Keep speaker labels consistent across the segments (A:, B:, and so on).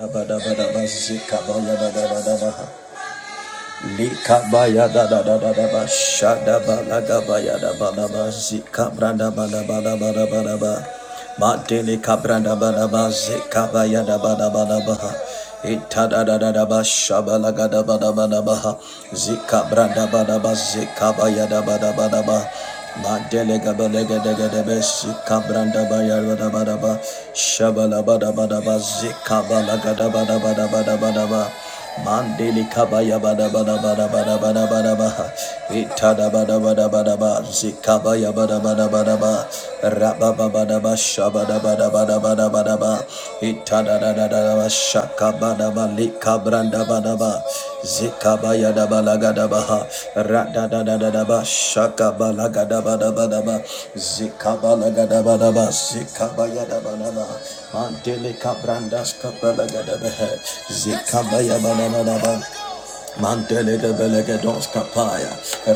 A: Daba daba daba zika ba Dabadabadaba, zikabaya, dabadabadabaha. Likabaya da da da da da ba shada ba la ga da ba da ba zikabranda ba da ba da ba da ba da ba matele kabranda ba da ba zikabaya da ba da ba da ba ha ita da da da da ba shaba la ga da ba da ba da ba ha ba da ba zikabaya da ba da ba da ba matele ga ba le ga da ga da ba zika ba ya da ba da ba da ba shaba la ba da ba da ba zikabala ba ba da ba da ba da ba Mandeli kabaya bada bada bada bada bada bada baha. Itada bada bada bada ba. Zikabaya bada bada bada ba. Rababa bada bada shabada bada bada bada bada ba. Itada da da da da ba shaka bada ba likabranda bada ba. Zikabaya da balaga da baha. Rada da da da da ba shaka da bada bada ba. Zikabalaga da bada ba. Zikabaya da bada ba. Mantele kabrandas kabalaga de behe. Zikabaya bananaba. Mantele de belegados kapaya.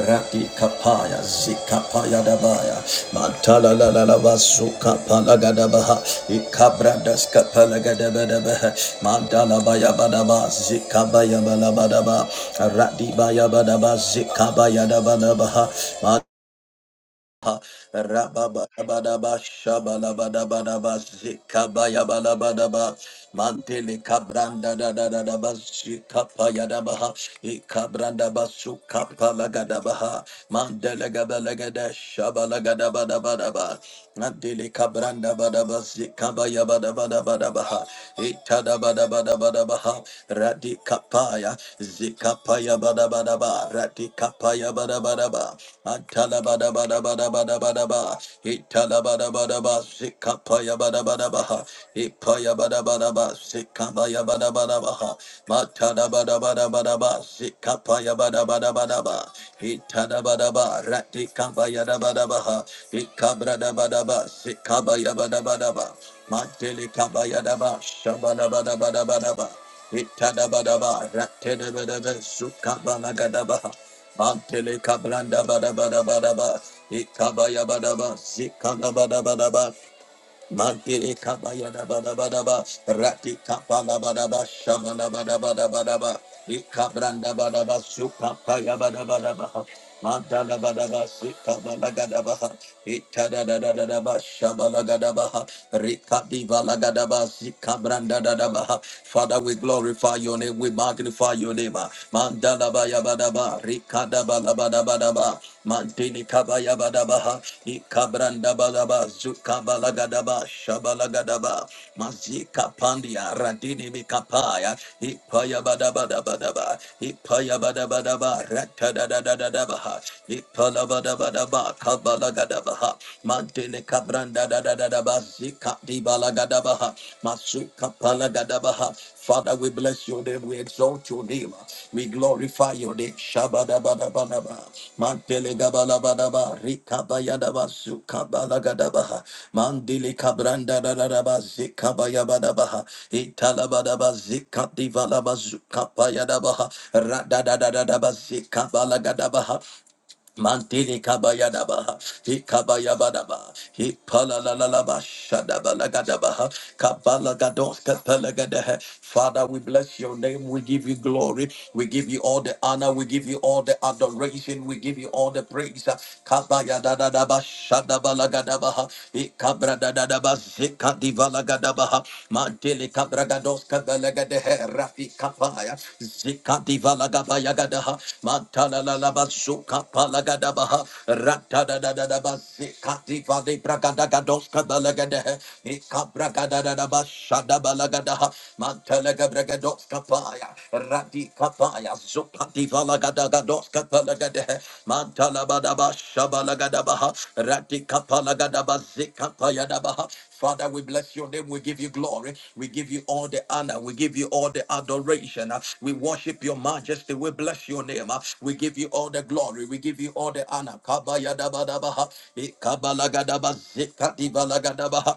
A: Rati kapaya. Zikapaya dabaya. Mantala la la la vasu kapalaga de baha. Ikabrandas kapalaga de behe. Mantala baya badaba. Zikabaya balabadaba. Rati baya badaba. Zikabaya dabadabaha. Rabababadaba, shabalabadabadaba, zikabayabalabadaba, mantele kabranda da da da da ba, zikapayadaba ha, ikabranda ba, sukapalagadaba ha, mandele gabalagada, shabalagadabadabadaba, mantele kabranda badaba, zikabayabadabadabadaba ha, itadabadabadabadaba ha, radikapaya, Zikapaya bada bada ba, ratikapaya bada bada ba, antala bada bada bada bada bada ba, itala bada bada ba, zikapaya bada bada ba, ipaya bada bada ba, zikabaya bada bada ba, matala bada bada bada ba, zikapaya bada bada bada ba, itala bada ba, ratikapaya bada bada ba, ikabra bada ba, zikabaya bada bada ba, matele kabaya da ba, shabada bada bada bada ba. Itadabadaba, Ratedabadaba, Sukabanagadaba, Mantele Cabranda Badabadabadaba, Ikabayabadaba, Zikanabadabadaba, Mantele Kabayadabadabadaba, Rati Kapalabadaba, Shamanabadabadabadaba, Ikabranda Badaba, Sukapayabadabadaba, Mantalabadaba, Sikabanagadaba, Itadadadadadaba, shabalagadabaha, rikadivalagadabaha, zikabrandadadabaha. Father, we glorify your name, we magnify your name. mandala Mandalabayabadaba, rikadabalabadabadaba, mantinikabayabadabaha, ikabrandabalaba, zukabalagadabaha, shabalagadabaha, mazikapandia, radinimikapaya, ipayabadabadabadaba, ipayabadabadaba, ratadadadadabaha, ipalabadabadaba badaba kabala gadabaha mantene kabranda da da da da ba zika di bala gadabaha masuka pala gadabaha Father, we bless your name. We exalt your name. We glorify your name. Shabada bada bada ba. Mantele gabala bada ba. Rika baya da ba. Suka bala gada ba. Mandili kabranda da da da ba. Zika baya bada ba. Itala ba. Zika divala ba. Zuka baya da ba. Rada da da da da ba. Zika bala gada ba. Mantini kabayadaba, hikabayabadaba, hipalalalaba, shadabalagadabaha, kabalagados, kapalagadehe. Father, we bless your name. We give you glory. We give you all the honor. We give you all the adoration. We give you all the praise. Kabayadadadaba, shadabalagadabaha, hikabradadadaba, zikadivalagadabaha. Kaha, Mandele Cabragados Cabalaga de Rafi Capaya, Zika Divalagabaya Gadaha, Mantala Labazuka Palagadabaha, Ratada da da da Bazika Divali Bragadagados Cabalaga de Cabragadadaba Shadabalagadaha, Mantala Gabragados Capaya, Radi Capaya, Zuka doska palagade, mantalabadaba shabalagadabaha, ratikapalagadaba zikapayadabaha. Father, we bless your name. We give you glory. We give you all the honor. We give you all the adoration. Uh, We worship your majesty. We bless your name. Uh, We give you all the glory. We give you all the honor. Kabayadabadabaha, ikabalagadabaha, zikadibalagadaba.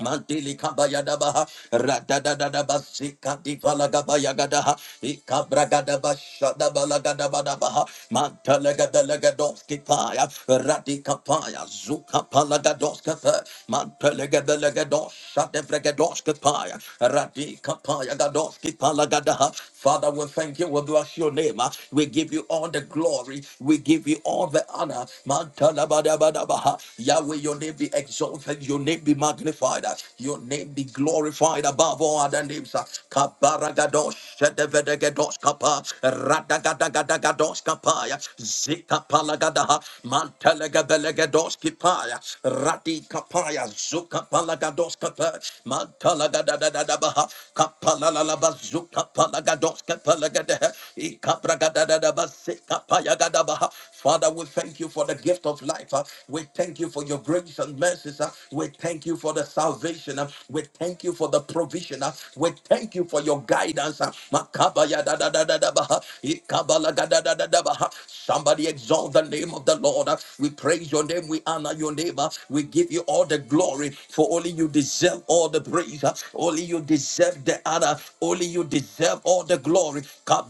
A: Mandili kabayadabaha, radadadadabasika divalagabayagadaha, ikabragadabashadabalagadabaha, mantelegadelegadoski paya, radikapaya, zukapalagadoska fe, mantelegedelegadosa devregadoska paya, radikapaya gadoski palagadaha. Father, we thank you, we bless your name. We give you all the glory, we give you all the honor. Mantalabadabadabaha, Yahweh, your name be exalted, your name be magnified, your name be glorified above all other names. Kabaragadosh, Shedevedegedosh Kapa, Radagadagadagadosh Kapaya, Zikapalagadaha, Mantelegabelegedosh Kipaya, Radi Kapaya, Zukapalagadosh Kapa, Mantalagadadadabaha, Kapalalaba, Zukapalagadosh Kapalagadehe, Ikabragadadadaba, Zikapayagadabaha, Father, we thank you for the gift of life. uh. We thank you for your grace and mercies. uh. We thank you for the salvation. uh. We thank you for the provision. uh. We thank you for your guidance. uh. Makabaya da da da da da ba, uh. Ikabala ga da da da da ba, uh. Somebody exalt the name of the Lord. uh. We praise your name. We honor your name. uh. We give you all the glory for only you deserve all the praise. uh. Only you deserve the honor. Only you deserve all the glory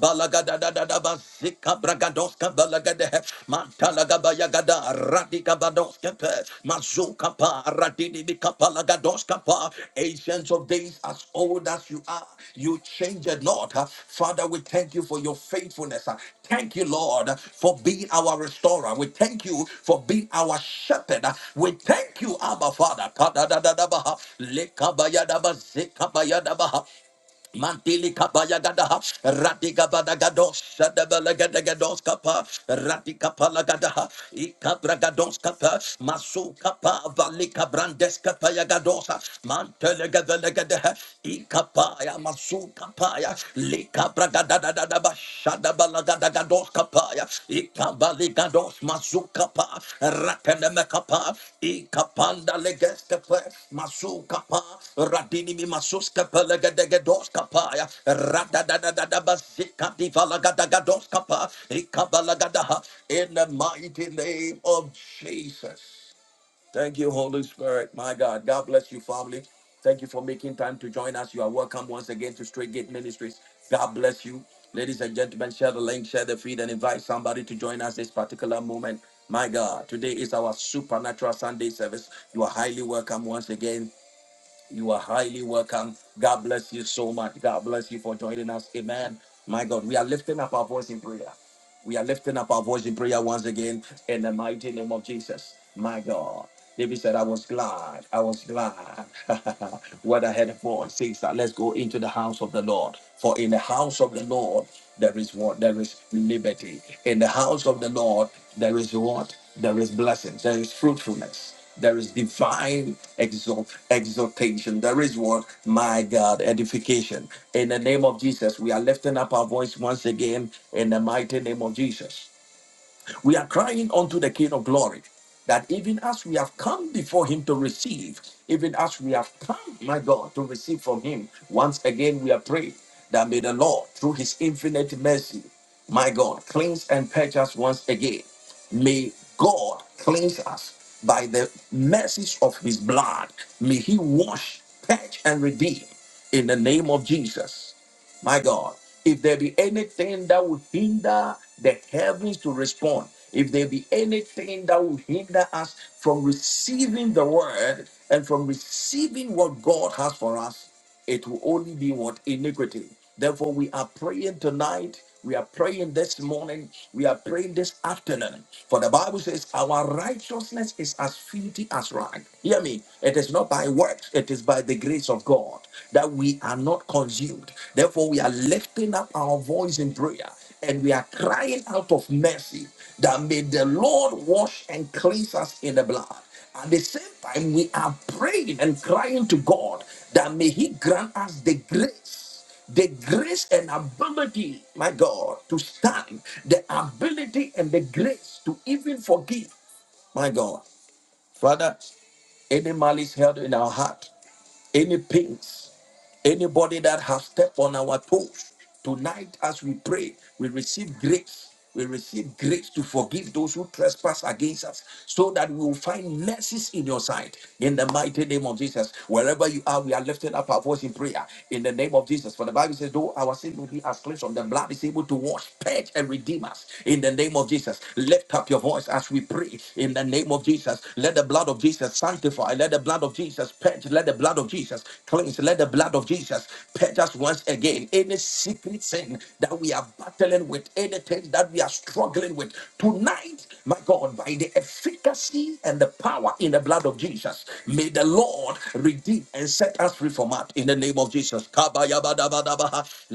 A: balagada da da da ba sika bragadoska balagade mantalaga bayagada radika badoska pe mazuka pa radini bika palagadoska pa ancients of days as old as you are you change it not father we thank you for your faithfulness thank you lord for being our restorer we thank you for being our shepherd we thank you abba father Kadadadadabaha, lekabayadabaha, zekabayadabaha. Mantili kabaya gadaha, radika bada gados, sadabala gada gados kapa, radika pala gadaha, ikabra gados kapa, masu kapa, valika brandes kapa ya gadosa, mantele gavele gadaha, ikapaya, masu kapaya, likabra gada da da da ba, sadabala gada dos kapaya, ikabali gados masukapa, rakeneme kapa, ikapanda leges kapa, masukapa, radini mi masus kapa legedege dos kapaya, radadadadada basika divala gadagados kapa, ikabala gadaha, in the mighty name of Jesus. Thank you, Holy Spirit. My God. God bless you, family. Thank you for making time to join us. You are welcome once again to Straight Gate Ministries. God bless you. Ladies and gentlemen, share the link, share the feed, and invite somebody to join us this particular moment. My God, today is our supernatural Sunday service. You are highly welcome once again. You are highly welcome. God bless you so much. God bless you for joining us. Amen. My God, we are lifting up our voice in prayer. We are lifting up our voice in prayer once again in the mighty name of Jesus. My God. David said, I was glad. I was glad. what I had for says that let's go into the house of the Lord. For in the house of the Lord there is what? There is liberty. In the house of the Lord there is what? There is blessings. There is fruitfulness. There is divine exalt, exaltation. There is what? My God, edification. In the name of Jesus, we are lifting up our voice once again in the mighty name of Jesus. We are crying unto the King of glory that even as we have come before him to receive, even as we have come, my God, to receive from him, once again we are praying that may the Lord, through his infinite mercy, my God, cleanse and purge us once again. May God cleanse us by the mercies of his blood. May he wash, purge, and redeem in the name of Jesus. My God, if there be anything that will hinder the heavens to respond, if there be anything that will hinder us from receiving the word and from receiving what God has for us, it will only be what iniquity. Therefore, we are praying tonight. We are praying this morning. We are praying this afternoon. For the Bible says, Our righteousness is as filthy as rag. Hear me. It is not by works, it is by the grace of God that we are not consumed. Therefore, we are lifting up our voice in prayer and we are crying out of mercy that may the Lord wash and cleanse us in the blood. At the same time, we are praying and crying to God that may He grant us the grace the grace and ability, my God, to stand, the ability and the grace to even forgive, my God. Father, any malice held in our heart, any pains, Anybody that has stepped on our toes tonight as we pray, we receive grace. We receive grace to forgive those who trespass against us so that we will find mercies in your sight. In the mighty name of Jesus, wherever you are, we are lifting up our voice in prayer in the name of Jesus. For the Bible says, though our sin will be as cleansed, the blood is able to wash, purge, and redeem us. In the name of Jesus, lift up your voice as we pray. In the name of Jesus, let the blood blood of Jesus sanctify. Let the blood of Jesus purge. Let the blood of Jesus cleanse. Let the blood of Jesus purge us once again. Any secret sin that we are battling with, anything that we are struggling with tonight, my God, by the efficacy and the power in the blood of Jesus, may the Lord redeem and set us free from it in the name of Jesus. Kabayabadabadabaha,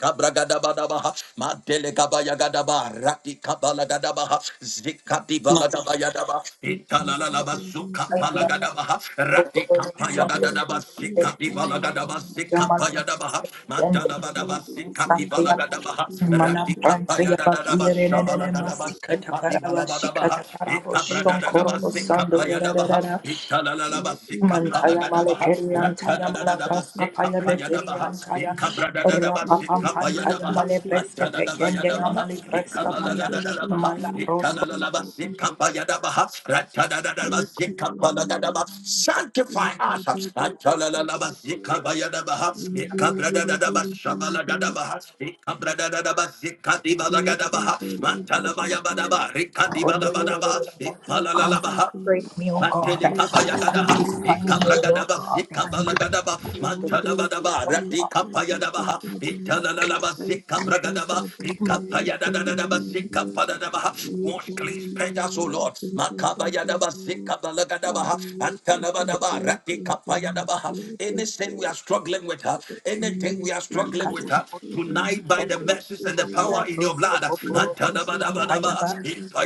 A: lekabadabadabazikabragadabaha, Delegabaya gadaba, Rati Kabala Gadabaha, zikati Delegabayagadaba, Ratikabalagadabaha, Zikadibaladabayadaba,
B: Thank you.
A: Italalabasukapalagadabaha, Ratikapayagadadaba, Zikadibalagadaba, Zikapayadabaha, Madalabadaba, Zikadibalagadaba, Ratikapayadadadaba, Shabalagadaba, Zikadibalabadabaha, Itabradadadaba, Zikapayadabaha, Italalaba, Zikapalagadabaha, Ekapayadabaha, Ekabradadadabaha,
C: Rapa pampantaya
A: Ekapayadabaha,
C: male breske pekende ya
A: Matadadabayadabaha,
C: male breska paya
A: Ekabaladadadabaha,
C: malabros
A: Ekalalalabaha, Ekapayadabaha, Ratadadadabaha, Ekapalagadabaha. Sanctify us. Antalalalabaha, Ekabayadabaha, Ekabradadadabaha, Shabalagadabaha, Ekabradadadabaha,
B: Thank you.
A: Ekadibalagadabaha, Matalabayabadabaha, Ekadibalabadabaha, Ekapalalabaha.
C: Consecrate me, O God.
A: Matele kabaya gada,
C: Sanctify me,
A: ikabra
C: O
A: gada
C: Lord
A: ba,
C: God, that I may
A: ikabala
C: be
A: gada ba,
C: appeared
A: matada
C: before
A: bada
C: you, O
A: ba,
C: Lord
A: rati
C: God.
A: kapaya da ba, itala la la ba, ikabra gada ba, ikapaya da da da da ba, ikapada da ba. Wash, cleanse, purge us, O Lord. Makabaya da ba, ikabala gada ba, antala bada ba, rati kapaya da ba. Anything we are struggling with, her, anything we are struggling with,
C: Marakata
A: her
C: for me.
A: tonight by the message and the power in your
C: Malabros
A: blood,
C: Kopokorobos
A: Gadaba,
C: Ampayaba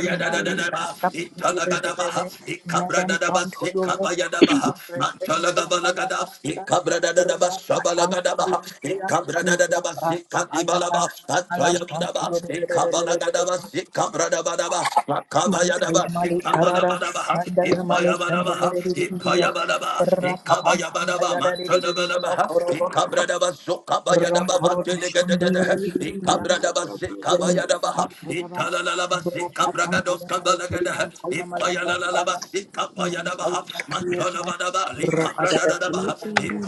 C: Mali Brasta
A: Italagadaba,
C: Payabebe Madam
A: Ikabradadaba,
C: Pronto Yova
A: Sekabayadaba,
C: Rekentia
A: Mantalagabalagada,
C: Malabrasta
A: Ikabradadaba,
C: Kurma Atang
A: Shabalagadaba,
C: Ilian Kaya
A: Ikabradadaba,
C: Malabrasta Payaba
A: Sekadibalaba,
C: Malam Pronto
A: Antayagadaba, Ikabalagada, Sikabradabadaba, Makabayadaba,
C: Mantayamale Karada
A: Sikabalabadaba,
C: Sandayamale
A: Ipayabadaba,
C: Kandayo
A: Ipayabadaba,
C: Rapapam
A: Ikabayabadaba,
C: Pandayada
A: Mantalabalaba,
C: Korobo
A: Ikabradaba,
C: Ron
A: Sokabayadaba,
C: Korobo
A: by
C: Shandaya
B: Thank
C: Kayaba Rapapam Kayamale Karian Tayamala Rapaya Mantayama Kirma Rapada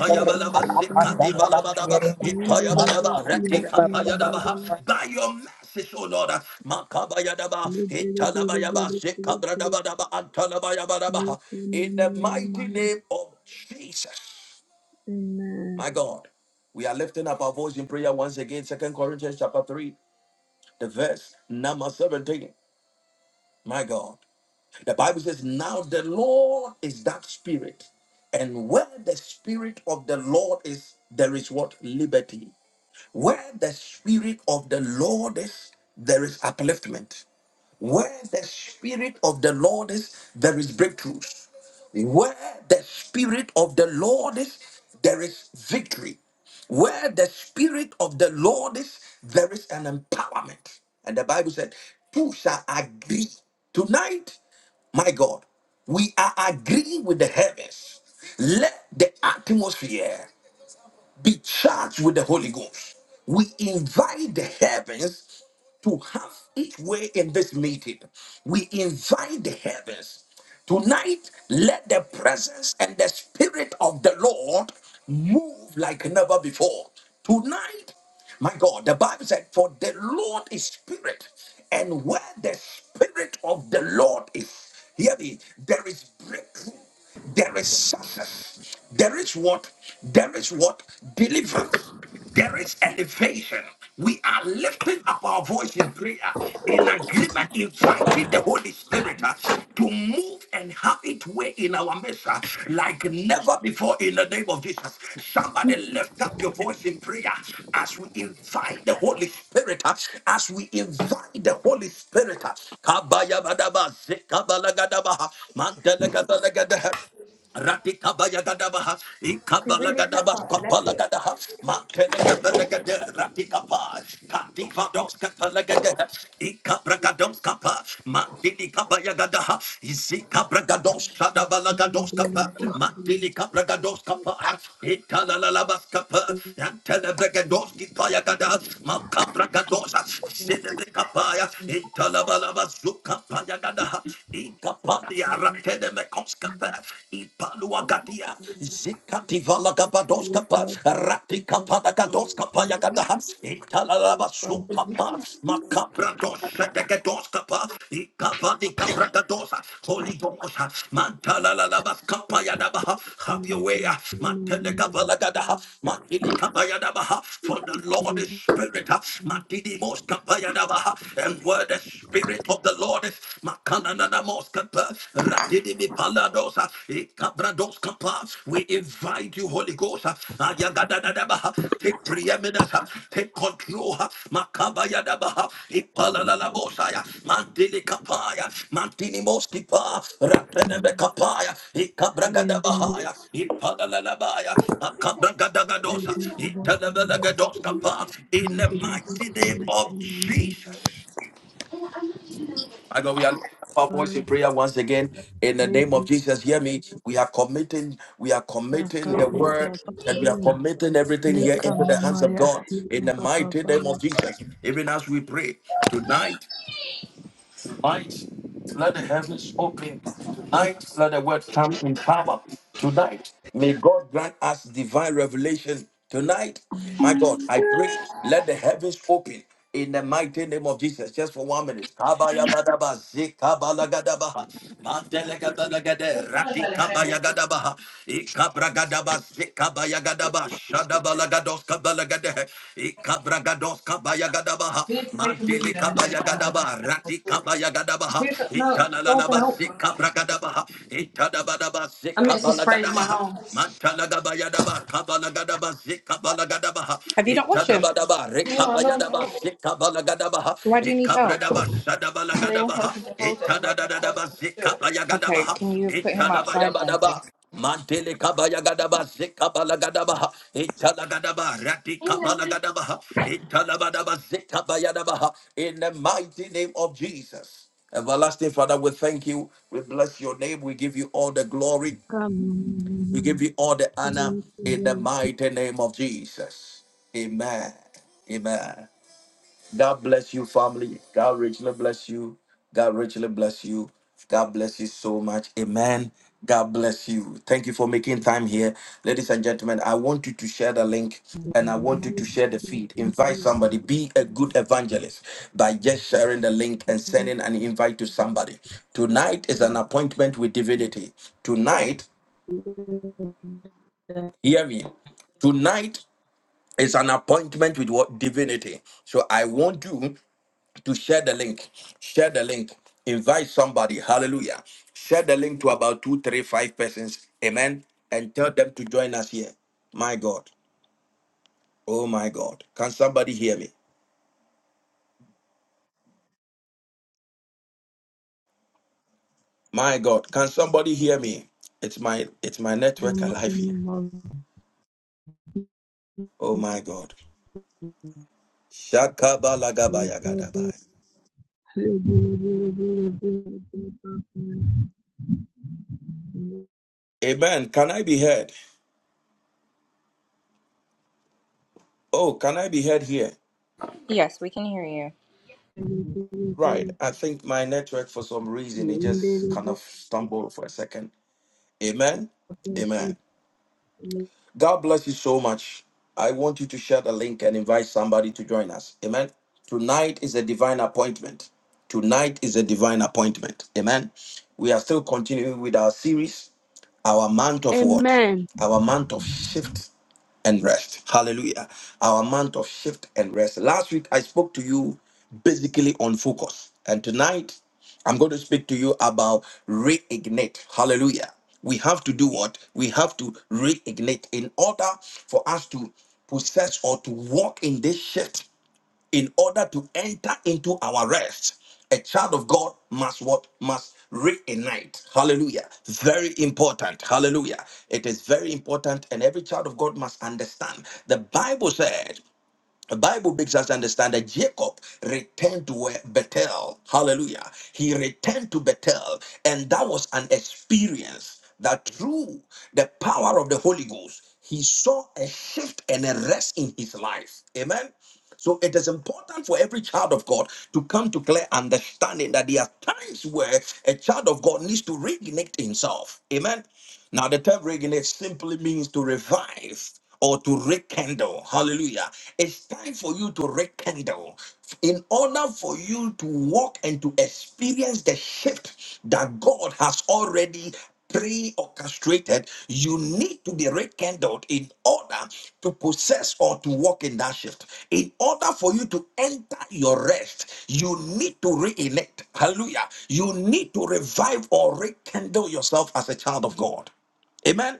C: Rapapandayaba Kirma Mantayaba Baba
A: your message, O Lord, Makabayadaba, Italabayaba, Sekabradabayaba, Antalabayabadaba. in the mighty name of Jesus. My God, we are lifting up our voice in prayer once again. Second Corinthians chapter 3, the verse number 17. My God. The Bible says, Now the Lord is that spirit. And where the spirit of the Lord is, there is what? Liberty. Where the spirit of the Lord is, there is upliftment. Where the Spirit of the Lord is, there is breakthroughs. Where the Spirit of the Lord is, there is victory. Where the Spirit of the Lord is, there is an empowerment. And the Bible said, Two shall agree. Tonight, my God, we are agreeing with the heavens. Let the atmosphere be charged with the Holy Ghost. We invite the heavens to have its way in this meeting. We invite the heavens. Tonight, let the presence and the spirit of the Lord move like never before. Tonight, my God, the Bible said, For the Lord is spirit, and where the spirit of the Lord is, hear me, there is breakthrough, there is success. There is what? There is what? Deliverance. There is elevation. We are lifting up our voice in prayer, in agreement, inviting the Holy Spirit uh, to move and have it way in our midst uh, like never before in the name of Jesus. Somebody lift up your voice in prayer as we invite the Holy Spirit, uh, as we invite the Holy Spirit. uh, Kabayabadaba, Zikabalagadaba, Mandalagadalagadaha. Ratika Bayagadabaha, Ikabala Gadabas, Kapala Gadaha, Matelekatakade, Ratika Paz, katika Donska Palagade, Ikabragados kapa, Ratikabayagadabaha, Ikabalagadaba, Kapalagadaha, Mantelegabalagada, Ratikapa, Kativadoskapalagada, Ikabragadoskapa, Mantilikabayagadaha, Izikabragadoshadabalagadoskapa, Mantilikabragadoskapa, Ikalalalabaskapa, Antelebragadoskipayagada, Makabragadosa, Sinedekapaya, Italabalabazuka, Payagadaha, Ratene Mekoskapa, Ipaluagadia, Zikati Valagabadoskapa, Ratikapalagadoskapa Yagadaha, Italalabasutapa, Makabradoshagadoskapa, Ikavadikabragadosa, Holy Ghost, Mantalalabaskapa Yadabaha, have your way, Mantenegabalagadaha, Mantilikabayadabaha, for the Lord is Spirit, Mantinimoskapa Yadabaha, and where the Spirit of the Lord is. Makalana moskapa, radidimi paladosa, ikabradoskapa. We invite you, Holy Ghost. Ayagadadadabaha. Take preeminence, take control. Makabayadabaha, ipalalabosaya, mandilikapaya, mantinimoskipa, ratenemekapaya, ikabragadabahaya, ipalalabaya, makabragadagadosa, italabelagadoskapa. In the mighty name of Jesus. My God, we are lifting up our voice in prayer once again in the name of Jesus. Hear me. We are committing, we are committing the word and we are
B: you.
A: committing everything here
B: Leka
A: into the hands
B: mama
A: of
B: ya
A: God in
B: hila
A: the
B: baba
A: mighty name of Jesus. Even as we pray tonight. Tonight, let the heavens open. Tonight, let the word come in power. Tonight, may God grant us divine revelation. Tonight, my God, I pray, let the heavens open in the mighty name of Jesus. Just for one minute. Kabayabadaba, zikabalagadabaha, mandelegadalagade, ratikabayagadabaha, Zikabaya gadaba Shadabala gados kabala Zekabayagadaba, Shadabalagadoska Balagadehe, Ikabragadoska Bayagadabaha, Mantilika
C: Baba
A: Bayagadaba, Ratika Bayagadabaha,
C: There's a, no, don't
A: Italalaba,
C: help.
A: Zikabragadabaha, Itadabadaba,
C: I meant to sprays my
A: Zekabalagadabaha.
C: home.
A: Matalagabayadaba, Kabalagadaba, Zikabalagadabaha,
C: Have you not washed him?
A: Itadabadaba, Rekabayadaba, Zikabalagadabaha,
C: So why do you need help?
A: Ikabragaba, Shadabalagadabaha, Itadadadaba,
C: Okay,
A: Zikabayagadabaha,
C: can you put him outside then, please?
A: Itadabayabadaba. Mantele kabaya gadaba zekabala gadaba itala gadaba rati kabala gadaba itala gadaba zekabaya gadaba in the mighty name of Jesus. Everlasting Father, we thank you. We bless your name. We give you all the glory.
B: kama
A: We give you all the honor in the mighty name of Jesus. Amen. Amen. God bless you, family. God richly bless you. God richly bless you. God bless you so much. Amen. God bless you. Thank you for making time here. Ladies and gentlemen, I want you to share the link and I want you to share the feed. Invite somebody. Be a good evangelist by just sharing the link and sending an invite to somebody. Tonight is an appointment with divinity. Tonight, hear me. Tonight is an appointment with what divinity. So I want you to share the link. Share the link. Invite somebody. Hallelujah. Share the link to about two, three, five persons. Amen. And tell them to join us here. My God. Oh my God. Can somebody hear me? My God. Can somebody hear me? It's my it's my network alive here. Oh my God. Shakabalagabayagadabai. Amen. Can I be heard? Oh, can I be heard here?
C: Yes, we can hear you.
A: Right. I think my network for some reason it just kind of stumbled for a second. Amen. Amen. God bless you so much. I want you to share the link and invite somebody to join us. Amen. Tonight is a divine appointment. Tonight is a divine appointment. Amen. We are still continuing with our series, our month of what?
B: Amen.
A: Our month of shift and rest. Hallelujah. Our month of shift and rest. Last week, I spoke to you basically on focus. And tonight, I'm going to speak to you about reignite. Hallelujah. We have to do what? We have to reignite in order for us to possess or to walk in this shift in order to enter into our rest a child of god must what must reignite hallelujah very important hallelujah it is very important and every child of god must understand the bible said the Bible makes us understand that Jacob returned to where- Bethel. Hallelujah. He returned to Bethel, and that was an experience that through the power of the Holy Ghost, he saw a shift and a rest in his life. Amen. So it is important for every child of God to come to clear understanding that there are times where a child of God needs to reignite himself. Amen. Now, the term reignite simply means to revive or to rekindle. Hallelujah. It's time for you to rekindle in order for you to walk and to experience the shift that God has already pre-orchestrated, you need to be rekindled in order to possess or to walk in that shift. In order for you to enter your rest, you need to reenact. Hallelujah. You need to revive or rekindle yourself as a child of God. Amen.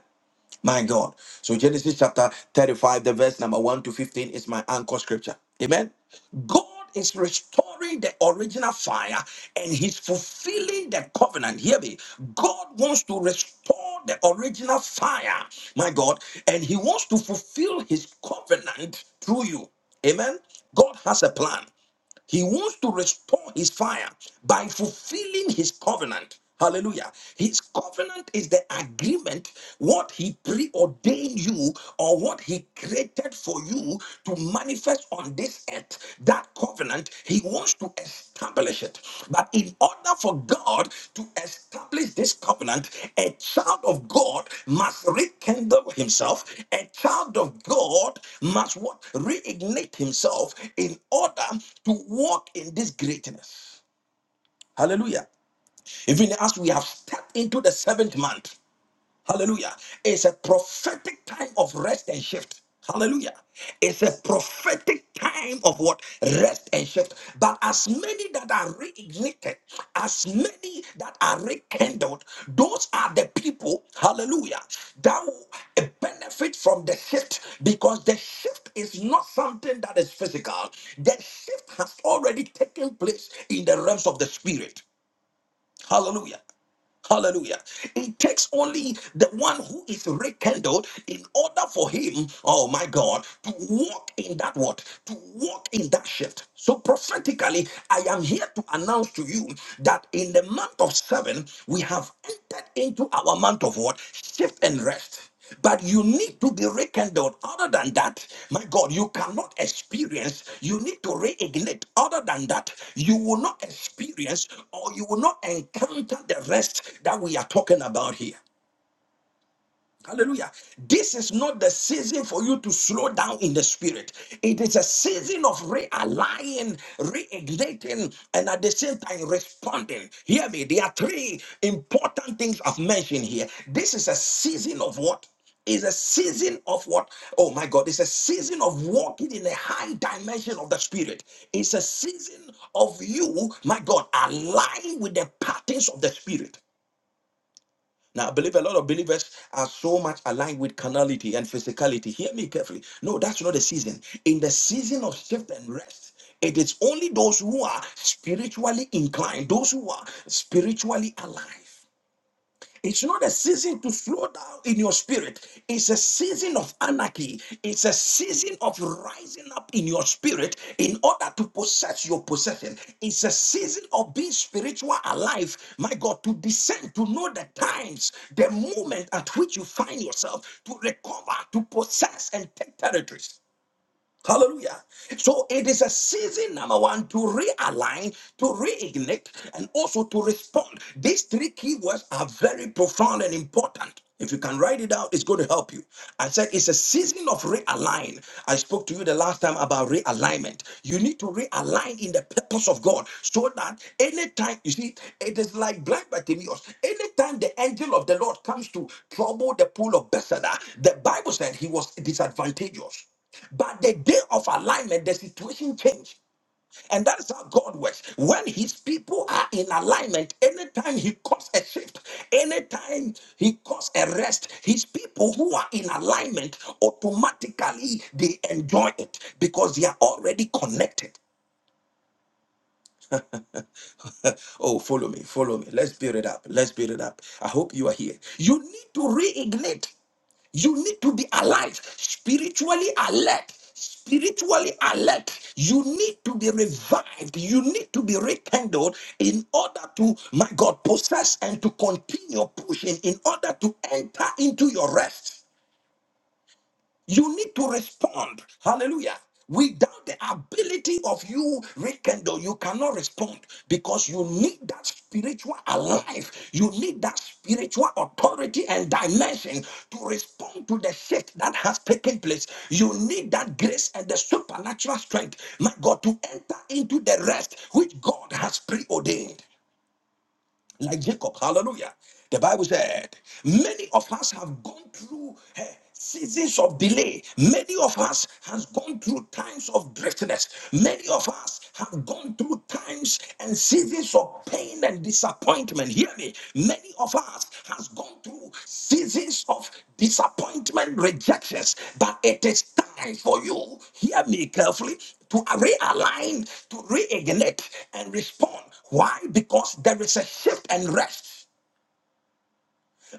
A: My God. So Genesis chapter 35, the verse number 1 to 15 is my anchor scripture. Amen. God is restoring the original fire and he's fulfilling the covenant. Hear me. God wants to restore the original fire, my God, and he wants to fulfill his covenant through you. Amen. God has a plan. He wants to restore his fire by fulfilling his covenant. Hallelujah. His covenant is the agreement, what he preordained you or what he created for you to manifest on this earth. That covenant, he wants to establish it. But in order for God to establish, establish this covenant, a child of God must rekindle himself. A child of God must what? Reignite himself in order to walk in this greatness. Hallelujah. Even as we have stepped into the seventh month, Hallelujah. It's a prophetic time of rest and shift. Hallelujah. It's a prophetic time of what? Rest and shift. But as many that are reignited, as many that are rekindled, those are the people, hallelujah, that will benefit from the shift because the shift is not something that is physical. The shift has already taken place in the realms of the spirit. Hallelujah. Hallelujah. It takes only the one who is rekindled in order for him, oh my God, to walk in that what? To walk in that shift. So prophetically, I am here to announce to you that in the month of seven, we have entered into our month of what? Shift and rest. But you need to be rekindled. Other than that, my God, you cannot experience. You need to reignite. Other than that, you will not experience or you will not encounter the rest that we are talking about here. Hallelujah. This is not the season for you to slow down in the spirit. It is a season of realigning, reigniting, and at the same time responding. Hear me. There are three important things I've mentioned here. This is a season of what? Is a season of what? Oh my God, it's a season of walking in a high dimension of the spirit. It's a season of you, my God, align with the patterns of the spirit. Now, I believe a lot of believers are so much aligned with carnality and physicality. Hear me carefully. No, that's not the season. In the season of shift and rest, it is only those who are spiritually inclined, those who are spiritually alive. It's not a season to slow down in your spirit. It's a season of anarchy. It's a season of rising up in your spirit in order to possess your possession. It's a season of being spiritual alive. My God, to descend, to know the times, the moment at which you find yourself, to recover, to possess, and take territories. Hallelujah. So it is a season, number one, to realign, to reignite, and also to respond. These three keywords are very profound and important. If you can write it out, it's going to help you. I said it's a season of realign. I spoke to you the last time about realignment. You need to realign in the purpose of God so that anytime, you see, it is like blind Bartimaeus. Anytime the angel of the Lord comes to trouble the pool of Bethesda, the Bible said he was disadvantageous. But the day of alignment, the situation changed. And that is how God works. When his people are in alignment, anytime he calls a shift, anytime he calls a rest, his people who are in alignment automatically they enjoy it because they are already connected. oh, follow me, follow me. Let's build it up. Let's build it up. I hope you are here. You need to reignite. You need to be alive, spiritually alert, spiritually alert. You need to be revived. You need to be rekindled in order to, my God, possess and to continue pushing in order to enter into your rest. You need to respond. Hallelujah. Without the ability of you, rekindle, you cannot respond because you need that spiritual alive. You need that spiritual authority and dimension to respond to the shift that has taken place. You need that grace and the supernatural strength, my God, to enter into the rest which God has preordained like Jacob. Hallelujah. The Bible said, many of us have gone through eh, seasons of delay. Many of us has gone through times of driftiness. Many of us have gone through times and seasons of pain and disappointment hear me. Many of us has gone through seasons of disappointment, rejections, but it is time for you. Hear me carefully to realign, to reignite, and respond. Why? Because there is a shift and rest.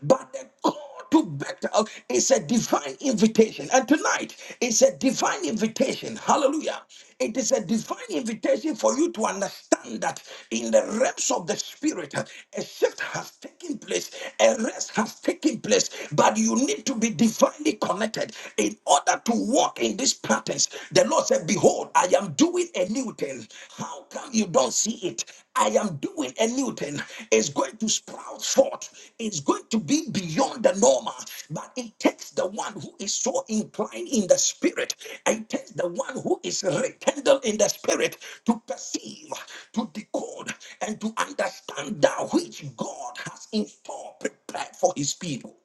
A: But the call to Bethel is a divine invitation. And tonight is a divine invitation. Hallelujah. It is a divine invitation for you to understand that in the realms of the spirit, a shift has taken place, a rest has taken place, but you need to be divinely connected in order to walk in these patterns. The Lord said, Behold, I am doing a new thing. How come you don't see it? I am doing a new thing. It's going to sprout forth. It's going to be beyond the normal. But it takes the one who is so inclined in the spirit. It takes the one who is rekindled in the spirit to perceive, to decode, and to understand that which God has in store prepared for his people.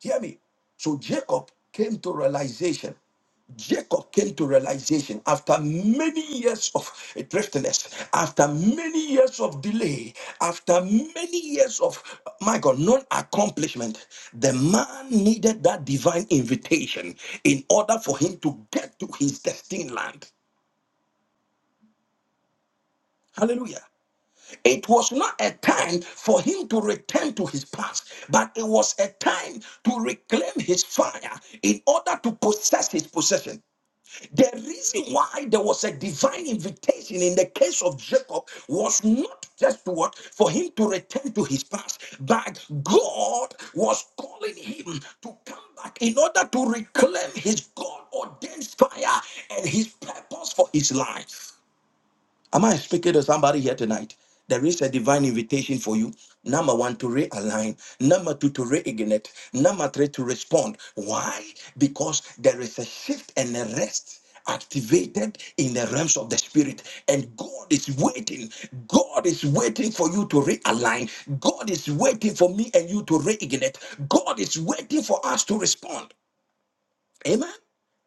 A: Hear me. So Jacob came to realization. Jacob came to realization after many years of driftiness, after many years of delay, after many years of my God, non accomplishment. The man needed that divine invitation in order for him to get to his destined land. Hallelujah. It was not a time for him to return to his past, but it was a time to reclaim his fire in order to possess his possession. The reason why there was a divine invitation in the case of Jacob was not just what for him to return to his past, but God was calling him to come back in order to reclaim his God ordained fire and his purpose for his life. Am I speaking to somebody here tonight? There is a divine invitation for you. Number one, to realign. Number two, to reignite. Number three, to respond. Why? Because there is a shift and a rest activated in the realms of the spirit and god is waiting god is waiting for you to realign god is waiting for me and you to reignite god is waiting for us to respond Amen.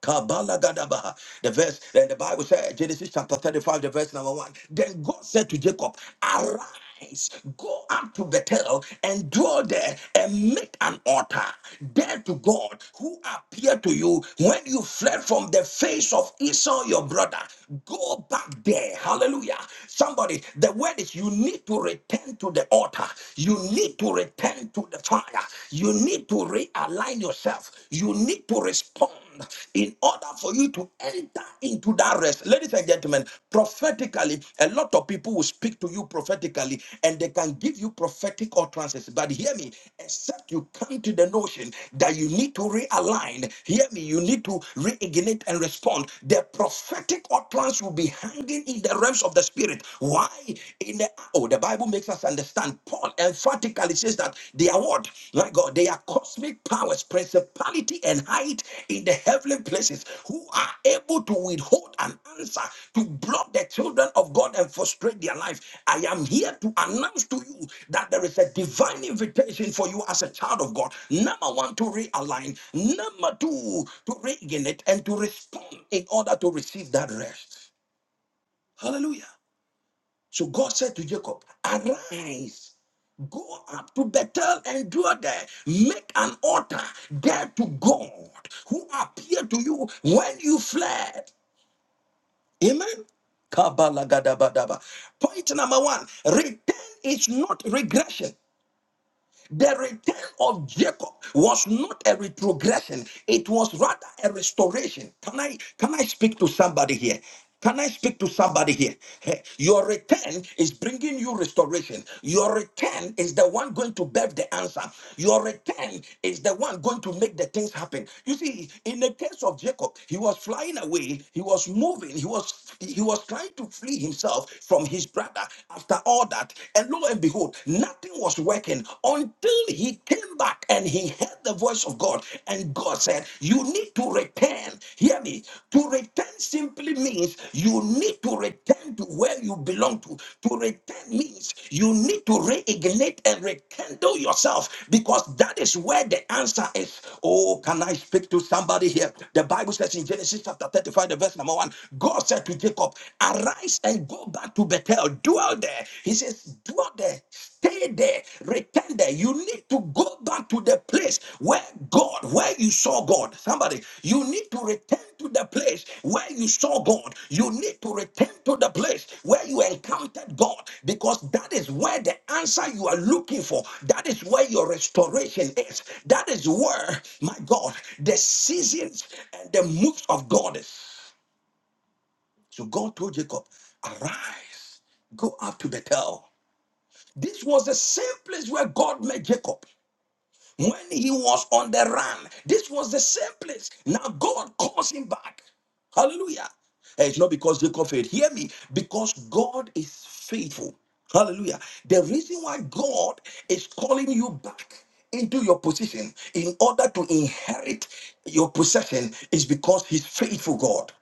A: Kabbalah Gadabaha. The verse, then the Bible said, Genesis chapter 35, the verse number one. Then God said to Jacob, Arise, go up to Bethel and dwell there and make an altar there to God who appeared to you when you fled from the face of Esau, your brother. Go back there. Hallelujah. Somebody, the word is you need to return to the altar, you need to return to the fire, You. You need to realign yourself. You need to respond in order for you to enter into that rest. Ladies and gentlemen, prophetically, a lot of people will speak to you prophetically and they can give you prophetic utterances. But hear me, except you come to the notion that you need to realign, hear me, you need to reignite and respond. The prophetic utterance will be hanging in the realms of the spirit. Why? In the oh, the Bible. Bible makes us understand. Paul emphatically says that they are what? My God, they are cosmic powers, principality, and height in the heavenly places who are able to withhold an answer to block the children of God and frustrate their life. I am here to announce to you that there is a divine invitation for you as a child of God. Number one, to realign. Number two, to regain it and to respond in order to receive that rest. Hallelujah. So God said to Jacob, Arise, go up to Bethel and dwell there, make an altar there to God who appeared to you when you fled. Amen. Kabalagadabadaba. Point number one return is not regression. The return of Jacob was not a retrogression, it was rather a restoration. Can I can I speak to somebody here? Can I speak to somebody here? Hey, Your return is bringing you restoration. Your return is the one going to bear the answer. Your return is the one going to make the things happen. You see, in the case of Jacob, he was flying away, he was moving, he was was he was trying to flee himself from his brother after all that and lo and behold nothing was working until he came back and he heard the voice of god and god said you need to return hear me to return simply means you need to return to where you belong to to return means you need to reignite and rekindle yourself because that is where the answer is oh can i speak to somebody here the bible says in genesis chapter 35 the verse number one Abraham. God said to Jacob, Arise and go back to Bethel, dwell there. He says, Dwell there, stay there, return there. You need to go back to the place where God, where you saw God. Somebody, you need to return to the place where you saw God. You need to return to the place where you encountered God because that is where the answer you are looking for, that is where your restoration is. That is where, my God, the seasons and the moves of God is. So God told Jacob, Arise, go up to Bethel. This was the same place where God met Jacob when he was on the run. This was the same place. Now God calls him back. Hallelujah. And It's not because Jacob failed. Hear me. Because God is faithful. Hallelujah. The reason why God is calling you back into your position in order to inherit your possession is because He's faithful God.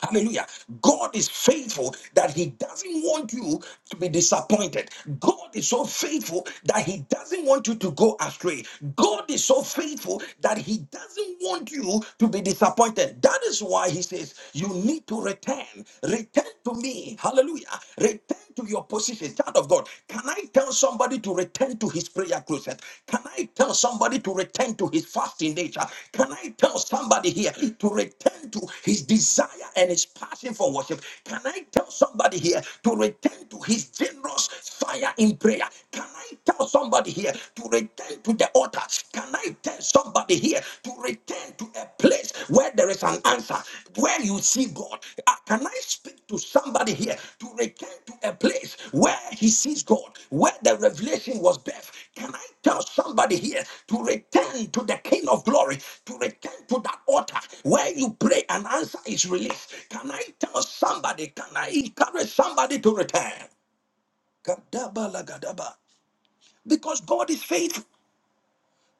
A: Hallelujah. God is faithful that He doesn't want you to be disappointed. God is so faithful that He doesn't want you to go astray. God is so faithful that He doesn't want you to be disappointed. That is why He says, You need to return. Return to me. Hallelujah. Return to your position. Child of God, can I I tell somebody to return to his prayer closet? Can I tell somebody to return to his fasting nature? Can I tell somebody here to return to his desire and his passion for worship? Can I tell somebody here to return to his generous fire in prayer? Can I tell somebody here to return to the altar? Can I tell somebody here to return to a place where there is an answer, where you see God. Uh, Can I speak to somebody here to return to a place where he sees God, where the revelation was deaf? Can I tell somebody here to return to the King of Glory, to return to that altar where you pray and answer is released? Can I tell somebody, can I encourage somebody to return? Kadaba lagadaba. Because God is faithful.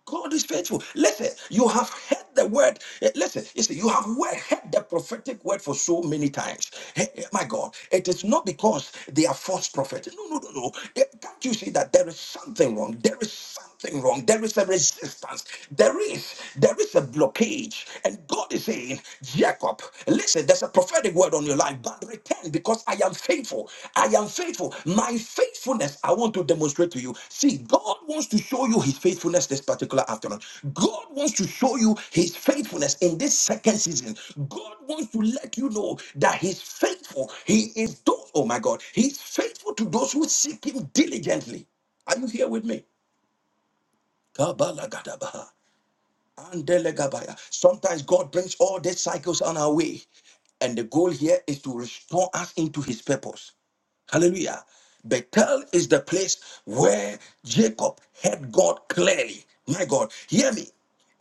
A: God is faithful. Listen, you have heard the word. eh, Listen, you see, you have we- heard the prophetic word for so many times. Eh, eh, My God, it is not because they are false prophets. No, no, no, no. Eh, Can't you see that there is something wrong? There is something wrong. There is a resistance. There is, there is a blockage. And God is saying, Jacob, listen, there's a prophetic word on in your life, but return because I am faithful. I am faithful. My faithfulness, I want to demonstrate to you. See, God wants to show you his faithfulness this particular afternoon. God wants to show you his faithfulness in this second season. God wants to let you know that he's faithful. He is those, oh my God, he's faithful to those who seek him diligently. Are you here with me? Kabalagadabaha. Andelegabaya. Sometimes God brings all these cycles on our way. And the goal here is to restore us into his purpose. Hallelujah. Bethel is the place where Jacob heard God clearly. My God, hear me.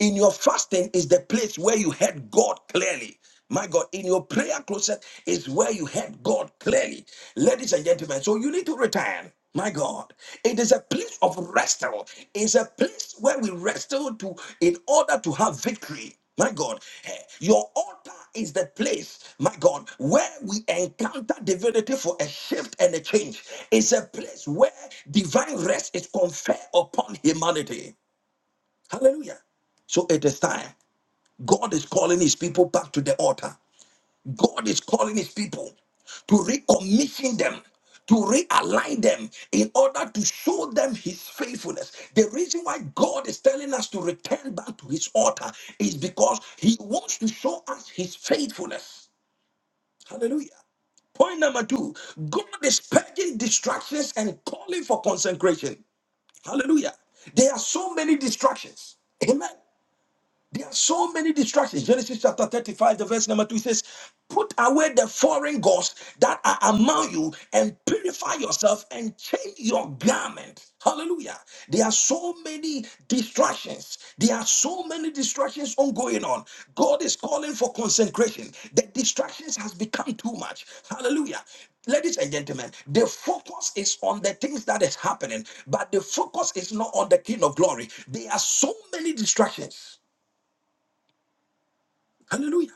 A: In your fasting is the place where you heard God clearly. My God, in your prayer closet is where you heard God clearly. Ladies and gentlemen, so you need to return. My God, it is a place of wrestle. It's a place where we wrestle to in order to have victory. My God, eh, your altar is the place, my God, where we encounter divinity for a shift and a change. It's a place where divine rest is conferred upon humanity. Hallelujah. So it is time. God is calling his people back to the altar. God is calling his people to recommission them, to realign them in order to show them his faithfulness. The reason why God is telling us to return back to his altar is because he wants to show us his faithfulness. Hallelujah. Point number two God is purging distractions and calling for consecration. Hallelujah. There are so many distractions. Amen. There are so many distractions. Genesis chapter 35, the verse number 2 says, Put away the foreign gods that are among you and purify yourself and change your garment. Hallelujah. There are so many distractions. There are so many distractions on going on. God is calling for consecration. The distractions has become too much. Hallelujah. Ladies and gentlemen, the focus is on the things that is happening, but the focus is not on the King of Glory. There are so many distractions. Hallelujah.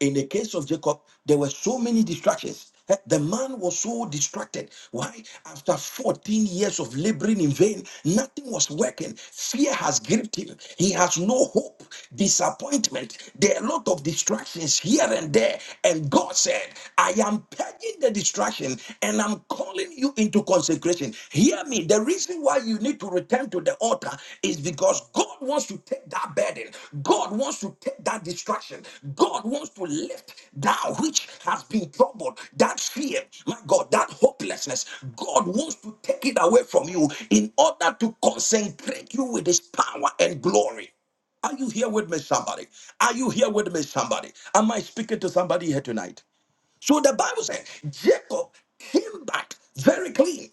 A: In the case of Jacob, there were so many distractions. Eh, The man was so distracted. Why? After 14 years of laboring in vain, nothing was working. Fear has gripped him. He has no hope, disappointment. There are a lot of distractions here and there. And God said, I am purging the distraction and I'm calling you into consecration. Hear me. The reason why you need to return to the altar is because God God wants to take that burden. God wants to take that distraction. God wants to lift that which has been troubled, that fear, my God, that hopelessness. God wants to take it away from you in order to concentrate you with His power and glory. Are you here with me, somebody? Are you here with me, somebody? Am I speaking to somebody here tonight? So the Bible says Jacob came back very clean.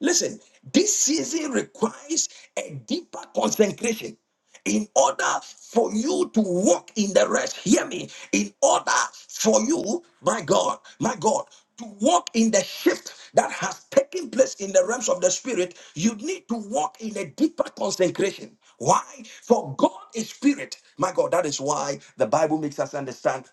A: Listen, this season requires a deeper consecration, in order for you to walk in the rest. Hear me. In order for you, my God, my God, to walk in the shift that has taken place in the realms of the spirit, you need to walk in a deeper consecration. Why? For God is spirit. My God, that is why the Bible makes us understand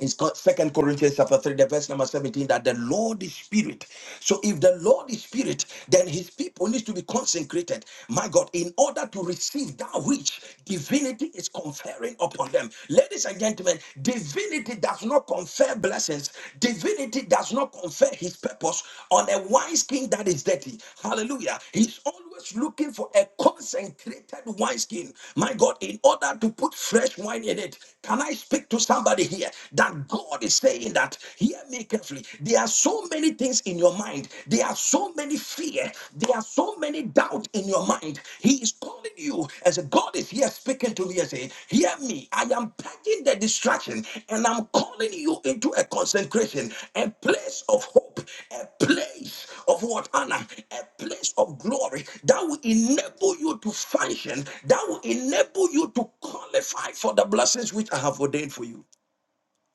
A: it's called Second Corinthians chapter 3, the verse number 17, that the Lord is spirit. So if the Lord is spirit, then his people needs to be consecrated. My God, in order to receive that which divinity is conferring upon them. Ladies and gentlemen, divinity does not confer blessings, divinity does not confer his purpose on a wise king that is dirty. Hallelujah. He's always looking for a concentrated wineskin. My God, in order to put fresh wine in it. Can I speak to somebody? somebody here here that God is saying that, hear me carefully. There are so many things in your mind. There are so many fear. There are so many doubt in your mind. He is calling you as God is here speaking to me and saying, hear me. I am packing the distraction and I'm calling you into a concentration, a place of hope, a place of what honor, a place of glory that will enable you to function, that will enable you to qualify for the blessings which I have ordained for you.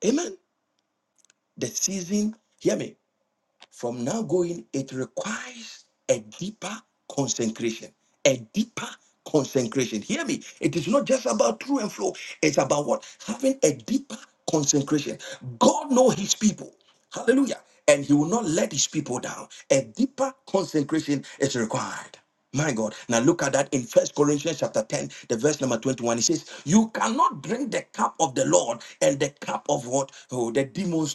A: Amen. The season, hear me, from now going, it requires a deeper consecration. A deeper consecration. Hear me. It is not just about through and flow, it's about what? Having a deeper consecration. God knows his people. Hallelujah. And he will not let his people down. A deeper consecration is required. My God. Now look at that in First Corinthians chapter 10, the verse number 21. It says, You cannot drink the cup of the Lord and the cup of what? Oh, the demons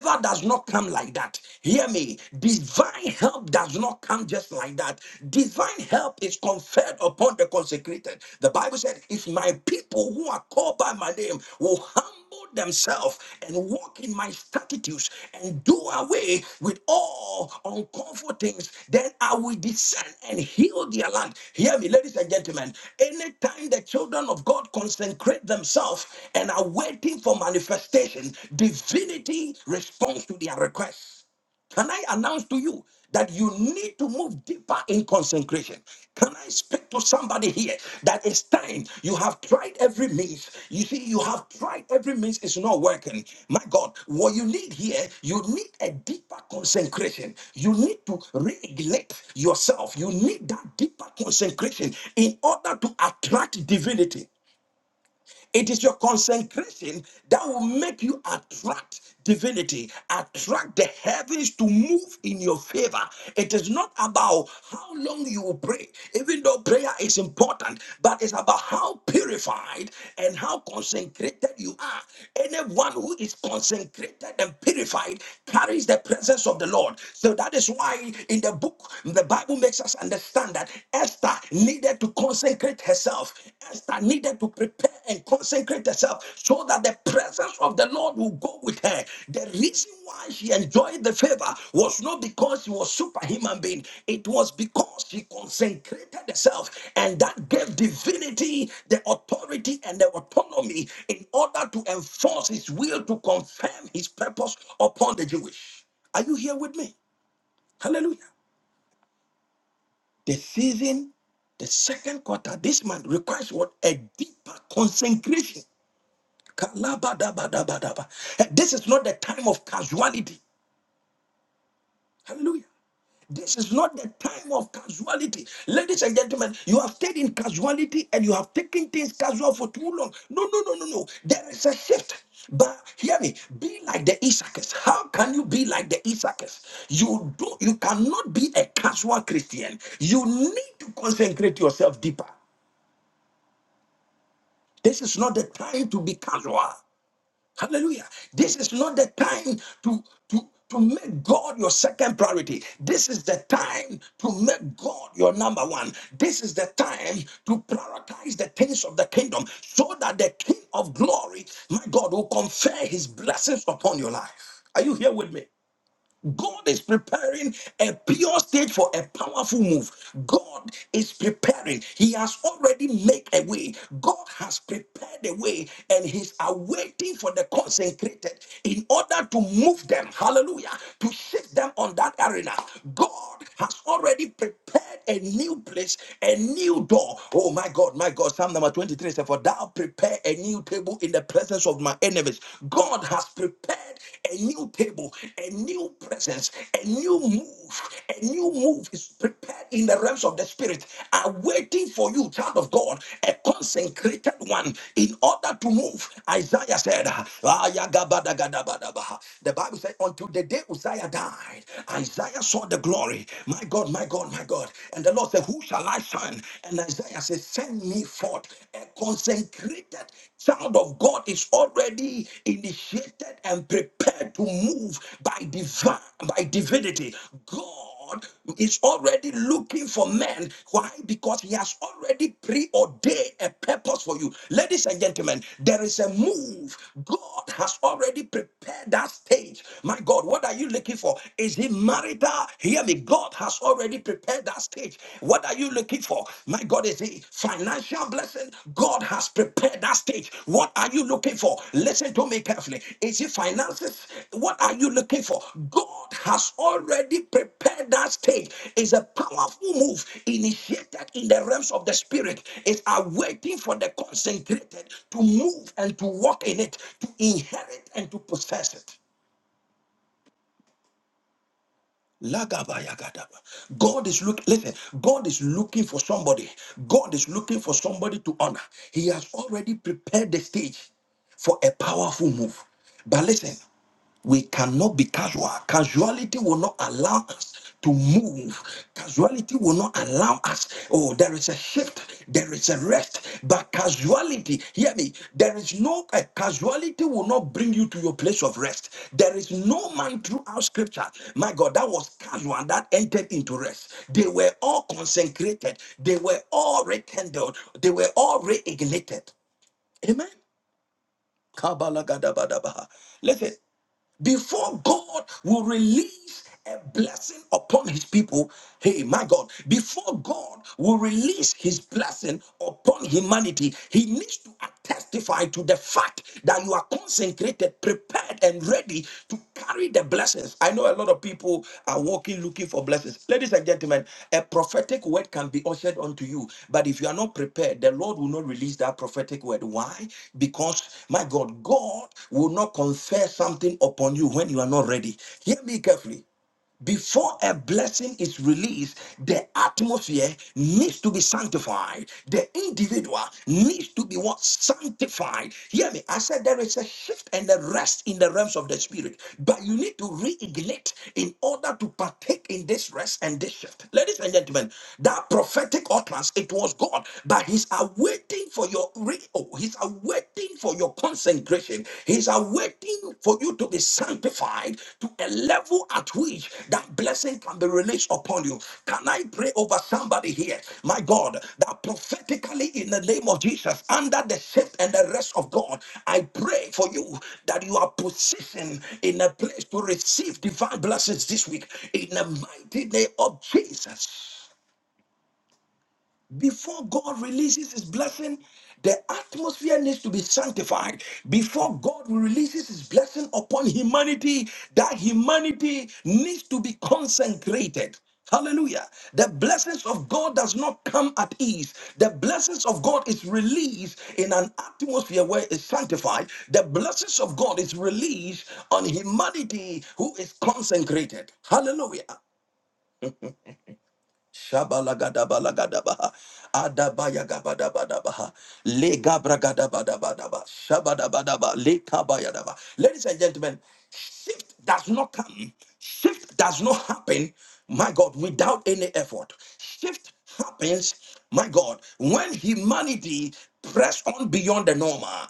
A: Favor does not come like that. Hear me. Divine help does not come just like that. Divine help is conferred upon the consecrated. The Bible said, If my people who are called by my name will humble themselves and walk in my statutes and." and do away with all uncomfortable things. Then I will descend and heal their land. Hear me, ladies and gentlemen. Anytime the children of God consecrate themselves and are waiting for manifestation, divinity responds to their request. Can I announce to you that you need to move deeper in consecration? Can I speak to somebody here that it's time you have tried every means? You see, you have tried every means, it's not working. My God, what you need here, you need a deeper consecration. You need to regulate yourself. You need that deeper consecration in order to attract divinity. It is your consecration that will make you attract divinity, attract the heavens to move in your favor. It is not about how long you will pray, even though prayer is important, but it's about how purified and how consecrated you are. Anyone who is consecrated and purified carries the presence of the Lord. So that is why in the book, the Bible makes us understand that Esther. Esther needed to consecrate herself. Esther needed to prepare and consecrate herself so that the presence of the Lord will go with her. The reason why she enjoyed the favor was not because she was superhuman being. It was because she consecrated herself and that gave divinity the authority and the autonomy in order to enforce his will to confirm his purpose upon the Jewish. Are you here with me? Hallelujah. The season, the second quarter, this month requires what? A deeper consecration. Kalabadabadabadaba. Eh, This is not the time of casuality. Hallelujah. This is not the time of casuality. Ladies and gentlemen, you have stayed in casuality and you have taken things casual for too long. No, no, no, no, no. There is a shift. But hear me, be like the Issachars. How can you be like the Issachars? You do you cannot be a casual Christian. You need to consecrate yourself deeper. This is not the time to be casual. Hallelujah. This is not the time to, to, to make God your second priority. This is the time to make God your number one. This is the time to prioritize the things of the kingdom so that the King of glory, my God, will confer his blessings upon your life. Are you here with me? God is preparing a pure stage for a powerful move. God is preparing. He has already made a way. God has prepared a way and He's awaiting for the consecrated in order to move them. Hallelujah. To shift them on that arena. God has already prepared a new place, a new door. Oh my God, my God. Psalm number 23 says, For thou prepare a new table in the presence of my enemies. God has prepared a new table, a new presence, a new move, a new move is prepared in the realms of the spirit, are waiting for you, child of God, a consecrated one, in order to move. Isaiah said, "Ayagabadagadabadabaha." The Bible said, until the day Uzziah died, Isaiah saw the glory. My God, my God, my God. And the Lord said, Who shall I send? And Isaiah said, Send me forth a consecrated Child of God is already initiated and prepared to move by divine, by divinity. God is already looking for men. Why? Because He has already preordained a purpose for you. Ladies and gentlemen, there is a move. God God has already prepared that stage. My God, what are you looking for? Is it marital? Hear me. God has already prepared that stage. What are you looking for? My God, is it financial blessing? God has prepared that stage. What are you looking for? Listen to me carefully. The finances, what are you looking for? God has already prepared that stage. It's a powerful move initiated in the realms of the spirit. It's awaiting for the concentrated to move and to walk in it, to inherit and to possess it. Lagabayagadaba. God is look. Listen, God is looking for somebody. God is looking for somebody to honor. He has already prepared the stage for a powerful move. But listen, We cannot be casual. Casuality will not allow us to move. Casuality will not allow us. Oh, there is a shift. There is a rest. But casuality, hear me, there is no uh, casuality will not bring you to your place of rest. There is no man throughout scripture. My God, that was casual that entered into rest. They were all consecrated. They were all rekindled. They were all reignited. Amen. Kabalagadabadabaha. Listen, before God will release a blessing upon his people, hey, my God, before God will release his blessing upon humanity, he needs to testify to the fact that you are consecrated, prepared, and ready to carry the blessing blessings. I know a lot of people are walking looking for blessings. Ladies and gentlemen, a prophetic word can be ushered onto you, but if you are not prepared, the Lord will not release that prophetic word. Why? Because, my God, God will not confer something upon you when you are not ready. Hear me carefully. Before a blessing is released, the atmosphere needs to be sanctified. The individual needs to be what? Sanctified. Hear me. I said there is a shift and a rest in the realms of the spirit, but you need to reignite in order to partake in this rest and this shift. Ladies and gentlemen, that prophetic utterance, it was God, but He's awaiting for your re- oh, He's awaiting awaiting for your consecration. He's awaiting for you to be sanctified to a level at which that blessing can be released upon you. Can I pray over somebody here? My God, that prophetically in the name of Jesus, under the shape and the rest of God, I pray for you that you are positioned in a place to receive divine blessings this week in the mighty name of Jesus. Before God releases his blessing, the atmosphere needs to be sanctified. Before God releases his blessing upon humanity, that humanity needs to be consecrated. Hallelujah. The blessings of God does not come at ease. The blessings of God is released in an atmosphere where it's sanctified. The blessings of God is released on humanity who is consecrated. Hallelujah. Shabalagadabalagadaba. Adabayagabadabadaba. Legabragadabadabadaba. Shabadabadaba. Lekabayadaba. Ladies and gentlemen, shift does not come. Shift does not happen, my God, without any effort. Shift happens, my God, when humanity press on beyond the normal.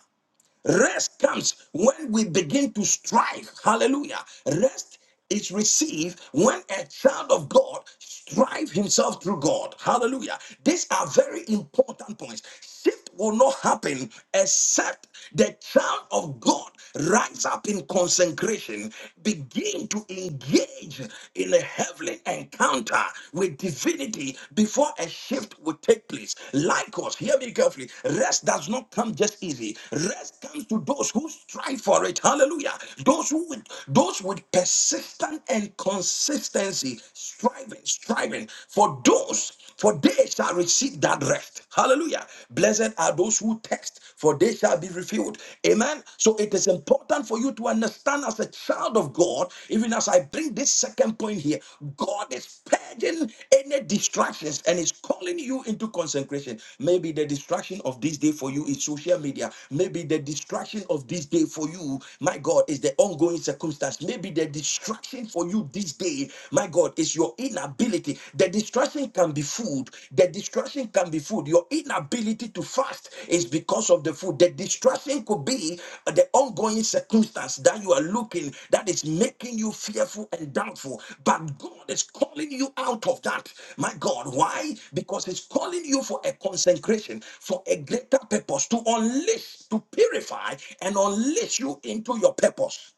A: Rest comes when we begin to strive. Hallelujah. Rest is received when a child of God strive himself through God. Hallelujah. These are very important points. Shift will not happen except the child of God rise up in consecration, begin to engage in a heavenly encounter with divinity before a shift would take place. Lycos, hear me carefully. Rest does not come just easy. Rest comes to those who strive for it. Hallelujah. Those who with those with persistent and consistency, striving, striving for those. For they shall receive that rest. Hallelujah. Blessed are those who text, for they shall be refilled. Amen. So it is important for you to understand as a child of God, even as I bring this second point here, God is purging any distractions and is calling you into consecration. Maybe the distraction of this day for you is social media. Maybe the distraction of this day for you, my God, is the ongoing circumstance. Maybe the distraction for you this day, my God, is your inability. The distraction can be food, the distraction can be food. Your inability to fast is because of the food. The distraction could be uh, the ongoing circumstance that you are looking that is making you fearful and doubtful. But God is calling you out of that. My God, why? Because He's calling you for a consecration, for a greater purpose, to unleash, to purify, and unleash you into your purpose.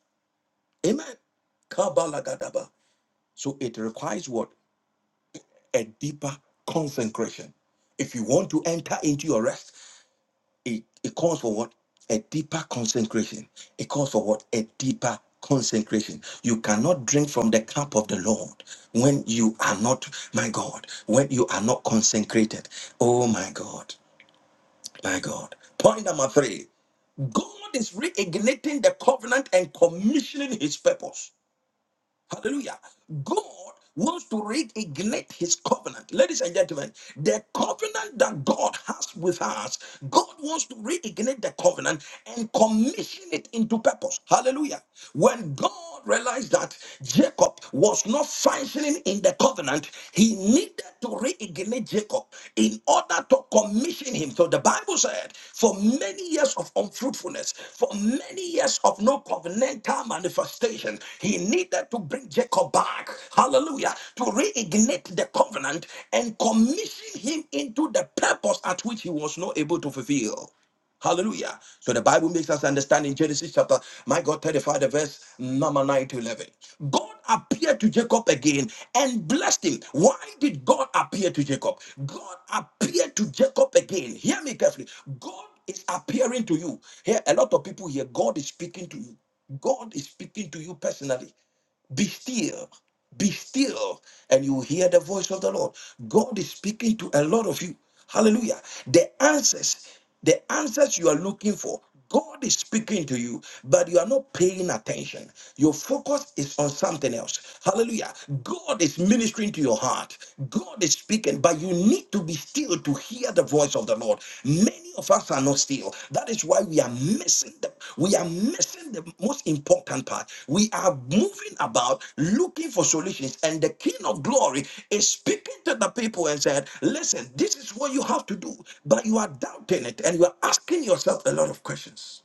A: Amen. Kabalagadaba. So it requires what? a deeper consecration. If you want to enter into your rest, it, it calls for what? A deeper consecration. It calls for what? A deeper consecration. You cannot drink from the cup of the Lord when you are not, my God, when you are not consecrated. Oh my God, my God. Point number three God is reigniting the covenant and commissioning his purpose. Hallelujah. God wants to reignite his covenant. Ladies and gentlemen, the covenant that God has with us, God wants to reignite the covenant and commission it into purpose. Hallelujah. When God realized that Jacob was not functioning in the covenant, he needed to reignite it delayed Jacob in order to commission him. So the Bible said, for many years of unfruitfulness, for many years of no covenantal manifestation, he needed to bring Jacob back, hallelujah, to reignite the covenant and commission him into the purpose at which he was not able to fulfill. Hallelujah. So the Bible makes us understand in Genesis chapter, my God, 35, the verse number 9 to 11. God appeared to Jacob again and blessed him. Why did God appear to Jacob? God appeared to Jacob again. Hear me carefully. God is appearing to you. Here, a lot of people here, God is speaking to you. God is speaking to you personally. Be still. Be still, and you will hear the voice of the Lord. God is speaking to a lot of you. Hallelujah. The answers, the answers you are looking for, God is speaking to you, but you are not paying attention. Your focus is on something else. Hallelujah. God is ministering to your heart. God is speaking, but you need need to be still to hear the voice of the Lord. Many of us are not still. That is why we are missing the we are missing the most important part. We are moving about looking for solutions, and the King of Glory is speaking to the people and said, "Listen, this is what you have to do," but you are doubting it and you are asking yourself a lot of questions.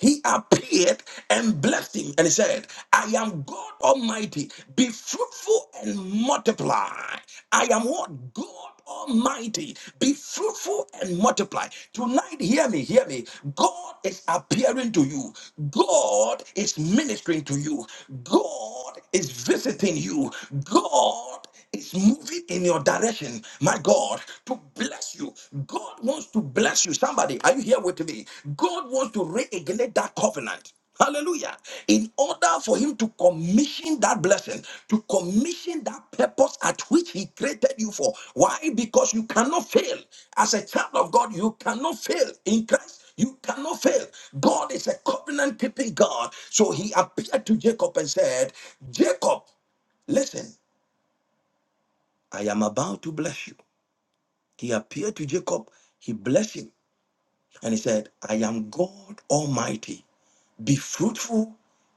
A: He appeared and blessed him and said, I am God Almighty. Be fruitful and multiply. I am what? God Almighty. Be fruitful and multiply. Tonight, hear me, hear me. God is appearing to you. God is ministering to you. God is visiting you. God is moving in your direction, my God, to bless you. God wants to bless you. Somebody, are you here with me? God wants to reignite that covenant. Hallelujah. In order for him to commission that blessing, to commission that purpose at which he created you for. Why? Because you cannot fail. As a child of God, you cannot fail in Christ. You cannot fail. God is a covenant keeping God. So he appeared to Jacob and said, Jacob, listen, I am about to bless you. He appeared to Jacob, he blessed him, and he said, I am God Almighty. Be fruitful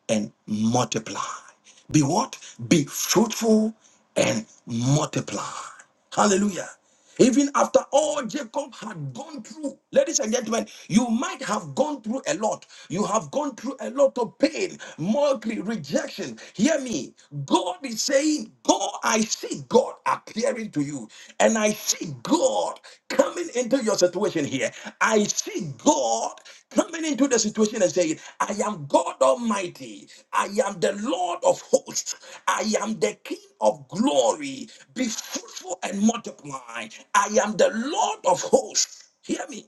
A: and multiply. Be what? Be fruitful and multiply. Hallelujah. Even after all Jacob had gone through, ladies and gentlemen, you might have gone through a lot. You have gone through a lot of pain, mockery, rejection. Hear me. God is saying, Go, I see God appearing to you, and I see God coming into your situation here. I see God coming into the situation and saying, I am God Almighty, I am the Lord of hosts, I am the King of glory, be fruitful and multiply, I am the Lord of hosts. Hear me.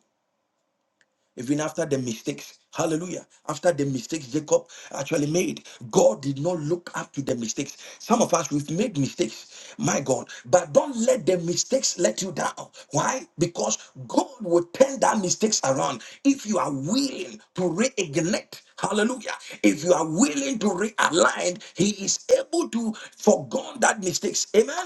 A: Even after the mistakes, hallelujah, after the mistakes Jacob actually made, God did not look up to the mistakes. Some of us, we've made mistakes, my God, but don't let the mistakes let you down. Why? Because God will turn that mistakes around if you are willing to reignite. Hallelujah. If you are willing to realign, He is able to forgone that mistakes. Amen.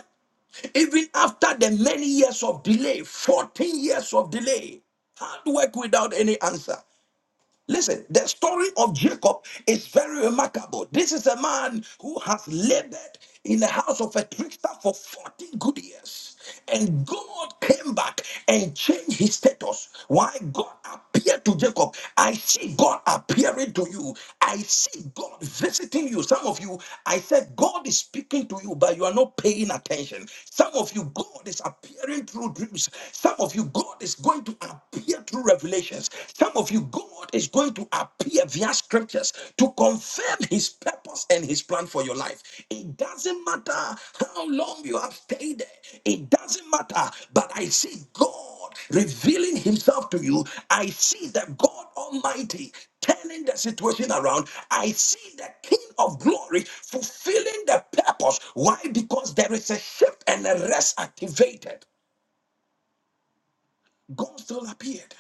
A: Even after the many years of delay, 14 years of delay, hard work without any answer. Listen, the story of Jacob is very remarkable. This is a man who has labored in the house of a trickster for 14 good years. And God came back and changed his status. Why God appeared to Jacob? I see God appearing to you. I see God visiting you. Some of you, I said, God is speaking to you, but you are not paying attention. Some of you, God is appearing through dreams. Some of you, God is going to appear through revelations. Some of you, God is going to appear via scriptures to confirm his purpose and his plan for your life. It doesn't matter how long you have stayed there, it doesn't matter. But I see God revealing himself to you. I see the God Almighty turning the situation around. I see the King of glory fulfilling the purpose. Why? Because there is a shift and a rest activated. God still appeared.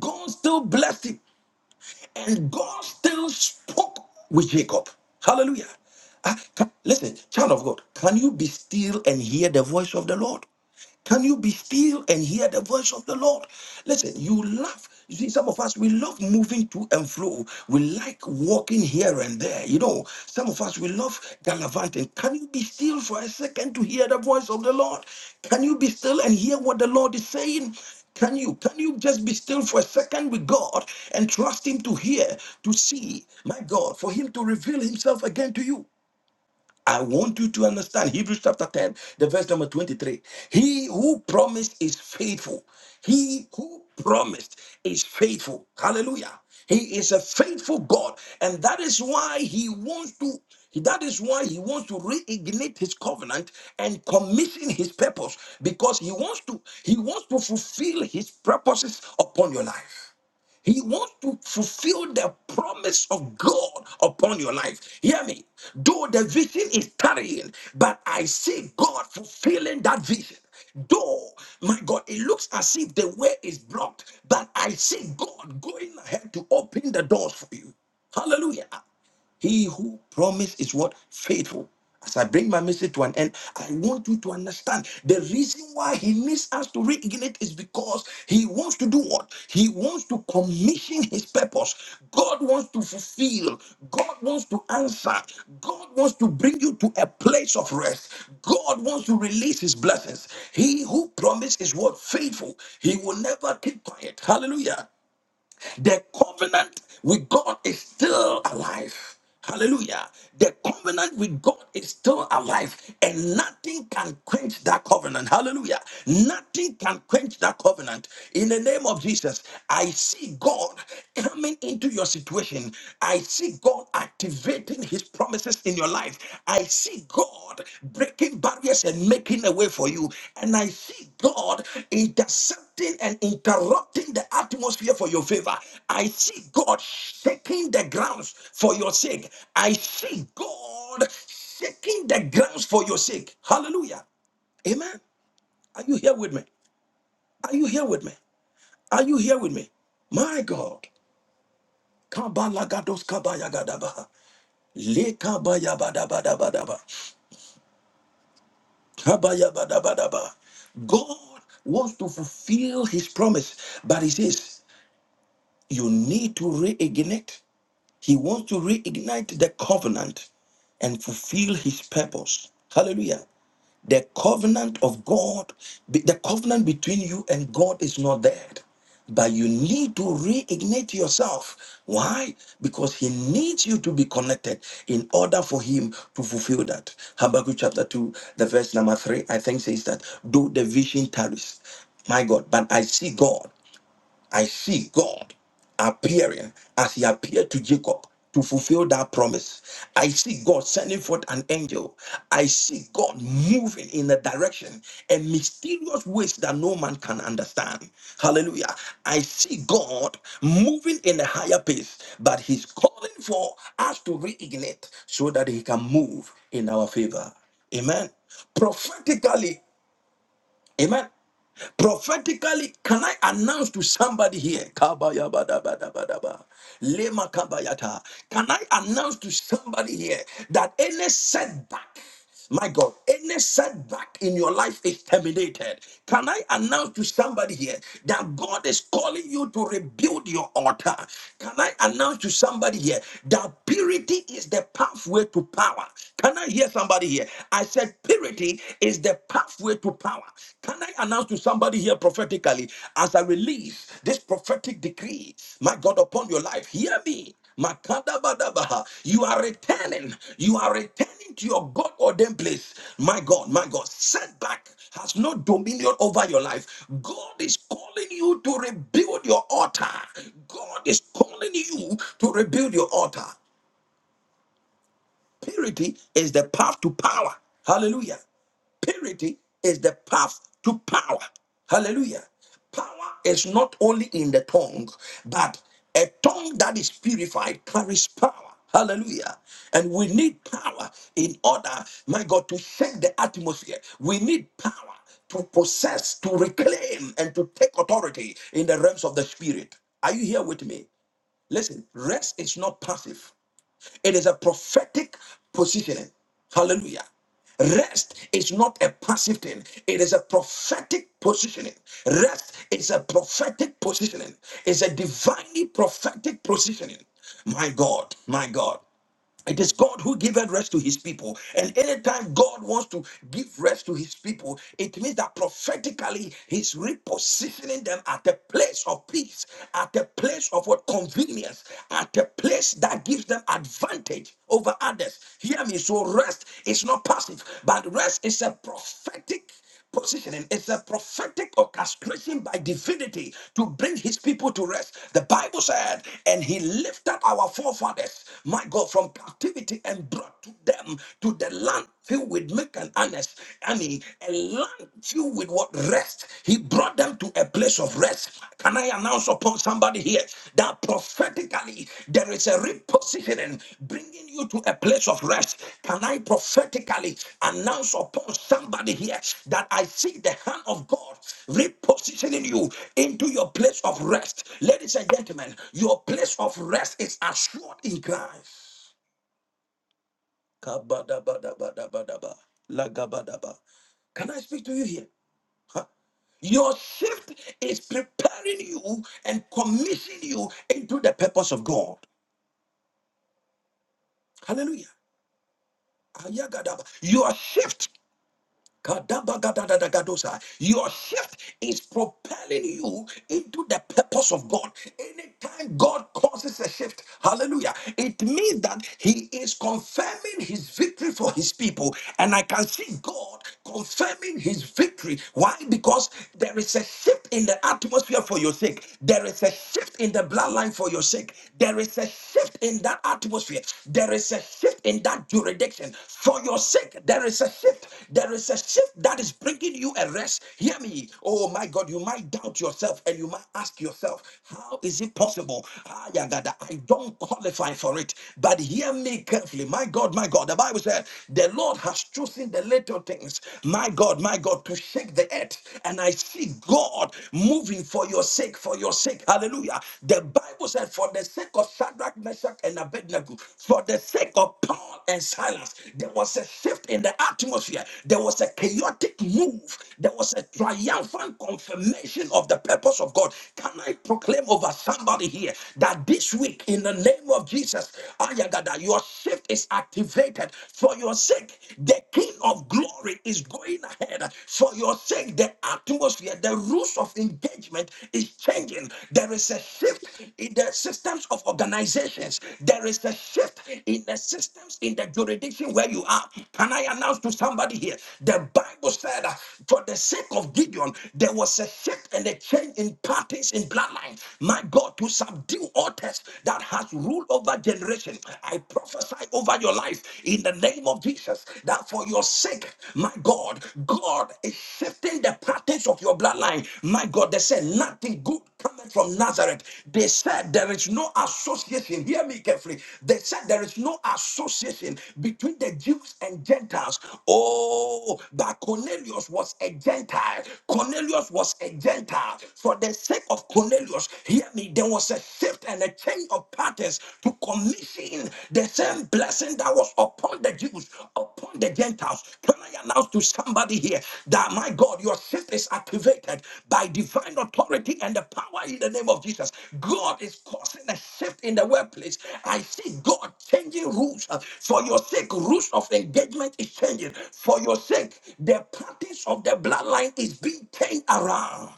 A: God still blessed him, and God still spoke with Jacob. Hallelujah. Ah, ca- listen, child of God, can you be still and hear the voice of the Lord? Can you be still and hear the voice of the Lord? Listen, you love. You see, some of us we love moving to and fro. We like walking here and there. You know, some of us we love gallivanting. Can you be still for a second to hear the voice of the Lord? Can you be still and hear what the Lord is saying? Can you can you just be still for a second with God and trust Him to hear, to see, my God, for Him to reveal Himself again to you? I want you to understand Hebrews chapter 10, the verse number 23. He who promised is faithful. He who promised is faithful. Hallelujah. He is a faithful God. And that is why he wants to, that is why he wants to reignite his covenant and commission his purpose because he wants to, he wants to fulfill his purposes upon your life. He wants to fulfill the promise of God upon your life. Hear me. Though the vision is tarrying, but I see God fulfilling that vision. Though, my God, it looks as if the way is blocked, but I see God going ahead to open the doors for you. Hallelujah. He who promised is what? Faithful. As I bring my message to an end, I want you to understand the reason why he needs us to reignite is because he wants to do what? He wants to commission his purpose. God wants to fulfill. God wants to answer. God wants to bring you to a place of rest. God wants to release his blessings. He who promised is what? Faithful. He will never keep quiet. Hallelujah. The covenant with God is still alive. Hallelujah. The covenant with God is still alive, and nothing can quench that covenant. Hallelujah. Nothing can quench that covenant. In the name of Jesus, I see God coming into your situation. I see God activating his promises in your life. I see God breaking barriers and making a way for you. And I see God intercepting and interrupting the atmosphere for your favor. I see God shaking the grounds for your sake. I see God shaking the grounds for your sake. Hallelujah. Amen. Are you here with me? Are you here with me? Are you here with me? My God. Kabalagados kabayagadabaha. Lekabayabadabadabadaba. Kabayabadabadaba. God wants to fulfill his promise, but he says you need to reignite. He wants to reignite the covenant and fulfill his purpose. Hallelujah. The covenant of God, be- the covenant between you and God is not dead. But you need to reignite yourself. Why? Because he needs you to be connected in order for him to fulfill that. Habakkuk chapter 2, the verse number 3, I think says that, though the vision tarries, my God, but I see God. I see God appearing as he appeared to Jacob to fulfill that promise. I see God sending forth an angel. I see God moving in a direction and mysterious ways that no man can understand. Hallelujah. I see God moving in a higher pace, but he's calling for us to reignite so that he can move in our favor. Amen. Prophetically, amen. Prophetically, can I announce to somebody here? Kabayabadabadabadaba. Lema kabayata. Can I announce to somebody here that any setback, my God, any setback in your life is terminated? Can I announce to somebody here that God is calling you to rebuild your altar? Can I announce to somebody here that purity is the pathway to power? Can I hear somebody here? I said purity is the pathway to power. Can I announce to somebody here prophetically as I release this prophetic decree, my God, upon your life? Hear me. Makadabadabaha. You are returning. You are returning to your God ordained place. My God, my God, setback has no dominion over your life. God is calling you to rebuild your altar. God is calling you to rebuild your altar. Purity is the path to power. Hallelujah. Purity is the path to power. Hallelujah. Power is not only in the tongue, but a tongue that is purified carries power. Hallelujah. And we need power in order, my God, to shake the atmosphere. We need power to possess, to reclaim, and to take authority in the realms of the spirit. Are you here with me? Listen, rest is not passive. It is a prophetic positioning. Hallelujah. Rest is not a passive thing. It is a prophetic positioning. Rest is a prophetic positioning. It's a divinely prophetic positioning. My God, my God. It is God who giveth rest to his people. And anytime God wants to give rest to his people, it means that prophetically he's repositioning them at a place of peace, at a place of what convenience, at a place that gives them advantage over others. Hear me. So rest is not passive, but rest is a prophetic. Positioning is a prophetic orchestration by divinity to bring his people to rest. The Bible said, and he lifted our forefathers, my God, from captivity and brought to them to the land filled with milk and honest. I mean, a land filled with what rest. He brought them to a place of rest. Can I announce? upon somebody here that prophetically there is a repositioning bringing you to a place of rest. Can I prophetically announce upon somebody here that I see the hand of God repositioning you into your place of rest? Ladies and gentlemen, your place of rest is assured in Christ. Kabadabadabadabadaba. Lagabadaba. Can I speak to you here? Huh? Your shift is preparing you and commissioning you into the purpose of God. Hallelujah. Ayagadaba. Your shift Kadabagadadagadosa. Your shift is propelling you into the purpose of God. Anytime God causes a shift, hallelujah, it means that He is confirming His victory for His people. And I can see God confirming His victory. Why? Because there is a shift in the atmosphere for your sake, there is a shift in the bloodline for your sake, there is a shift in that atmosphere, there is is a shift in that jurisdiction. For your sake, there is a shift. There is a shift that is bringing you a rest. Hear me. Oh my God, you might doubt yourself and you might ask yourself, how is it possible? Ah, yeah, God, I don't qualify for it. But hear me carefully. My God, my God. The Bible says, the Lord has chosen the little things, my God, my God, to shake the earth. And I see God moving for your sake, for your sake. Hallelujah. Hallelujah. The Bible said, For the sake of Shadrach, Meshach, and Abednego, for the sake of Paul and Silas, there was a shift in the atmosphere. There was a chaotic move. There was a triumphant confirmation of the purpose of God. Can I proclaim over somebody here that this week, in the name of Jesus, Ayagada, your shift is activated for your sake. The King of glory is going ahead for your sake the, the atmosphere, the rules of engagement is changing. There is a shift in the systems of organizations. There is a shift in the systems in the jurisdiction where you are. Can I announce to somebody here? The Bible said, uh, for the sake of Gideon, there was a shift and a change in parties in bloodline. My God, to subdue altars that has ruled over generation. I prophesy over your life in the name name of Jesus, that for your sake, my God, God is shifting the patterns of your bloodline. My God, they said nothing good coming from Nazareth. They said there is no association. Hear me carefully. They said there is no association between the Jews and Gentiles. Oh, but Cornelius was a Gentile. Cornelius was a Gentile. For the sake of Cornelius, hear me, there was a shift and a change of parties to commission the same blessing that was upon the Jews, upon the Gentiles. Can I announce to somebody here that my God, your shift is activated by divine authority and the power in the name of Jesus? God is causing a shift in the workplace. I see God changing rules. Uh, For your sake, rules of engagement is changing. For your sake, the practice of the bloodline is being turned around.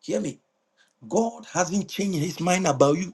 A: Hear me. God hasn't changed his mind about you.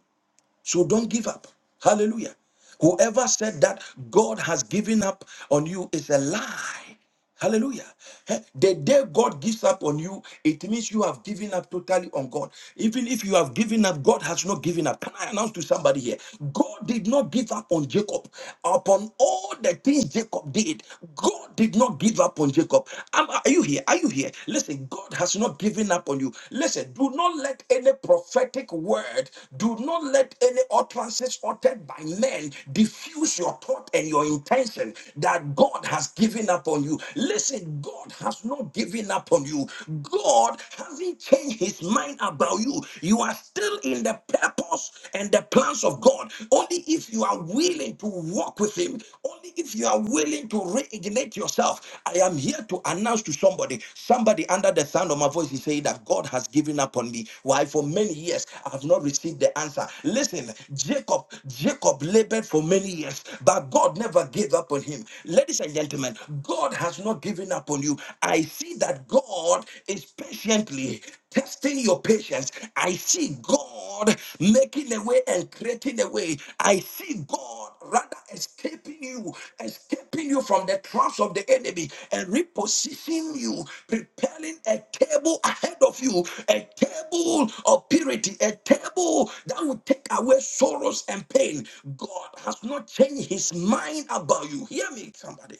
A: So don't give up. Hallelujah. Whoever said that God has given up on you is a lie. Hallelujah. Eh, The day God gives up on you, it means you have given up totally on God. Even if you have given up, God has not given up. Can I announce to somebody here? God did not give up on Jacob. Upon all the things Jacob did, God did not give up on Jacob. Am- Are you here? Are you here? Listen, God has not given up on you. Listen, do not let any prophetic word, do not let any utterances uttered by men diffuse your thought and your intention that God has given up on you. Listen, God has not given up on you. God hasn't changed his mind about you. You are still in the purpose and the plans of God. Only if you are willing to will walk with Him. Only if you are willing to reignite yourself. I am here to announce to somebody, somebody under the sound of my voice is saying that God has given up on me. Why? For many years, I have not received the answer. Listen, Jacob, Jacob labored for many years, but God never gave up on him. Ladies and gentlemen, God has not given up on you. I see that God is patiently testing your patience. I see God. God making a way and creating a way. I see God rather escaping you, escaping you from the traps of the enemy and repositioning you, preparing a table ahead of you, a table of purity, a table that will take away sorrows and pain. God has not changed his mind about you. Hear me, somebody.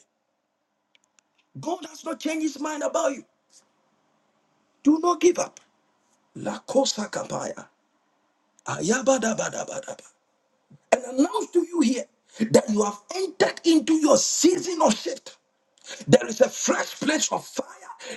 A: God has not changed his mind about you. Do not give up. La Cosa Capaya. Ayabadabadabadaba. and announce to you here that you have entered into your season of shift. There is a fresh place of fire.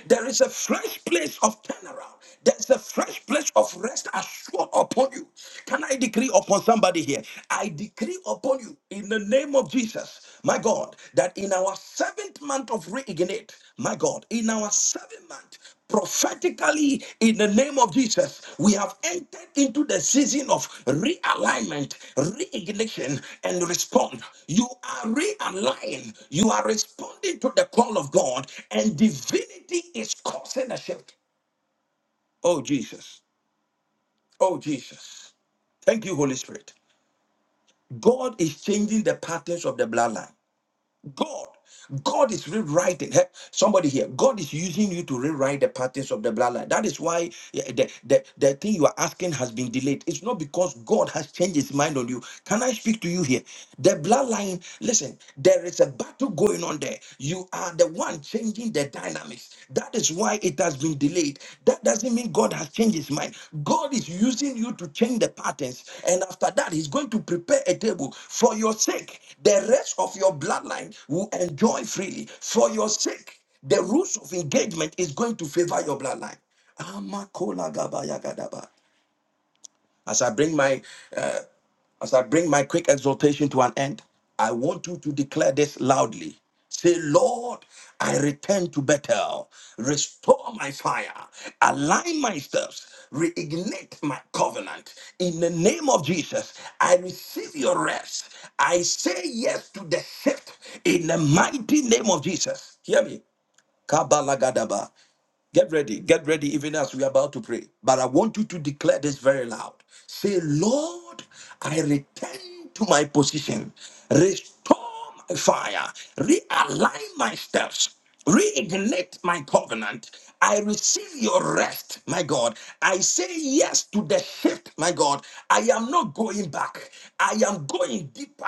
A: There is a fresh place of turnaround. There's a fresh place of rest assured upon you. Can I decree upon somebody here? I decree upon you in the name of Jesus, my God, that in our seventh month of reignite, my God, in our seventh month prophetically in the name of jesus we have entered into the season of realignment reignition and respond you are realigned you are responding to the call of god and divinity is causing a shift oh jesus oh jesus thank you holy spirit god is changing the patterns of the bloodline God. God is rewriting. Hey, somebody here. God is using you to rewrite the patterns of the bloodline. That is why eh, the, the, the thing you are asking has been delayed. It's not because God has changed his mind on you. Can I speak to you here? The bloodline, listen, there is a battle going on there. You are the one changing the dynamics. That is why it has been delayed. That doesn't mean God has changed his mind. God is using you to change the patterns. And after that, he's going to prepare a table for your sake. The rest of your bloodline will enjoy freely. For your sake, the rules of engagement is going to favor your bloodline. Amakola gaba gadaba. As I bring my as I bring my quick exhortation to an end, I want you to declare this loudly. Say, Lord, I return to Bethel. Restore my fire. Align my steps. Reignite my covenant. In the name of Jesus, I receive your rest. I say yes to the shift in the mighty name of Jesus. Hear me. Kabalagadaba. Get ready, get ready, even as we are about to pray. But I want you to declare this very loud. Say, Lord, I return to my position. Restore my fire. Realign my steps. Reignite my covenant. I receive your rest, my God. God. I say yes to the shift, my God. I am not going back. I am going deeper.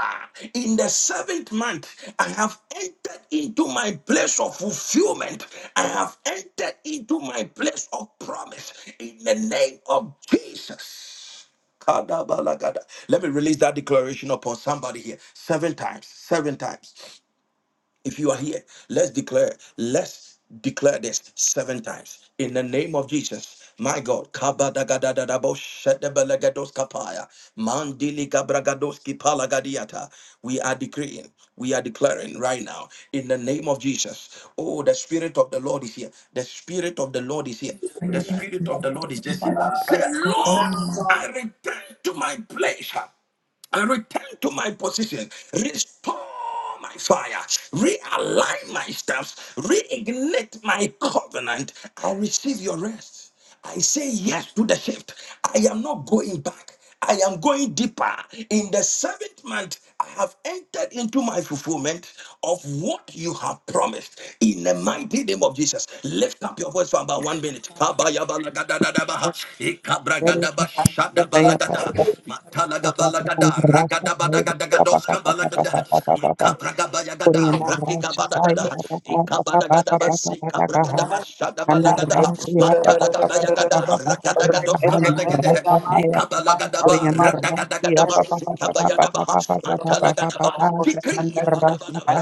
A: In the seventh month, I have entered into my place of fulfillment. I have entered into my place of promise. In the name of Jesus. Kadabalagada. Let me release that declaration upon somebody here. Seven times, seven times. If you are here, let's declare, let's declare this seven times in the name of Jesus. My God, Kabadagadadadabo Shedebelegedos Kapaya, Mandili Gabragadoski Palagadiata. We are decreeing, we are declaring right now in the name of Jesus. Oh, the Spirit of the Lord is here. The Spirit of the Lord is here. The Spirit of the Lord is just here. Say, Lord, I return to my place and return to my position. Restore my fire, realign my steps, reignite my covenant. I receive your rest. I say yes to the shift. I am not going back. I am going deeper. In the seventh month, I have entered into my fulfillment of what you have promised in the mighty name of Jesus. Lift up your voice for about one minute. Kabayabalagadadadabaha,
D: Kaya pata
A: ikabragadabashadabalagadaha,
D: pata pata pata
A: matalagabalagada,
D: pata rasa kaya pata pata pata
A: ragadabadagadagadoskambalagada,
D: pata pata pata Korean
A: makabragabayagada,
D: rasa kaya
A: Matikabadagada,
D: pata pata pata
A: Ikabadagadaba,
D: pata pata kaha
A: Sikabragadaba,
D: karena
A: Shadabadagada,
D: rasa ya pata pata pata
A: Matadagabayagada,
D: pata pata pata hari rasa
A: Rakadagadoskabalagadeh,
D: kaya
A: Ikabalagadaba,
D: Korean rasa ya
A: Rakadagadaba,
D: pata pata pata pata
A: Sikabayadaba,
D: pata pata pata
A: Matadagadaba,
D: pata karena
A: Tikri,
D: rasa
A: Badabadaba,
D: kaya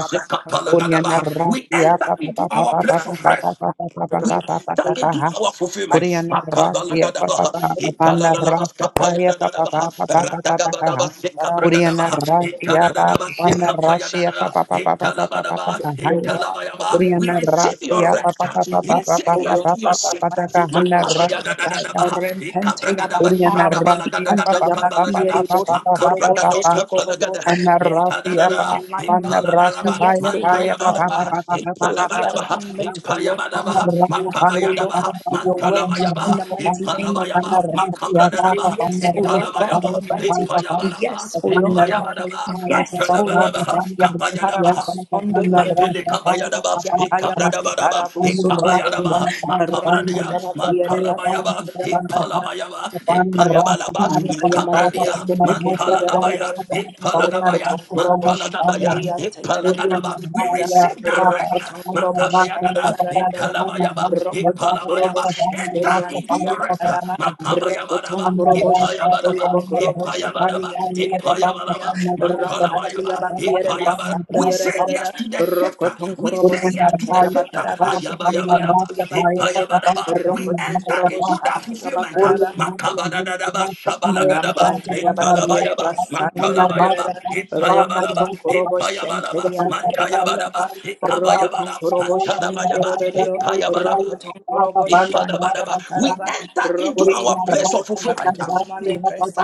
D: Korean rasa
A: We
D: ya
C: Thank
A: enter
C: you,
D: pata
A: into
D: pata
A: our
D: pata pata
A: place of
D: pata
A: rest
D: pata pata
A: we
D: pata
A: enter
D: pata kaha
A: into our fulfillment.
D: Koreana Rasia Papa
A: Makabalagadabaha,
D: Papana Rasa Kaya Papa
A: italalalabaskapayadadadabaha,
D: Papa Papa Papa Kaha. Koreana
A: ratagabadabasekabragadabaha,
D: Rasia Papana Rasia
A: itadadadabasekampayadadada,
D: Papa Papa Papa Papa
A: italabadaba,
D: Kahaya.
C: God, in the
A: italabayaba.
C: mighty
A: We
C: name
D: Koreana
A: receive
C: of
A: your
D: Rasia
C: Jesus.
A: rest.
D: Papa Papa
A: We
C: Yes,
D: Papa
A: say
C: O
D: Papa
A: yes
C: Lord,
A: to your
D: Papa
A: sector.
D: Papa
C: mighty to
D: Kahana
C: your name.
D: Rasa Kaya.
A: Makabayadadadabaha,
C: Repente
D: Koreana
C: yabakara masi
D: Rasia
C: anta
D: Papa Papa Papa
A: ikabragadabashadabalagadagadoskambalagada,
C: yabakiri
D: Papa
C: bos
D: Papa Papa
C: korobos
D: Papa
C: toto korobo.
A: makabragadoskapalagada,
D: Kana
C: We ask
D: Rasia
C: for
D: Papa
A: Itadadadada,
D: Pana
C: Realignment.
D: Rasta
A: Ipaladadaba,
D: Paya
C: Yes, O Lord
D: Paya
C: God
D: Papa
A: Matayabadaba,
D: Papa
C: Almighty,
D: Papa
C: to the
D: Papa
A: Ipadabadaba,
C: realignment, O Lord God
A: Ipayabadaba,
C: of
D: Papa
C: my life, O Lord
A: Makabayadaba,
C: God, with your will,
A: Matalabayaba,
D: Papa
C: in the
D: Papa
C: mighty name of
D: Thank
A: Ipalabayaba,
C: Jesus. We say
A: Makabradadaba,
C: yes, O Lord God
A: Italabayaba,
C: Almighty.
A: Ipayabalaba,
C: Yes, O Lord God.
A: Ipayabadaba,
C: Yes, O Lord
A: Antadabadaba,
C: God.
A: Kapayadaba,
C: Paramosondo
A: Mapele kabayadaba,
C: Yakaya Malitara
A: ikabradabadaba,
C: Busoto Borba
A: ikabayadaba,
C: Ranta
A: makabradia,
C: Yabakiere
A: mantalabayaba,
C: Basanta
A: ipalabayaba, ipayabalaba,
C: Manta yamale
A: ikabradia,
C: preske pekende
A: mantalagabaya,
C: yarararara
A: ipalagabaya,
C: rokoton korobo
A: mantalagabaya,
C: şenderi yanta
A: ipalagadaba. We
C: yarararara
A: receive that rest.
C: rokoton korobo şende
A: Makabayadada,
C: yarararara
A: italabayaba,
C: rokoton korobo
A: ipalabayaba. Enter
C: şenderi
A: into
C: yanta
A: your rest.
C: yabakaraba
D: you.
C: rokoton
D: Thank
A: Makabayabadaba,
C: korobo şando yobo
A: itayabadaba,
C: korobo şenderi
A: Ipayabaraba,
C: yanta yarararara
A: ipayabaraba,
C: rampanta
A: mantalabayaba,
C: yabak yere
A: ipayabara.
C: masanda
A: We say yes
C: yarararara
A: to the shifter.
C: rokoton
A: We
C: korobo
A: say yes to
C: santa
A: the shifter.
C: yabakaraba şenderi
A: Ayabayabaraba,
C: yanta yabak yere ba
A: ipayabaraba. We
C: rokoton
A: enter
C: korobo
A: into that
C: şanta
A: fulfillment.
C: yabakaraba
A: Makabadadadaba,
C: Malam
A: shabalagadaba,
C: branta ya bakiere
A: italabayaba,
C: basanta ya
A: matalabayaba,
C: rarara
A: ipayabalaba,
C: rokoton korobo
A: ipayabalaba,
C: shenterianta ya
A: matayabaraba,
C: baraba rokoton
A: ikabayabara,
C: korobo shondo
A: mantalabayaba,
C: yorororo
A: ipayabaraba.
C: rokoton korobo shanda ya
A: Ipadabadaba.
D: you.
A: We
C: bakaraba
A: enter into
D: Rasta
C: rokoton
A: our place
C: korobo
A: of
C: shanda
A: fulfillment
C: ya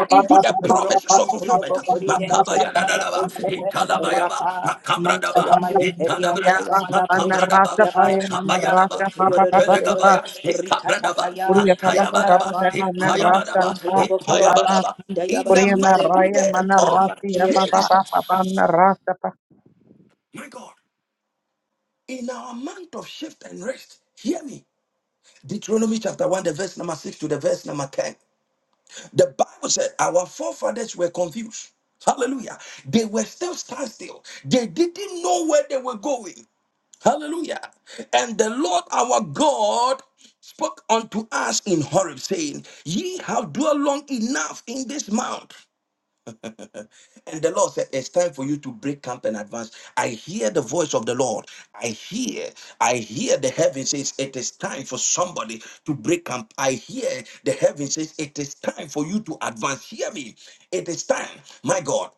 A: into the promises of fulfillment.
C: Yobokori dente
A: Makabaya da da
C: yamala
A: da ba,
C: proskepe
A: Makabradaba, ba,
C: rapa
A: makabra da
C: manta
A: ba,
C: yamale
A: itadabra
C: herianta
A: ya,
C: yamala proskapa yaba
A: itabaya
C: malam
A: da ba,
C: pronto
A: matelega ba
C: yorododododo
A: ya, ikabra
C: rikata
A: da ba,
C: kaya
A: ataya ba
C: yakaraba malam pronto yobokorobo shinda yaba
A: In the
C: kinere
A: mighty name
C: manta
A: of
C: yaba kinere ma
A: Jesus, my God, in our month of shift and rest, hear me. Deuteronomy chapter 1, the verse number 6 to the verse number 10. The Bible said our forefathers were confused. Hallelujah. They were still standstill. They didn't know where they were going. Hallelujah. And the Lord our God spoke unto us in Horeb, saying, Ye have dwelt long enough in this mount. And the Lord said, It's time for you to break camp and advance. I hear the voice of the Lord. I hear, I hear the heaven says, It is time for somebody to break camp. I hear the heaven says, It is time for you to advance. Hear me. It is time, my God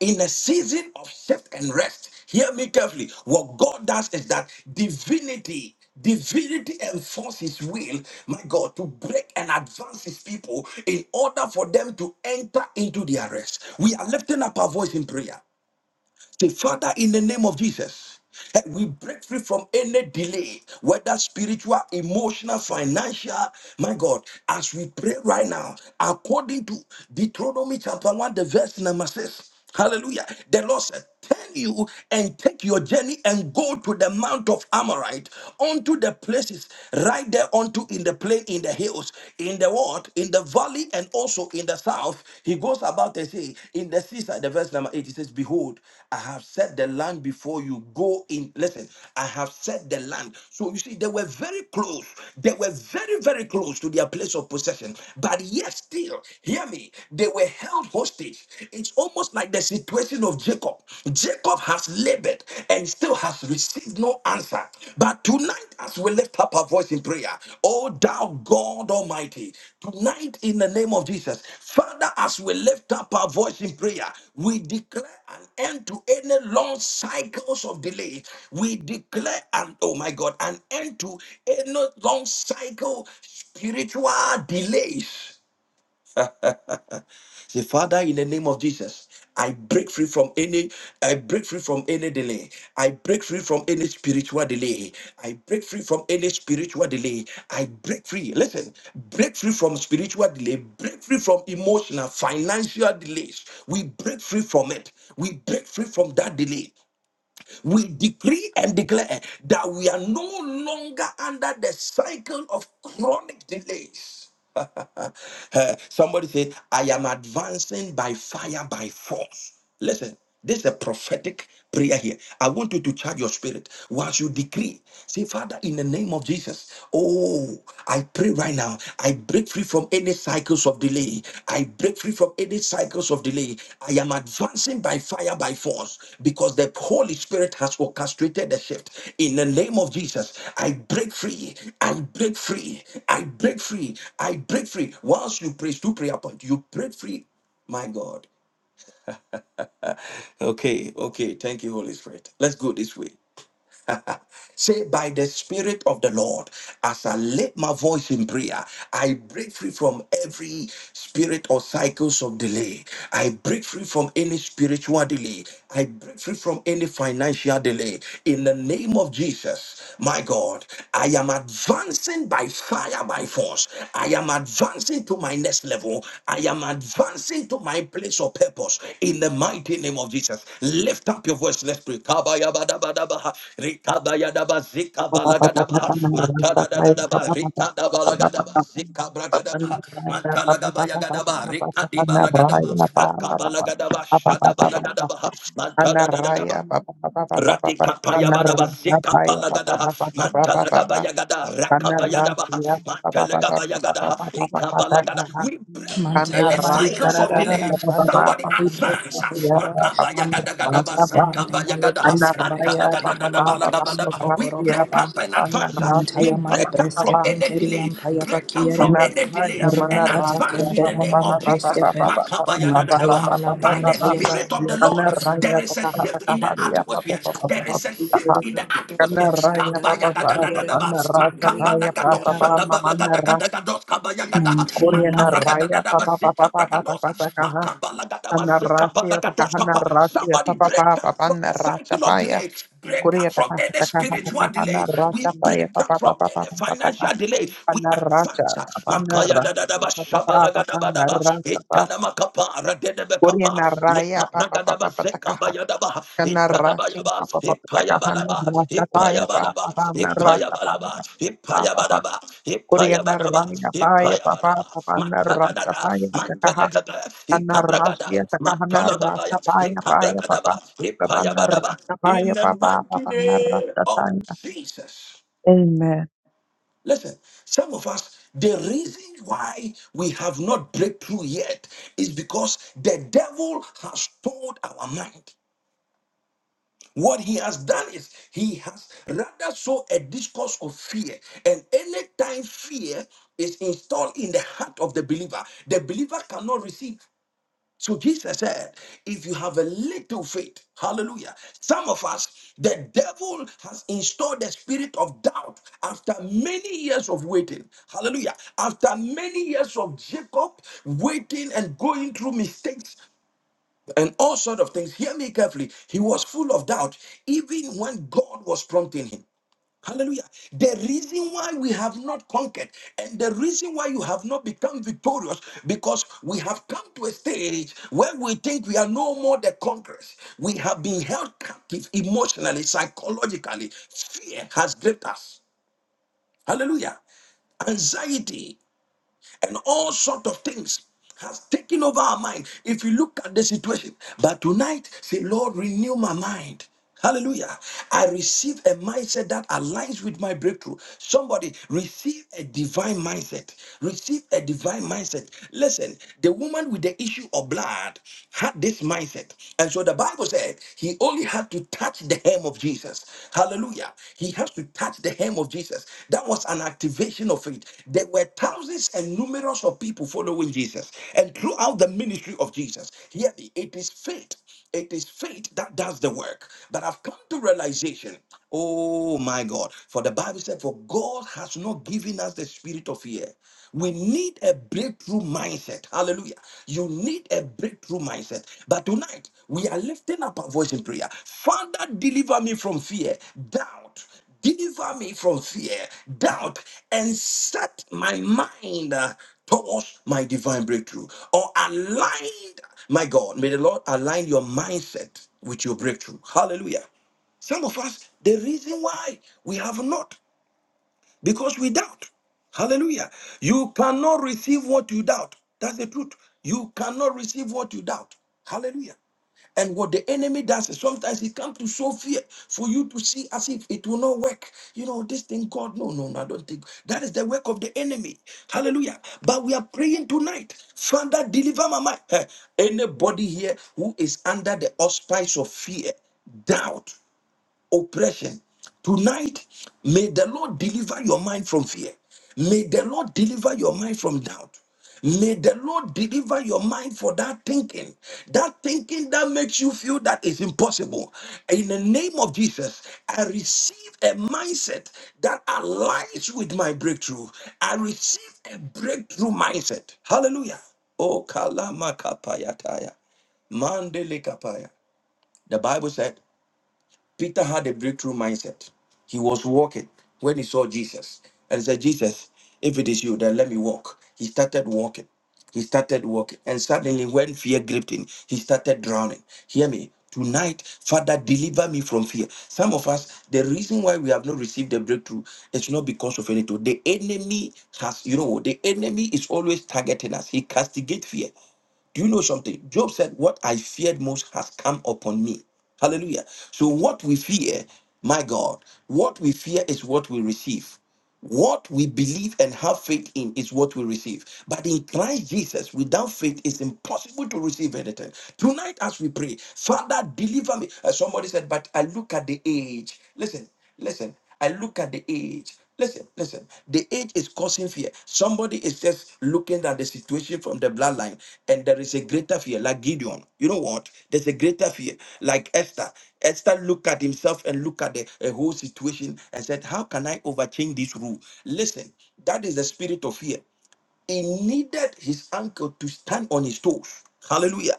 A: in a season of shift and rest. Hear me carefully. What God does is that divinity, divinity enforces his will, my God, to break and advance his people in order for them to enter into their rest. We are lifting up our voice in prayer. Say, Father, in the name of Jesus, eh, we break free from any delay, whether spiritual, emotional, financial. My God, as we pray right now, according to Deuteronomy chapter 1, the verse number 6. Hallelujah. The Lord said, Turn you and take your journey and go to the Mount of Amorite, unto the places right there, unto in the plain, in the hills in the what? In the valley and also in the south. He goes about and say, in the seaside, the verse number eight, he says, Behold, I have set the land before you. Go in. Listen, I have set the land. So you see, they were very close. They were very, very close to their place of possession. But yet still, hear me, they were held hostage. It's almost like the situation of Jacob. Jacob has labored waited and still has received no answer. But tonight, as we lift up our voice in prayer, oh thou God Almighty, tonight in the name of Jesus, Father, as we lift up our voice in prayer, we declare an end to any long cycles of delay. We declare an oh my God, an end to any long cycle spiritual delays Say, Father, in the name of Jesus, I break free from any, I break free from any delay. I break free from any spiritual delay. I break free from any spiritual delay. I break free. Listen, break free from spiritual delay. Break free from emotional, financial delays. We break free from it. We break free from that delay we decree and declare that we are no longer under the cycle of chronic delays. Uh, Somebody said, I am advancing by fire, by force. Listen, this is a prophetic prayer here. I want you to charge your spirit. Once you decree, say, Father, in the name of Jesus, oh, I pray right now. I break free from any cycles of delay. I break free from any cycles of delay. I am advancing by fire, by force, because the Holy Spirit has orchestrated the shift. In the name of Jesus, I break free. I break free. I break free. I break free. Once you praise two prayer point, you break free. My God. Okay, okay. Thank you, Holy Spirit. Let's go this way. Say, by the Spirit of the Lord, as I lift my voice in prayer, I break free from every spirit or cycles of delay. I break free from any spiritual delay. I break free from any financial delay. In the name of Jesus, my God, I am advancing by fire, by force. I am advancing to my next next level. I am advancing to my place of purpose in the mighty name of Jesus. Lift up your voice. Let's pray. Kabayabadabadabaha, rikabayadabazikabalagadabaha, matadadadadaba, rikadabalagadabaha,
E: mighty name of
A: zikabragadabaha,
E: Jesus, we thank
A: matalagabayagadabaha,
E: you.
A: rikadibalagadabaha,
E: We thank you for
A: akabalagadabaha,
E: being
A: shadabalagadabaha,
D: Anaraya
A: matadadadadaba,
E: in the
D: papa pa pa pa pa
E: mountain.
D: pa pa
A: Ratika
D: pa
A: payabadaba seka
D: anaraya
E: We
D: pa pa
A: palagadaha
E: thank
D: pa
E: you,
D: pa pa pa
E: Lord,
D: pa pa
A: matalaga
D: pa
E: thanks that
A: bayagada
E: you do in
A: rakabayadabaha
D: anaraya
E: my
D: pa
E: life.
D: pa pa pa
A: matalaga
D: pa pa
E: I
D: pa pa pa
A: bayagadaha
E: pray for
D: pa
E: my
A: ikabalagada. We
E: righteousness in
A: break
E: the
A: from
C: manta
E: mighty
A: any
C: yamali
E: name of
A: cycles of
E: Jesus,
A: delay.
C: kararararam banda
A: Somebody
E: by
C: yamali
E: the
A: advance.
C: preskepe
E: power of
C: yaba
E: the blood
D: pa
C: Rakata
A: Makabayagadagadaba
D: pa pa
C: kanda
E: of the
C: yamale
A: sekabayagadaha
C: preskepe
D: anaraya
C: kente
D: pa papa
C: yamala
E: Lamb.
D: pa pa pa pa
A: antalagadadadabalagabadaba.
D: pa anaraya pa pa pa pa pa pa anaraya pa pa pa pa pa anaraya papa pa pa
A: We break
C: proskopo
A: break up and
D: anaraya pa
A: advance.
D: pa
A: uh,
E: In the
A: We
C: Mantaya
E: mighty
C: male
A: break
D: pa
A: up
D: pa
C: breske
E: name
A: from
E: of
D: pa
A: any
C: penteri
E: Jesus,
A: delay.
C: ampaya
A: Break up
E: we
A: from
C: bakiereba.
A: any
E: pray
D: anaraya
A: delay and
E: for
C: Rakata
D: manaraya
A: advance
E: Lord.
C: kanda
A: in
D: pa
A: the
C: ya
D: pa
A: name
C: mali
D: papa
A: of
E: I
D: pa pa pa
C: breske
A: Jesus.
D: pa
C: pe.
D: pa
E: pray
D: pa pa
E: for
D: pa pa
C: Mantaya
A: Makabayadadadabaha.
E: that,
D: pa
E: Lord.
D: pa
C: mala
A: By
D: pa
A: the
D: pa
C: brantaya
E: In the
A: Spirit of the
C: bakiereba.
E: mighty
A: Lord,
E: name of
A: there
D: anaraya pa
A: is a
D: pa pa pa pa
A: shift
D: pa
A: in
E: Jesus,
D: pa
A: the
E: we
A: atmosphere.
D: pa
A: There
D: pa
A: is a
E: pray.
D: pa pa
A: shift in
E: for
A: the atmosphere.
E: In
D: Kanaraya
C: Sandaya
E: heaven
D: papa papa
C: bakiere
E: and having
A: Kabayadadadadadaba.
D: pana rasa
C: masantaya
E: any
D: paya papa
C: bakiereba.
E: degrees
D: pama manara
A: Makabadagadosadabalagadagadagadosadabalagadagadaba. Brandos Kabayagada,
E: at
C: Mantaya
D: Koreana
C: mali
E: ministry
D: raya
A: Makabragadadadaba,
E: and
D: papa papa papa
A: Zikabragadosa,
D: papa
E: breaking
D: kaha
E: into
A: Makabalagadaба,
E: in the
D: anarasia
E: life
D: takaha
E: in
A: Zikabalagadoskapa.
E: the
D: narasia
A: Somebody
D: papa
A: break
D: papa
A: up from the
D: pana rasa
A: cycle of
E: world
D: paya
A: delay.
E: the
A: Break
E: life
D: Korea
A: up from
D: takaha
A: any
D: takaha
A: spiritual
D: takaha
A: delay.
D: narasa
A: We
D: paya
A: break up
D: papa
E: of
A: from
E: the
D: papa
A: any
D: papa
E: people
D: papa
A: financial
D: kaha
A: delay. We
E: cut
D: panaraja
A: advance.
E: off
A: Makaya
D: panara
A: da da da ba
D: papa
A: shaba la
D: papa
A: ga da ba da ba.
D: panarasa pa
A: Itana Macapa, Gedebekapa,
D: Koreana raya papa papa
A: Lekabragadaba
D: papa takaha
A: Sekabayadaba,
D: kanarasia
A: Itadabayaba,
D: papa papa takaha
A: Ipayabalaba,
D: narasa paya papa
A: Ipayabalaba,
D: papa narasa
A: Ipayabalaba,
D: paya
A: Ipayabalaba, Ipayabalaba,
D: Kuryanaraya paya papa
A: Ipayabalaba.
D: papana rasa
A: Matadadada,
D: paya takaha
A: Mantelegada, Ikabragada,
D: anarasya takahana rasa
A: Matalagadaya,
D: paya paya papa
A: Ikabragadaba,
D: papana
A: Ipayabadaba.
D: rasa
A: In
D: paya
A: the
D: papa
A: mighty
D: papana
A: name
D: rasa
A: of
D: tanya.
A: Jesus.
D: Amen.
A: Listen, some of us, the reason why we have not breakthrough yet is because the devil has told our mind. What he has done is he has rather so a discourse of fear. And anytime fear is installed in the heart of the believer, the believer cannot receive. So Jesus said, if you have a little faith, hallelujah. Some of us, the devil has installed the spirit of doubt after many years of waiting. Hallelujah. After many years of Jacob waiting and going through mistakes and all sort of things. Hear me carefully. He was full of doubt, even when God was prompting him. Hallelujah. The reason why we have not conquered and the reason why you have not become victorious because we have come to a stage where we think we are no more the conquerors. We have been held captive emotionally, psychologically. Fear has gripped us. Hallelujah. Anxiety and all sort of things has taken over our mind if you look at the situation but tonight say lord renew my mind hallelujah i receive a mindset that aligns with my breakthrough somebody receive a divine mindset receive a divine mindset listen the woman with the issue of blood had this mindset and so the bible said he only had to touch touch the hem of Jesus. Hallelujah. He has to touch the hem of Jesus. That was an activation of it. There were thousands and numerous of people following Jesus. And throughout the ministry of Jesus, hear me, it is faith. It is faith that does the work. But I've come to realization, oh my God, for the Bible said, for God has not given us the spirit of fear. We need need a breakthrough mindset. Hallelujah. You need a breakthrough mindset. But tonight, we are lifting up our voice in prayer. Father, deliver me from fear, doubt, deliver me from fear, doubt, and set my mind uh, towards my divine breakthrough. Or aligned, my God, may the Lord align your mindset with your breakthrough. Hallelujah. Some of us, the reason why we have not because we doubt. Hallelujah. You cannot receive what you doubt. That's the truth. You cannot receive what you doubt. Hallelujah. And what the enemy does is sometimes he comes to show fear for you to see as if it will not work. You know, this thing, God, no, no, no, I don't think that is the work of the enemy. Hallelujah. But we are praying tonight. Father, deliver my mind. Eh, Anybody here who is under the auspice of fear, doubt oppression. Tonight, may the Lord deliver your mind from fear. May the Lord deliver your mind from doubt. May the Lord deliver your mind for that thinking, that thinking that makes you feel that is impossible. In the name of Jesus, I receive a mindset that aligns with my breakthrough. I receive a breakthrough mindset. Hallelujah. Oh, kalama kapayataya. Mandele kapaya. The Bible said, Peter had a breakthrough mindset. He was walking when he saw Jesus. And he said, Jesus, if it is you, then let me walk. He started walking. He started walking. And suddenly, when fear gripped him, he started drowning. Hear me. Tonight, Father, deliver me from fear. Some of us, the reason why we have not received the breakthrough is not because of anything. The enemy has, you know, the enemy is always targeting us. He castigates fear. Do you know something? Job said, What I feared most has come upon me. Hallelujah. So, what we fear, my God, what we fear is what we receive. What we believe and have faith in is what we receive. But in Christ Jesus, without faith, it's impossible to receive anything. Tonight, as we pray, Father, deliver me. Uh, somebody said, But I look at the age. Listen, listen. I look at the age. Listen, listen. The age is causing fear. Somebody is just looking at the situation from the bloodline, and there is a greater fear, like Gideon. You know what? There's a greater fear, like Esther. Esther looked at himself and looked at the a whole situation and said, "How can I overchange this rule?" Listen, that is the spirit of fear. He needed his uncle to stand on his toes. Hallelujah.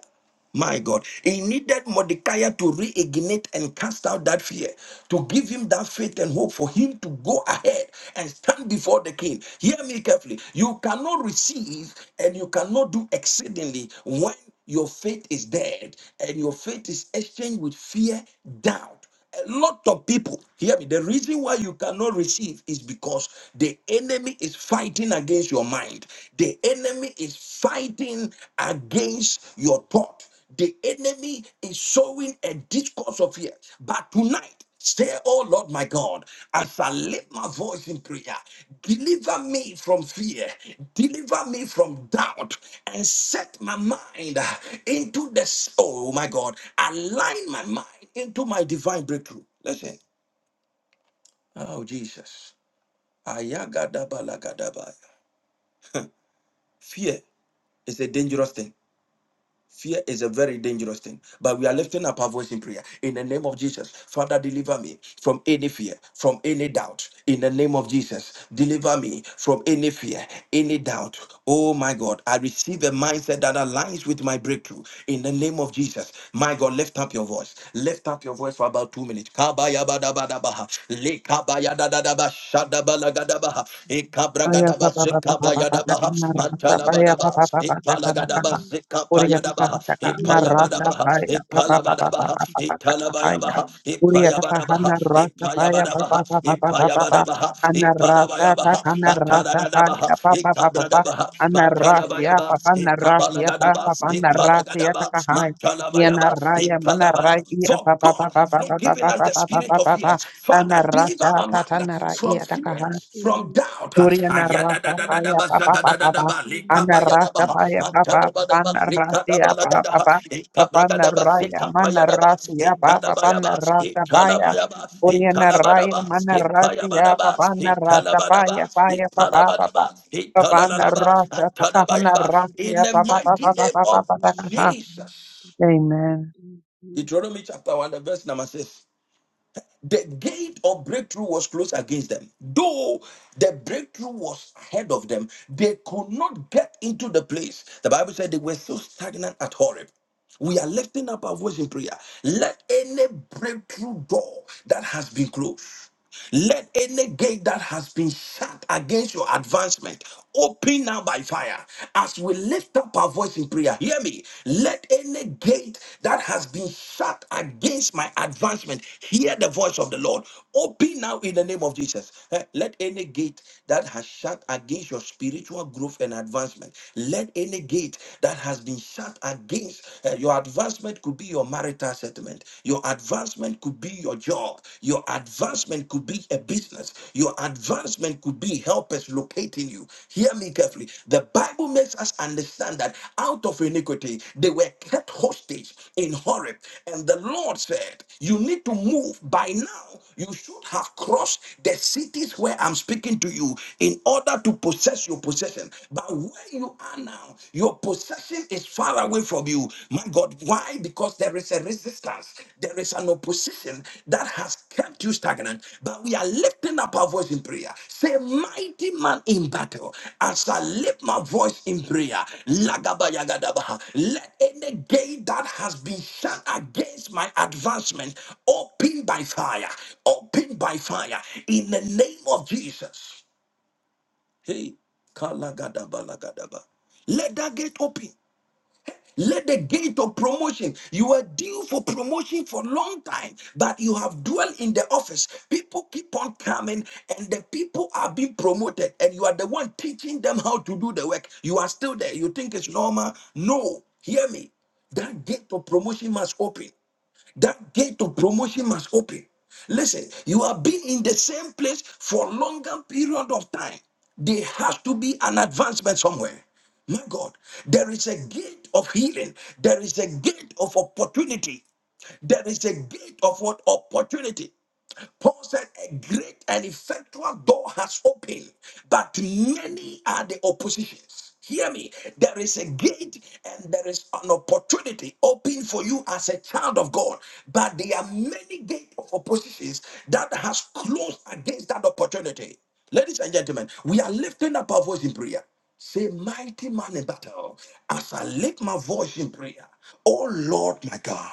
A: My God. He needed Mordecai to reignite and cast out that fear, to give him that faith and hope for him to go ahead and stand before the king. Hear me carefully. You cannot receive and you cannot do exceedingly when your faith is dead and your faith is exchanged with fear, doubt. A lot of people, hear me, the reason why you cannot receive is because the enemy is fighting against your mind. The enemy is fighting against your thought. The enemy is sowing a discourse of fear. But tonight, Say, oh Lord my God, as I lift my voice in prayer, deliver me from fear, deliver me from doubt, and set my mind into the s- oh my God, align my mind into my divine breakthrough. Listen, oh Jesus. Ayagadabalagadabaya. Fear is a dangerous thing. Fear is a very dangerous thing, but we are lifting up our voice in prayer. In the name of Jesus, Father, deliver me from any fear, from any doubt. In the name of Jesus, deliver me from any fear, any doubt. Oh my God, I receive a mindset that aligns with my breakthrough. In the name of Jesus, my God, lift up your voice. Lift up your voice for about two minutes. Kabaya bada bada
E: from the Jesus
D: Aya
A: Yadaba
D: pa pa pa pa pa
A: Zikaba
D: pa pa pa pa
A: Yadabaha,
D: na
E: he
D: rasa pa
E: lives
D: ya pa
A: Mantalabadaba,
E: on
D: pa pa pa pa
E: us
D: pa pa
A: Ipalagadaba
D: pa
E: any
A: Zikapa
D: Uri ya ta ta ta
A: Yadabaha,
D: ta ka na
E: any
D: rasa
E: life
A: Ipayabadabaha,
D: pa ya pa
E: that
D: pa
E: it is
D: pa pa pa pa pa pa pa
A: Ipalabadabaha,
E: connected to
D: pa pa
E: the
D: ya
A: Italabayabaha,
D: Uri ya ta
E: people of
D: ta ha
A: Ipayabadabaha,
D: na rasa
E: the
D: pa ya
E: people
D: pa pa pa
A: Ipayabadabaha,
D: pa pa pa pa pa
E: the
A: Ipayabadabaha,
D: Ana
E: people
D: rasa
E: in
D: ta
A: Ipalabayabaha,
E: the
D: ka na
E: people,
D: rasa pa
A: Katanadabaha,
D: ya
E: I took Any people,
D: pa pa pa pa pa
A: Ikabradabaha,
D: Ana rasa ya
A: Mantalabayaba,
D: pa pa na rasa ya pa pa
A: Ikabalagadabaha,
D: pa na rasa ya
A: Ipalagadaba,
D: ta ka ha ya na
A: Mantalabayaba,
D: raya mana raya
A: Ipalabadaba.
D: ya
A: For
D: pa pa pa
A: God
D: pa
A: has
D: pa pa
A: not
D: pa pa
A: given us
D: pa
A: the
D: pa pa
A: spirit
D: pa
A: of fear
D: pa pa
A: Yes, Father,
D: Ana
A: deliver my
D: rasa ta ta
A: mind
D: na
A: from
D: raya ta ka
A: fear,
D: ha.
A: from doubt.
D: Oriana rasa
E: any
D: paya papa
E: time,
D: papa papa
A: Ayadadadadadabazhagadadadaba,
E: any
D: ana rasa
A: likabayadaba,
D: paya papa papa
A: matadabadaba,
D: ana rasia papa
A: rikadabalagadaha,
D: papa papa ana
A: ikabragadaba,
D: raya mana
A: zikapayadaba,
D: rasia papa papa ana
A: ikadabayaba,
D: rasa paya
A: ikalabayaba,
D: Oriana raya
A: ikalabadaba,
D: mana rasia papa ana rasa paya
A: ikayabadaba, ikalabadaba,
D: paya papa papa
A: ikalabadaba,
D: papa ana
A: ikalalalaba,
D: rasa papa
E: food,
D: ana
A: antadabayaba.
E: any
D: rasia
A: In the
D: papa papa
A: mighty
D: papa
A: name
D: papa
A: of
D: papa
A: Jesus.
D: Amen.
E: Thank you.
A: Deuteronomy chapter 1, the verse number 6 the gate of breakthrough was closed against them. Though the breakthrough was ahead of them, they could not get into the place. The Bible said they were so stagnant at Horeb. We are lifting up our voice in prayer. Let any breakthrough door that has been closed. Let any gate that has been shut against your advancement open now by fire. As we lift up our voice in prayer, hear me. Let any gate that has been shut against my advancement hear the voice of the Lord. Open now in the name of Jesus. Eh, Let any gate that has shut against your spiritual growth and advancement, let any gate that has been shut against eh, your advancement could be your marriage marital settlement. Your advancement could be your job. Your advancement could be a business. Your advancement could be helpers locating you. Hear me carefully. The Bible makes us understand that out of iniquity, they were kept hostage in Horeb. And the Lord said, You need to move. By now, you should have crossed the cities where I'm speaking to you in order to possess your possession. But where you are now, your possession is far away from you. My God, why? Because there is a resistance. There is an opposition that has kept you stagnant. But we are lifting up our voice in prayer. Say, mighty man in battle, as I lift my voice in prayer, lagabayagadabaha, let any gate that has been shut against my advancement open by fire, open by fire, in the name of Jesus. Hey, kalagadabalagadabaha. Let that gate open. Let the gate of promotion, you were due for promotion for a long time, but you have dwelt in the office. People keep on coming, and the people are being promoted, and you are the one teaching them how to do the work. You are still there. You think it's normal? No. Hear me. That gate of promotion must open. That gate to promotion must open. Listen, you have been in the same place for longer period of time. There has to be an advancement somewhere. My God, there is a gate of healing. There is a gate of opportunity. There is a gate of what opportunity. Paul said, A great and effectual door has opened, but many are the oppositions. Hear me. There is a gate and there is an opportunity open for you as a child of God, but there are many gates of oppositions that has closed against that opportunity. Ladies and gentlemen, we are lifting up our voice in prayer. Say, mighty man in battle, as I lift my voice in prayer, oh Lord my God.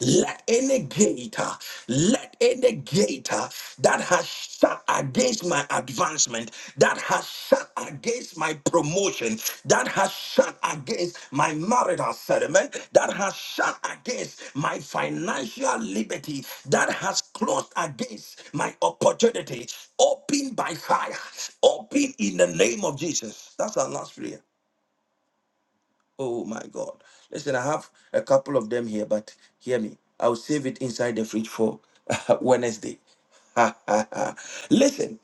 A: Let any gate, uh, let any gate uh, that has shut against my advancement, that has shut against my promotion, that has shut against my marital settlement, that has shut against my financial liberty, that has closed against my opportunity, open by fire, open in the name of Jesus. That's our last prayer. Oh my God. Listen, I have a couple of them here, but hear me. I'll save it inside the fridge for Wednesday. Listen.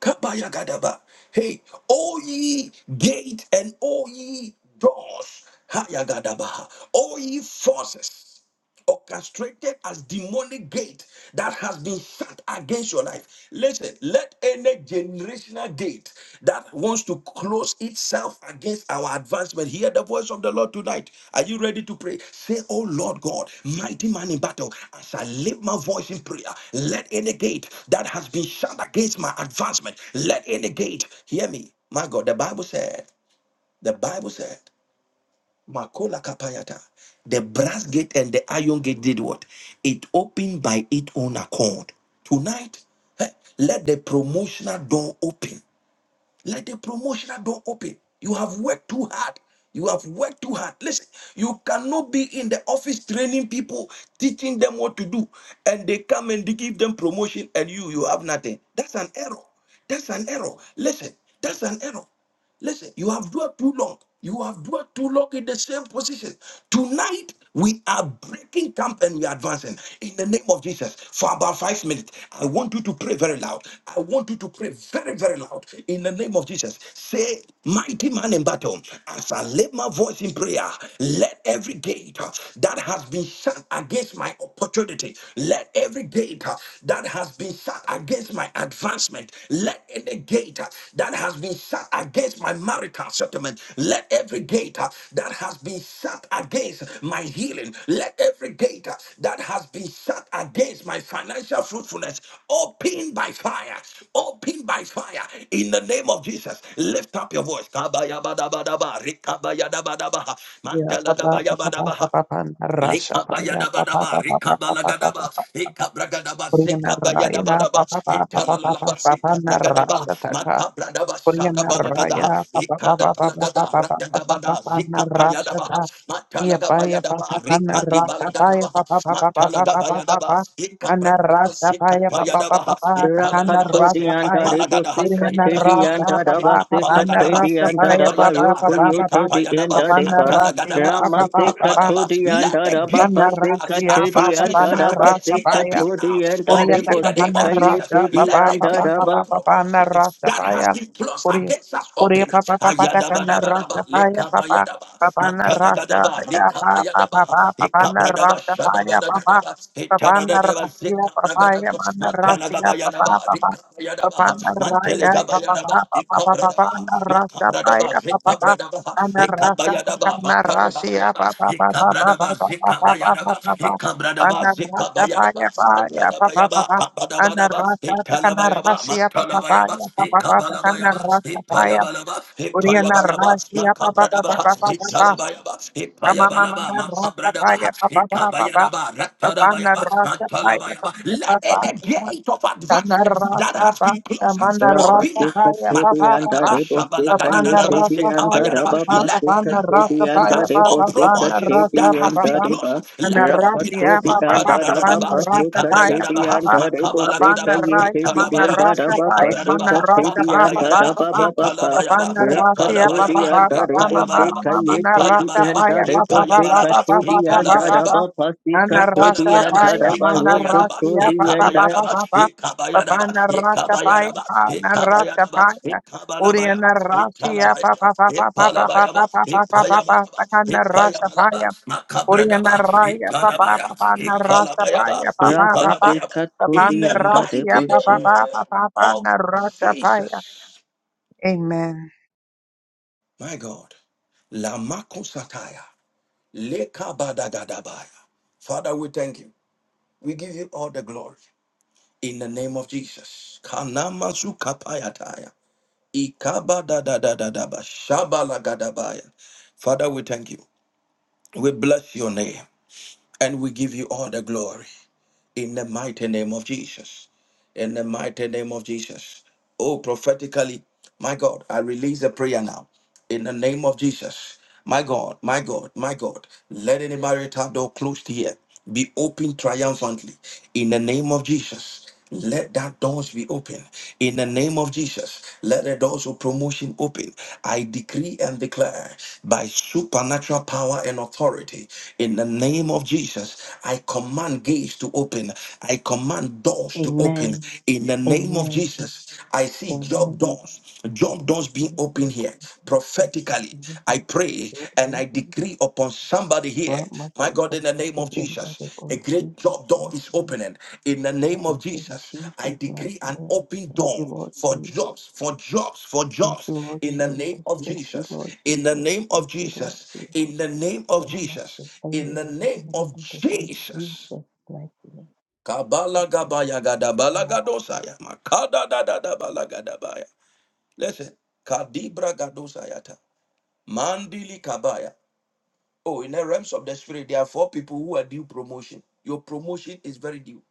A: Kabayagadaba. Hey, all ye gate and all ye doors. Hayagadaba. All ye forces orchestrated as demonic gate that has been shut against your life. Listen, let any generational gate that wants to close itself against our advancement hear the voice of the Lord tonight. Are you ready to pray? Say, Oh Lord God, mighty man in battle, as I lift my voice in prayer, let any gate that has been shut against my advancement, let any gate hear me. My God, the Bible said, the Bible said. Makola Kapayata. The brass gate and the iron gate did what? It opened by its own accord. Tonight, eh, let the promotional door open. Let the promotional door open. You have worked too hard. You have worked too hard. Listen, you cannot be in the office training people, teaching them what to do, and they come and they give them promotion, and you you have nothing. That's an error. That's an error. Listen, that's an error. Listen, you have dwelt too long. You have dwelt too long in the same position. Tonight, we are breaking camp and we are advancing in the name of Jesus. For about five minutes, I want you to pray very loud. I want you to pray very, very loud in the name of Jesus. Say, Mighty man in battle, as I lift my voice in prayer, let every gate that has been shut against my opportunity, let every gate that has has been shut against my advancement, let any gate uh, that has been shut against my marital settlement, let every gate uh, that has been shut against my healing, let every gate uh, that has been shut against my financial fruitfulness open by fire, open by fire in the name of Jesus. Lift up your voice. Kabayabadabadaba, rikabayadabadabaha,
D: Yeah, papa papa papa
A: mandaladaba-
D: papa ana rasa paya papa
A: Likabayadabadaba,
D: papa papa papa
A: rikabalagaba, likabragadaba,
D: Puriyana Raya
A: zikabayadabadaba,
D: Papa Papa Papa Papa
A: likabalaba,
D: Papa,
A: zikabragadaba,
D: Narasataka
A: matabradaba,
D: Puriyana
A: shadabalagada,
D: Raya Papa Papa Papa
A: likadabalagada,
D: Papa Papa Papa
A: rakagabada,
D: Papa,
A: zikapayadaba,
D: Narasata Yapaya
A: matalagabayadaba,
D: Pataka Narata
A: rikadibalagada,
D: Paya Papa Papa Papa Papa Papa
A: matalagabayadaba, likabragadaba,
D: Anarasta Paya Papa
A: zikapayadaba,
D: Papa Papa
A: ikalalaba,
F: Rakatodi
D: Narasta
F: and
D: Paya
A: zikapalagada,
F: Aribose
D: Puriyana
F: Katedi and
A: italabadaba,
D: Rasa Papa
F: Arabase
D: Papa
A: zikapalagada,
F: Katedi
D: Narasta
F: and
D: Paya
A: likabayadaba,
D: Papa
F: Arabaroku
D: Papa
A: Rakip.
D: Papa
F: Yotodi and
A: Ikapayanaba,
D: Papa
F: Araba
D: Narasya
A: Katalagadaba,
D: Papa
F: Ramase
D: Papa Papa
A: Ikapadaba.
F: Katodi and
A: Let the gate
F: Arabapase
A: of
D: Narasya Papa
F: Katedi and
A: advancement
D: Papa
A: shut against
F: Arabase
A: me
D: Narasta
A: open now.
F: Katodi and
D: Korea
A: Open in the
F: Aribose
A: name
D: takahana
A: of Jesus.
D: rasha
A: Let
D: papa
A: the gate
D: papa
F: Kayetedi
D: papa
A: of
D: papa
A: promotion
D: na rasha
A: that has
D: paya
A: been closed
D: Korea
A: against us open.
D: Korea papa papa takana
A: Ayadabadabadaba,
D: rasha paya papa
A: Lekabayadaba,
D: papa na rasha
A: Mantalagadaba,
D: paya papa
A: Lekabayadaba,
D: papa papa na
A: Ikabradaba,
D: rasha paya papa
A: Shadabadadadaba,
D: papa na
A: Itadadadaba,
D: rasha papa ya
A: Zekabragadaba,
D: mana rasha papa
A: Mantalagabayadaba,
D: papa papa na raya
A: Rikabayadaba,
D: papa
A: Yadaba,
D: papa papa papa
A: Ikabradaba,
D: na rasha
A: Makabradaba,
D: paya papa papa
A: Ikabradaba,
D: ana rasha
A: Ikabayadaba,
D: takana rasha
A: Makanabayaba,
D: papa papa papa
A: Ikabradaba,
D: papa papa
A: Zikabayadaba,
D: papa
A: Ikabradaba,
D: Anarata
A: Zikabayadaba,
D: paya paya pa pa pa
A: Satanabayaba,
D: pa.
A: Kabadabadaba,
D: Anarata
A: Ikalabayaba,
D: kanarasia pa pa
A: Makalabayaba,
D: paya pa pa pa pa
A: Ikabalabayaba,
D: kanarata paya.
A: Ipayabalaba,
D: Uriana
A: Ipayabalaba,
D: rasia pa pa pa pa
A: Makabradaba,
D: pa pa pa pa.
A: Italabayaba,
D: Amama
A: Ipayabalaba,
D: manarata
A: Makabradaba,
D: paya pa pa pa pa pa.
A: Ikabayadaba,
D: Papa
A: Ratanabayaba,
D: narata paya pa
A: Matalabayaba,
D: pa pa
A: Lade. The
D: pa pa.
A: gate of advancement that
D: Kanarata
A: has
D: pa.
A: been closed, open
D: Amanarata
A: now.
F: Rapasika
D: paya
F: to
D: pa
F: the
D: pa pa
F: anda
D: pa.
A: Makabadaba
F: debo sika
D: Papa
F: ye
A: shabalagadadadaba
F: te
D: narata
F: the anda
D: paya pa
A: sekabayadaba.
D: pa pa
A: Let
D: pa
F: rabapasika
A: the
F: te the
D: narata
A: gate uh,
F: anda
D: paya pa
F: debo
D: pa
A: of
D: pa
F: sika
A: promotion
F: te
D: narata
A: that
F: the
D: pa
A: has
D: pa
A: been
F: anda
D: pa.
A: closed,
F: deba
A: let it open.
F: Rapato
D: Anarasia
F: the
D: Baba
F: anda
D: Baba
A: Makadadadadaba
D: Banarasa
F: rabapasika te
D: Paya
F: the
D: Baba
A: sekabrayadaba.
D: Baba
F: anda debo sika
A: Makabalagadaba
F: ye te
D: Banaraya
F: the
A: italabayaba
F: anda
D: Manarasa Paya
F: rabapasika
A: sekabradaba.
F: te
D: Manarasa
F: the
D: Papa
F: anda
A: Makabayadaba
D: Papa
F: rabapapa
A: italabayaba
D: Papanarasia
F: Rakato
D: Papa
F: the
A: italabayaba
D: Banarasia
F: anda
D: Baba Baba
F: debo
D: Mama Mama
A: itayabalaba
F: sika
D: Mama
F: ye te the
D: Narasa
A: itayabalaba
F: anda
D: Paya
F: debo
D: Baba Baba
F: sika
A: itayabalaba
D: Baba
F: te
D: Baba
F: the anda
D: Baba Baba
A: italabayaba
F: rabapasika te the
D: Anarasa
A: Matadabayabas,
F: anda
D: Paya
F: rabayokoto
A: Hikabayadabas,
D: Manarasia
F: the
D: Baba
F: anda
D: Baba
A: Hikabayadabas,
D: Baba Baba
A: Hikabayadabas,
D: Narasa Paya
A: Hikabayadabas,
D: Narasa
A: Hikabayadabas,
D: Paya Uriana
A: Hikabanabayabas,
D: Rasia
A: Hikalabayabas,
D: Baba Baba Baba Baba
A: Hipalabayabas,
D: Baba Baba
A: Hipayabalabas,
D: Baba Baba
A: Hipayabalabas,
D: Oriana
A: Makabradabas,
D: Raya, papa
A: Hikalabaya,
D: papa narasta paya
A: Hikalabayabas,
D: papa papa
F: Rabase
A: Hipalabayabas.
D: papa
A: In
F: Katori
A: the
F: anda
D: narasia
A: mighty
F: Arebon
D: papa
F: Jesus.
A: name
D: papa papa
A: of
D: narasta paya.
A: Jesus,
D: Amen.
A: my God, Lamakosataya, Lekabadagadabaya. Father, we thank you. We give you all the glory. in the name of Jesus. Kanamazukapayataya. Ikabadadadadadaba. Shabalagadabaya. Father, we thank you. We bless your name and we give you all the glory in the mighty name of Jesus. In the mighty name of Jesus. Oh, prophetically, my God, I release a prayer now. In the name of Jesus. My God, my God, my God, let any marital door closed here be opened triumphantly. In the name of Jesus. Let that doors be open in the name of Jesus. Let the doors of promotion open. I decree and declare by supernatural power and authority in the name of Jesus. I command gates to open. I command doors to open
F: Amen.
A: in the name of
F: Amen.
A: Jesus. I see job
F: Amen.
A: doors, job doors being
F: Yes,
A: open
F: Lord God,
A: here
F: in Jesus.
A: prophetically,
F: Yes,
A: I pray
F: Lord,
A: and
F: yes,
A: I
F: Lord.
A: decree upon somebody here,
F: Grant my
A: my God, in
F: sister
A: the name
F: Cindy
A: of
F: and others
A: Jesus, a
F: on
A: great
F: Jesus'
A: job door
F: life
A: is
F: name.
A: opening. In the
F: And
A: name of
F: it's in
A: Jesus, I
F: Jesus' life
A: decree an
F: name.
A: open
F: Thank
A: door
F: you, Lord
A: for
F: Jesus.
A: jobs, for jobs, for
F: Thank you,
A: jobs.
F: Lord
A: In the name
F: Jesus.
A: of
F: Thank you, Lord
A: Jesus, in the
F: Jesus.
A: name
F: Thank
A: of
F: you, Lord
A: Jesus,
F: Jesus.
A: in the name of
F: Grant my sister
A: Jesus, in
F: you
A: the name
F: and
A: of
F: others on
A: Jesus.
F: Jesus' life name. Thank
A: Kabala
F: you,
A: gabaya
F: Jesus.
A: gadabala gadosaya. Makada da da da bala gadabaya. Listen, kadibra gadosayata. Mandili Kabaya. Oh, in the realms of the spirit, there are four people who are due promotion. Your promotion is very due.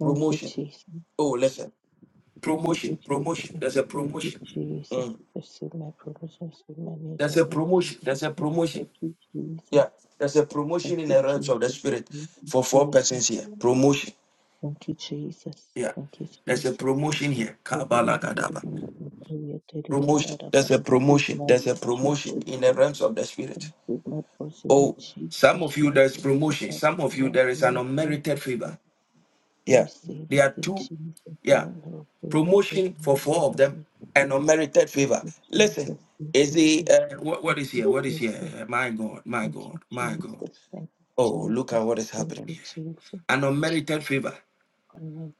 F: Thank you,
A: Promotion.
F: Jesus.
A: Oh, listen.
F: you,
A: Promotion,
F: Jesus.
A: promotion. There's a
F: Thank you,
A: promotion.
F: Jesus.
A: Mm.
F: Receive my prayers, receive my
A: There's
F: measure
A: a
F: of
A: promotion.
F: faith.
A: There's a promotion.
F: Thank you,
A: Yeah.
F: Jesus.
A: There's a
F: Thank
A: promotion in
F: you,
A: the realms
F: Jesus.
A: of the spirit
F: Thank you,
A: for four
F: Jesus.
A: persons here. Promotion.
F: Thank you, Jesus.
A: Yeah.
F: Thank you,
A: There's a
F: Jesus.
A: promotion here. Kabala
F: Everyone who does not
A: Kadaba.
F: compare to the end
A: Promotion.
F: that I
A: There's a
F: receive
A: promotion.
F: my
A: There's a promotion
F: Jesus.
A: in the realms of the spirit.
F: Receive my portion in
A: Oh, some
F: Jesus.
A: of you
F: Not
A: there's
F: receive
A: promotion.
F: my
A: Some of you
F: promotion
A: there is an
F: in
A: unmerited
F: Jesus.
A: favor.
F: I
A: Yeah,
F: receive
A: there are
F: it in
A: two.
F: Jesus'
A: Yeah,
F: name. I pray to
A: promotion for
F: the
A: four of them
F: end
A: and unmerited
F: Thank
A: favor.
F: you,
A: Listen,
F: Jesus. Thank
A: is
F: you,
A: the
F: Jesus.
A: uh, what, what
F: Thank
A: is here?
F: you,
A: What is here?
F: Jesus.
A: Uh, My God, my
F: Thank
A: God,
F: you,
A: my
F: Jesus.
A: God.
F: Thank you,
A: Oh, look at
F: Jesus.
A: what is
F: Thank
A: happening.
F: you, Jesus. Connecting Jesus.
A: An unmerited favor.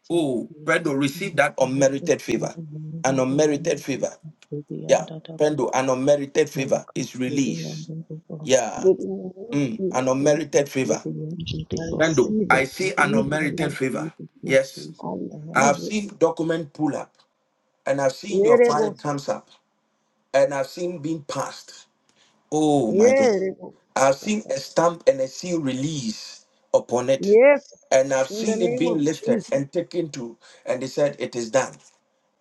A: Oh,
F: Thank
A: Prendo, receive
F: you,
A: that
F: Jesus.
A: unmerited
F: From
A: favor.
F: the land
A: An
F: that is in
A: unmerited
F: the
A: favor.
F: earth, to the end
A: Yeah,
F: that of the earth,
A: Prendo, an unmerited
F: and the
A: favor
F: coast,
A: is
F: to the end
A: released.
F: of the world.
A: Yeah,
G: But in the name of
A: mm, an
G: Jesus,
F: Thank you,
A: unmerited
F: to
A: favor.
F: the end of
G: I
F: the world,
A: Prendo,
F: sister,
G: receive
F: to
A: I
G: it.
A: see
F: the
A: an
F: end of the
G: Jesus'
F: world.
A: unmerited
G: name,
A: favor.
F: Thank you,
A: Yes,
G: I
F: Jesus.
A: I
F: Amen.
G: receive
A: have
G: it.
A: seen
F: Thank
A: document pull up. and I've seen your file
G: Yerebosa,
A: comes up, and I've seen being passed. Oh my God. I've
G: yerebosa.
A: seen a stamp and a seal release upon it,
G: Yes,
A: and I've
G: in the
A: seen it
G: name
A: being
G: of
A: lifted
G: Jesus.
A: and taken to, and they said, It is done.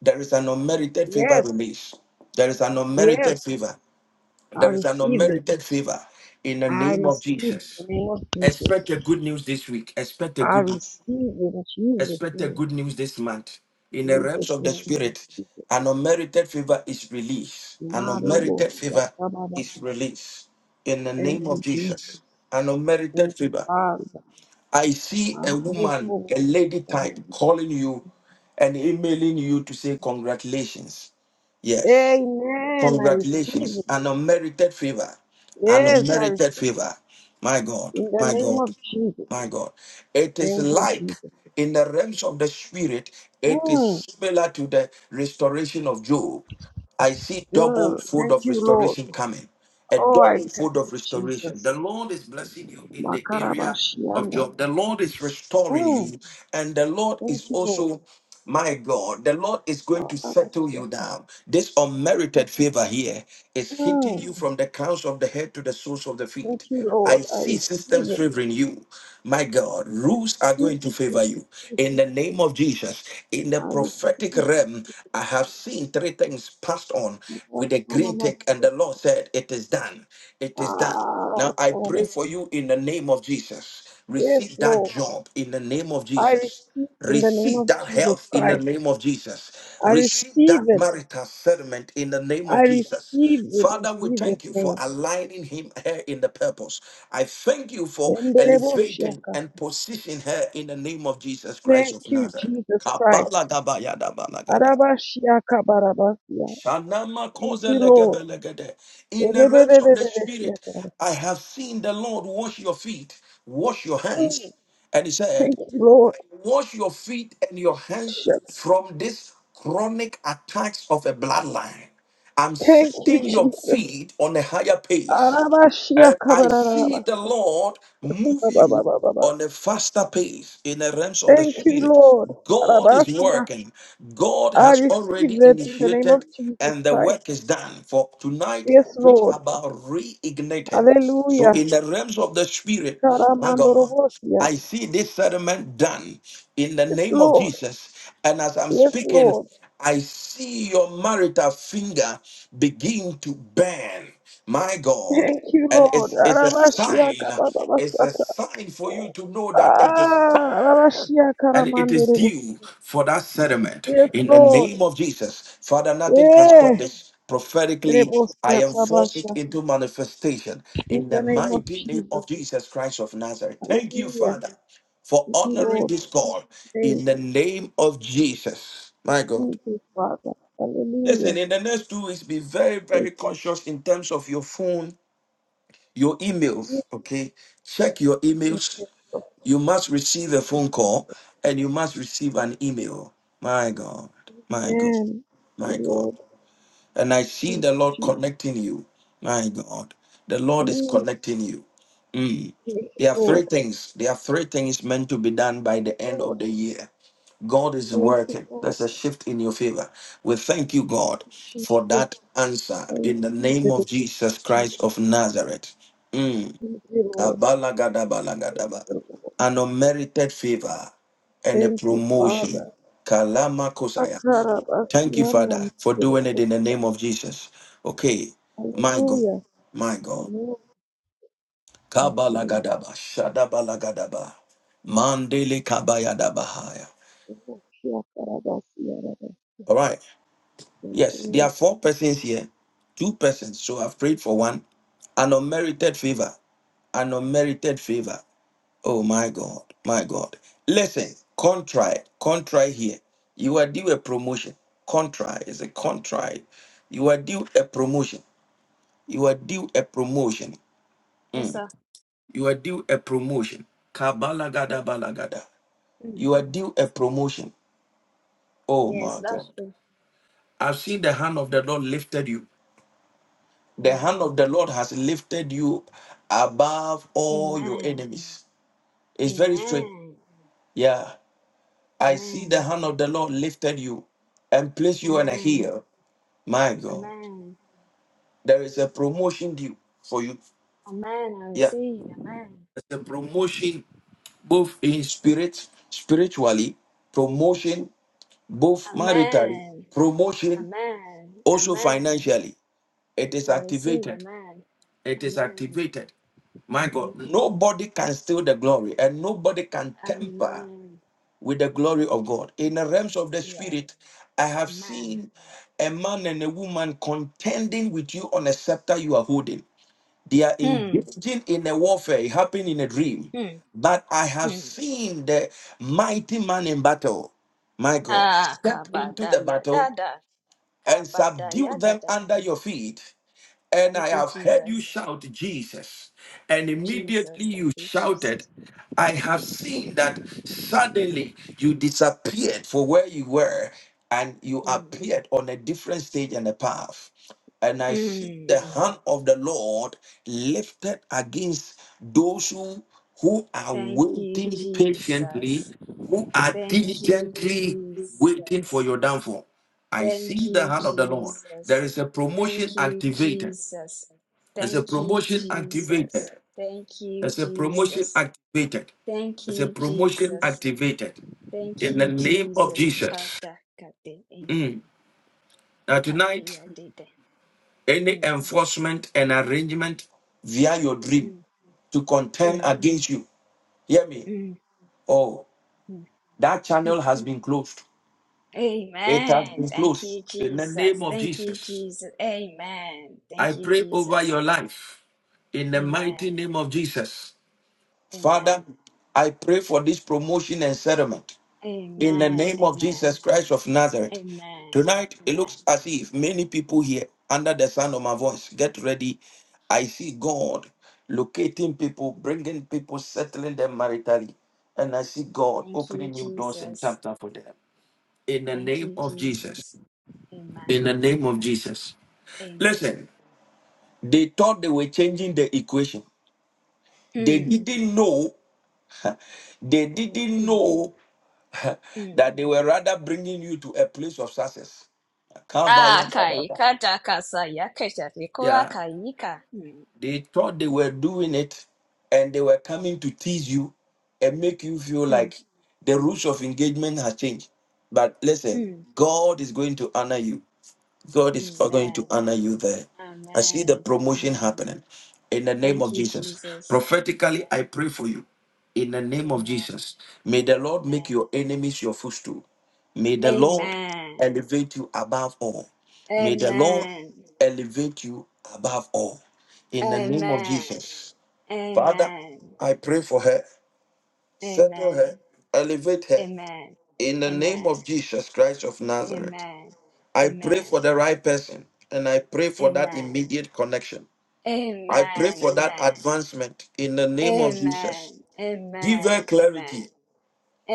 A: There is an unmerited favor
G: Yes,
A: release. There is an
G: yes,
A: unmerited favor.
G: I
A: There is an
G: receive it.
A: unmerited favor in the
G: I
A: name of
G: receive it in
A: Jesus.
G: the name of
A: Expect
G: Jesus.
A: a good news this week. Expect a
G: I
A: good news.
G: receive it in Jesus'
A: Expect the
G: name.
A: good news this month. In the realms
G: Jesus'
A: of the
G: name, I
A: spirit,
G: receive it.
A: an unmerited favor is released. An unmerited
G: Marebosa,
A: favor
G: kababa.
A: is released. In the
G: Thank
A: name
G: you,
A: of
G: Jesus.
A: Jesus, an unmerited
G: Thank you,
A: favor.
G: Father.
A: I see a woman, a lady type, calling you and emailing you to say congratulations. Yes.
G: Amen. I receive
A: Congratulations. An unmerited favor. An
G: Yes, I
A: unmerited
G: receive
A: favor. My God.
G: in the
A: My
G: name
A: God.
G: of Jesus.
A: My God. It is
G: Thank you,
A: like
G: Jesus.
A: in the realms of the spirit, it
G: Mm,
A: is similar to the restoration of Job. I see double
G: Yeah.
A: fold
G: thank
A: of
G: you, Lord.
A: restoration coming. A
G: Oh, I
A: double
G: thank
A: fold
G: you,
A: of restoration. The
G: Jesus.
A: Lord is blessing you in the area of
G: Makarabashianda.
A: Job. The Lord is restoring
G: Mm,
A: you, and the Lord
G: thank
A: is
G: you, Lord.
A: also. My God, the Lord is going to settle you
G: Makarabashiaka.
A: down. This unmerited favor here is hitting
G: Mm,
A: you from the crowns of the head to the soles of the
G: thank
A: feet.
G: you, Lord.
A: I
G: I
A: see
G: receive
A: systems
G: it.
A: favoring you. My God,
G: I
A: rules are going
G: receive
A: to
G: it,
A: favor you.
G: Jesus.
A: In the name of Jesus, in the
G: I receive
A: prophetic
G: it,
A: realm, I have
G: Jesus.
A: seen three things passed on with a green tick, and
G: Makarabashiaka.
A: the Lord said, It is done. It is done.
G: Ah,
A: Now I pray for you in the name of Jesus.
G: Yes,
A: Receive that
G: Lord.
A: job in the name of
G: I
A: Jesus.
G: receive in the name
A: Receive
G: of
A: that
G: Jesus
A: health in the
G: Christ.
A: name of Jesus.
G: I
A: Receive
G: receive
A: that
G: it.
A: marital settlement in the name
G: I
A: of Jesus.
G: receive it in
A: Father, we
G: Jesus'
A: thank you for
G: name.
A: aligning him here in the purpose. I thank you for elevating
G: Mendeleboshiaka.
A: and positioning her in the name of Jesus Christ
G: Thank
A: of
G: you,
A: Nazareth.
G: Jesus Christ.
A: Kabalagabayadabalagada.
G: Arabashiaka barabasia.
A: Shanama
G: Thank you, Lord.
A: kozelegebelegede. In the realms of the spirit,
G: Rebebebebebesiata.
A: I have seen the Lord wash your feet, wash your
G: Mm.
A: hands, and he said,
G: Thank you, Lord.
A: Wash your feet and your hands
G: Shak-
A: from this chronic attacks of a bloodline. I'm
G: Thank you,
A: setting your
G: Jesus.
A: feet on a higher pace. And
G: Arabashiaka
A: I see
G: bararabasa.
A: the Lord move
G: ba, ba,
A: you
G: ba, ba, ba.
A: on a faster pace in the realms of the
G: Thank you,
A: spirit.
G: Lord.
A: God is
G: Arabasia.
A: working. God
G: I
A: has
G: receive
A: already
G: it in the name of
A: initiated
G: Jesus
A: and the
G: Christ.
A: work is done. For tonight I
G: Yes,
A: preach
G: Lord.
A: about reigniting. So
G: Hallelujah.
A: in the realms of the spirit, my God.
G: Karamandorobosia.
A: I see this settlement done in the
G: Yes,
A: name of
G: Lord.
A: Jesus. And as I'm
G: Yes,
A: speaking,
G: Lord.
A: I see your marital finger begin to burn. My God.
G: Thank you,
A: And
G: Lord.
A: it's, it's a
G: Arabashiaka
A: sign. It's a
G: bababasata.
A: sign for you to know that it is time
G: Ah, arabashiaka
A: and it is
G: ramanderebo.
A: due for that settlement
G: Yes,
A: in the
G: Lord.
A: name of Jesus. Father, nothing can stop
G: Yeah.
A: this. Prophetically, I
G: Rebosiata
A: enforce it
G: basha.
A: into manifestation
G: In
A: in
G: the
A: the
G: name of
A: mighty name
G: Jesus.
A: of Jesus Christ of Nazareth. Thank you,
G: Hallelujah.
A: Father, for
G: Thank you,
A: honoring
G: Lord. In
A: this call
G: Jesus' name.
A: in the name of Jesus. My God.
G: Thank you, Father.
A: Listen,
G: Hallelujah.
A: in the next two weeks, be very,
G: Thank
A: very conscious in terms of your phone, your
G: you.
A: emails, okay? Check your
G: Thank
A: emails, you must receive a phone call and you must receive an email. My God, my God,
G: Amen. Thank you,
A: my God.
G: Lord.
A: And I
G: Thank
A: see
G: you,
A: the Lord
G: Jesus.
A: connecting you. My God, the Lord is
G: Mm.
A: connecting you. Mm.
G: Thank you,
A: There are three
G: Lord.
A: things. There are three things meant to be done by the end of
G: Lord.
A: the year. God is
G: Thank you,
A: working.
G: Lord.
A: That's a shift in your favor. We thank you, God, for
G: Jesus.
A: that answer
G: Thank
A: in the name of
G: you,
A: Jesus
G: Jesus.
A: Christ of Nazareth. Mm.
G: Thank you, Lord.
A: Kabalagadabalagadaba.
G: Thank you, Lord.
A: An unmerited favor and a
G: Thank you,
A: promotion.
G: Father.
A: Kalama Kosaya. Thank you,
G: Akarabasiana
A: Father, for doing it in the
G: manderebusa.
A: name of Jesus. Okay, my God,
G: Hallelujah.
A: my
G: Thank
A: God.
G: you, Lord. Thank you,
A: Kabalagadaba, Shadabalagadaba, Mandele Kabayadabahaya.
G: Lord. Thank you, Akarabasiana.
A: All right. Yes, there are four persons here. Two persons. So I've prayed for one. An unmerited favor. An unmerited favor. Oh my God, my God. Listen, contrite, contrite here. You are due a promotion. Contrite is a contrite. You are due a promotion. You are due a promotion.
H: Yes,
A: Mm.
H: sir.
A: You are due a promotion. Kabalagada balagada.
H: Mm.
A: You are due a promotion. Oh
H: Yes,
A: my God.
H: that's true.
A: I've seen the hand of the Lord lifted you. The hand
H: Amen.
A: of the Lord has lifted you above all your
H: Amen.
A: enemies. It's very strange.
H: Amen.
A: Yeah. I see the
H: Amen.
A: hand of the Lord lifted you and placed you on a
H: Amen.
A: hill. My God,
H: Amen.
A: there is a promotion due for you.
H: Amen. I
A: Yeah,
H: receive. Amen.
A: there's a promotion both in spirit, spiritually, promotion both maritally,
H: Amen.
A: promotion
H: Amen.
A: also
H: Amen.
A: financially. It is
H: I receive.
A: activated.
H: Amen.
A: It is
H: Amen.
A: activated. My God,
H: Amen.
A: nobody can steal the glory and nobody can temper.
H: Amen.
A: with the glory of God. In the realms of the
H: Yeah.
A: spirit, I have
H: Amen.
A: seen a man and a woman contending with you on a scepter you are holding. They are
H: Hmm.
A: engaging in a warfare. It happened in a dream.
H: Hmm.
A: But I have
H: Hmm.
A: seen the mighty man in battle, my God,
H: Ah,
A: step into
H: kabada
A: the
H: ya da
A: battle
H: da.
A: and
H: Kabada
A: subdue
H: ya da
A: them
H: da.
A: under your feet. And I
H: Thank you,
A: have heard you
H: Jesus.
A: shout, Jesus. And immediately
H: Jesus. Thank
A: you
H: you,
A: shouted,
H: Jesus.
A: I have seen that suddenly you disappeared for where you were and you
H: Hmm.
A: appeared on a different stage and a path. And I see the
H: Mm.
A: hand of the Lord lifted against those who, who are
H: Thank you,
A: waiting patiently,
H: Jesus.
A: who are
H: Thank you,
A: diligently waiting for
H: Jesus.
A: your downfall. I
H: Thank
A: see the
H: you,
A: hand of the Lord. There
H: Jesus.
A: is a promotion
H: Thank you,
A: activated.
H: Jesus.
A: There's a
H: Thank you,
A: promotion activated.
H: Jesus. Thank you,
A: There's a promotion
H: Jesus.
A: activated.
H: Thank
A: There's a
H: you,
A: promotion
H: Jesus.
A: activated
H: Thank
A: in the
H: you,
A: name of
H: Jesus.
A: Jesus.
H: Kata kate. Amen.
A: Mm. Now,
H: Kate
A: tonight,
H: yadede.
A: any
H: Mm,
A: enforcement and arrangement via your dream
H: mm,
A: to contend
H: mm,
A: against you, hear me.
H: mm,
A: Oh,
H: mm,
A: that
H: mm.
A: channel has been closed. It has
H: Amen.
A: been
H: Thank
A: closed.
H: you,
A: In the name
H: Jesus.
A: of
H: Thank you,
A: Jesus,
H: Jesus. Amen.
A: I
H: Thank you,
A: pray over
H: Jesus.
A: your life. In the mighty
H: Amen.
A: name of Jesus. Father,
H: Amen.
A: I pray for this promotion and settlement. in the
H: Amen.
A: name of Jesus
H: Amen.
A: Christ of Nazareth.
H: Amen.
A: Tonight, it
H: Amen.
A: looks as if many people here under the sound of my voice get ready. I see God locating people, bringing people, settling them maritally. And I see God
H: Thank you,
A: opening new doors and
H: Jesus.
A: chapter for them. In the
H: Thank
A: name
H: you,
A: of Jesus.
H: Jesus.
A: In
H: Amen.
A: the name of Jesus.
H: Amen.
A: Listen, they thought they were changing the equation. They
H: Amen.
A: didn't know. They
H: Hmm.
A: didn't
H: Hmm.
A: know that they
H: Hmm.
A: were rather bringing you to a place of success.
H: Ah,
A: Kabaya Dadaba.
H: kaika takasa yakesha rikua
A: Yeah,
H: kaika. Hmm.
A: they thought they were doing it and they were coming to tease you and make you feel
H: Hmm.
A: like the rules of engagement has changed. But listen,
H: Hmm.
A: God is going to honor you. God is going to
H: Amen.
A: honor you there. I see the
H: Amen.
A: promotion
H: Amen.
A: happening in the name
H: Thank
A: of
H: you,
A: Jesus.
H: Jesus.
A: Prophetically, I pray for you in the name of
H: Amen.
A: Jesus. May the Lord make
H: Amen.
A: your enemies your footstool. May the Lord
H: Amen.
A: elevate you above all. May the Lord
H: Amen.
A: elevate you above all. In the name of
H: Amen.
A: Jesus. Father,
H: Amen.
A: I pray for her.
H: Amen.
A: Settle her.
H: Amen.
A: Elevate her. In the name
H: Amen. Amen.
A: of Jesus Christ of
H: Amen.
A: Nazareth.
H: Amen.
A: I pray for the right person and I pray for that
H: Amen.
A: immediate connection.
H: Amen. Amen. Amen.
A: I pray for that advancement in the name of Jesus. Give
H: Amen.
A: her clarity.
H: Amen.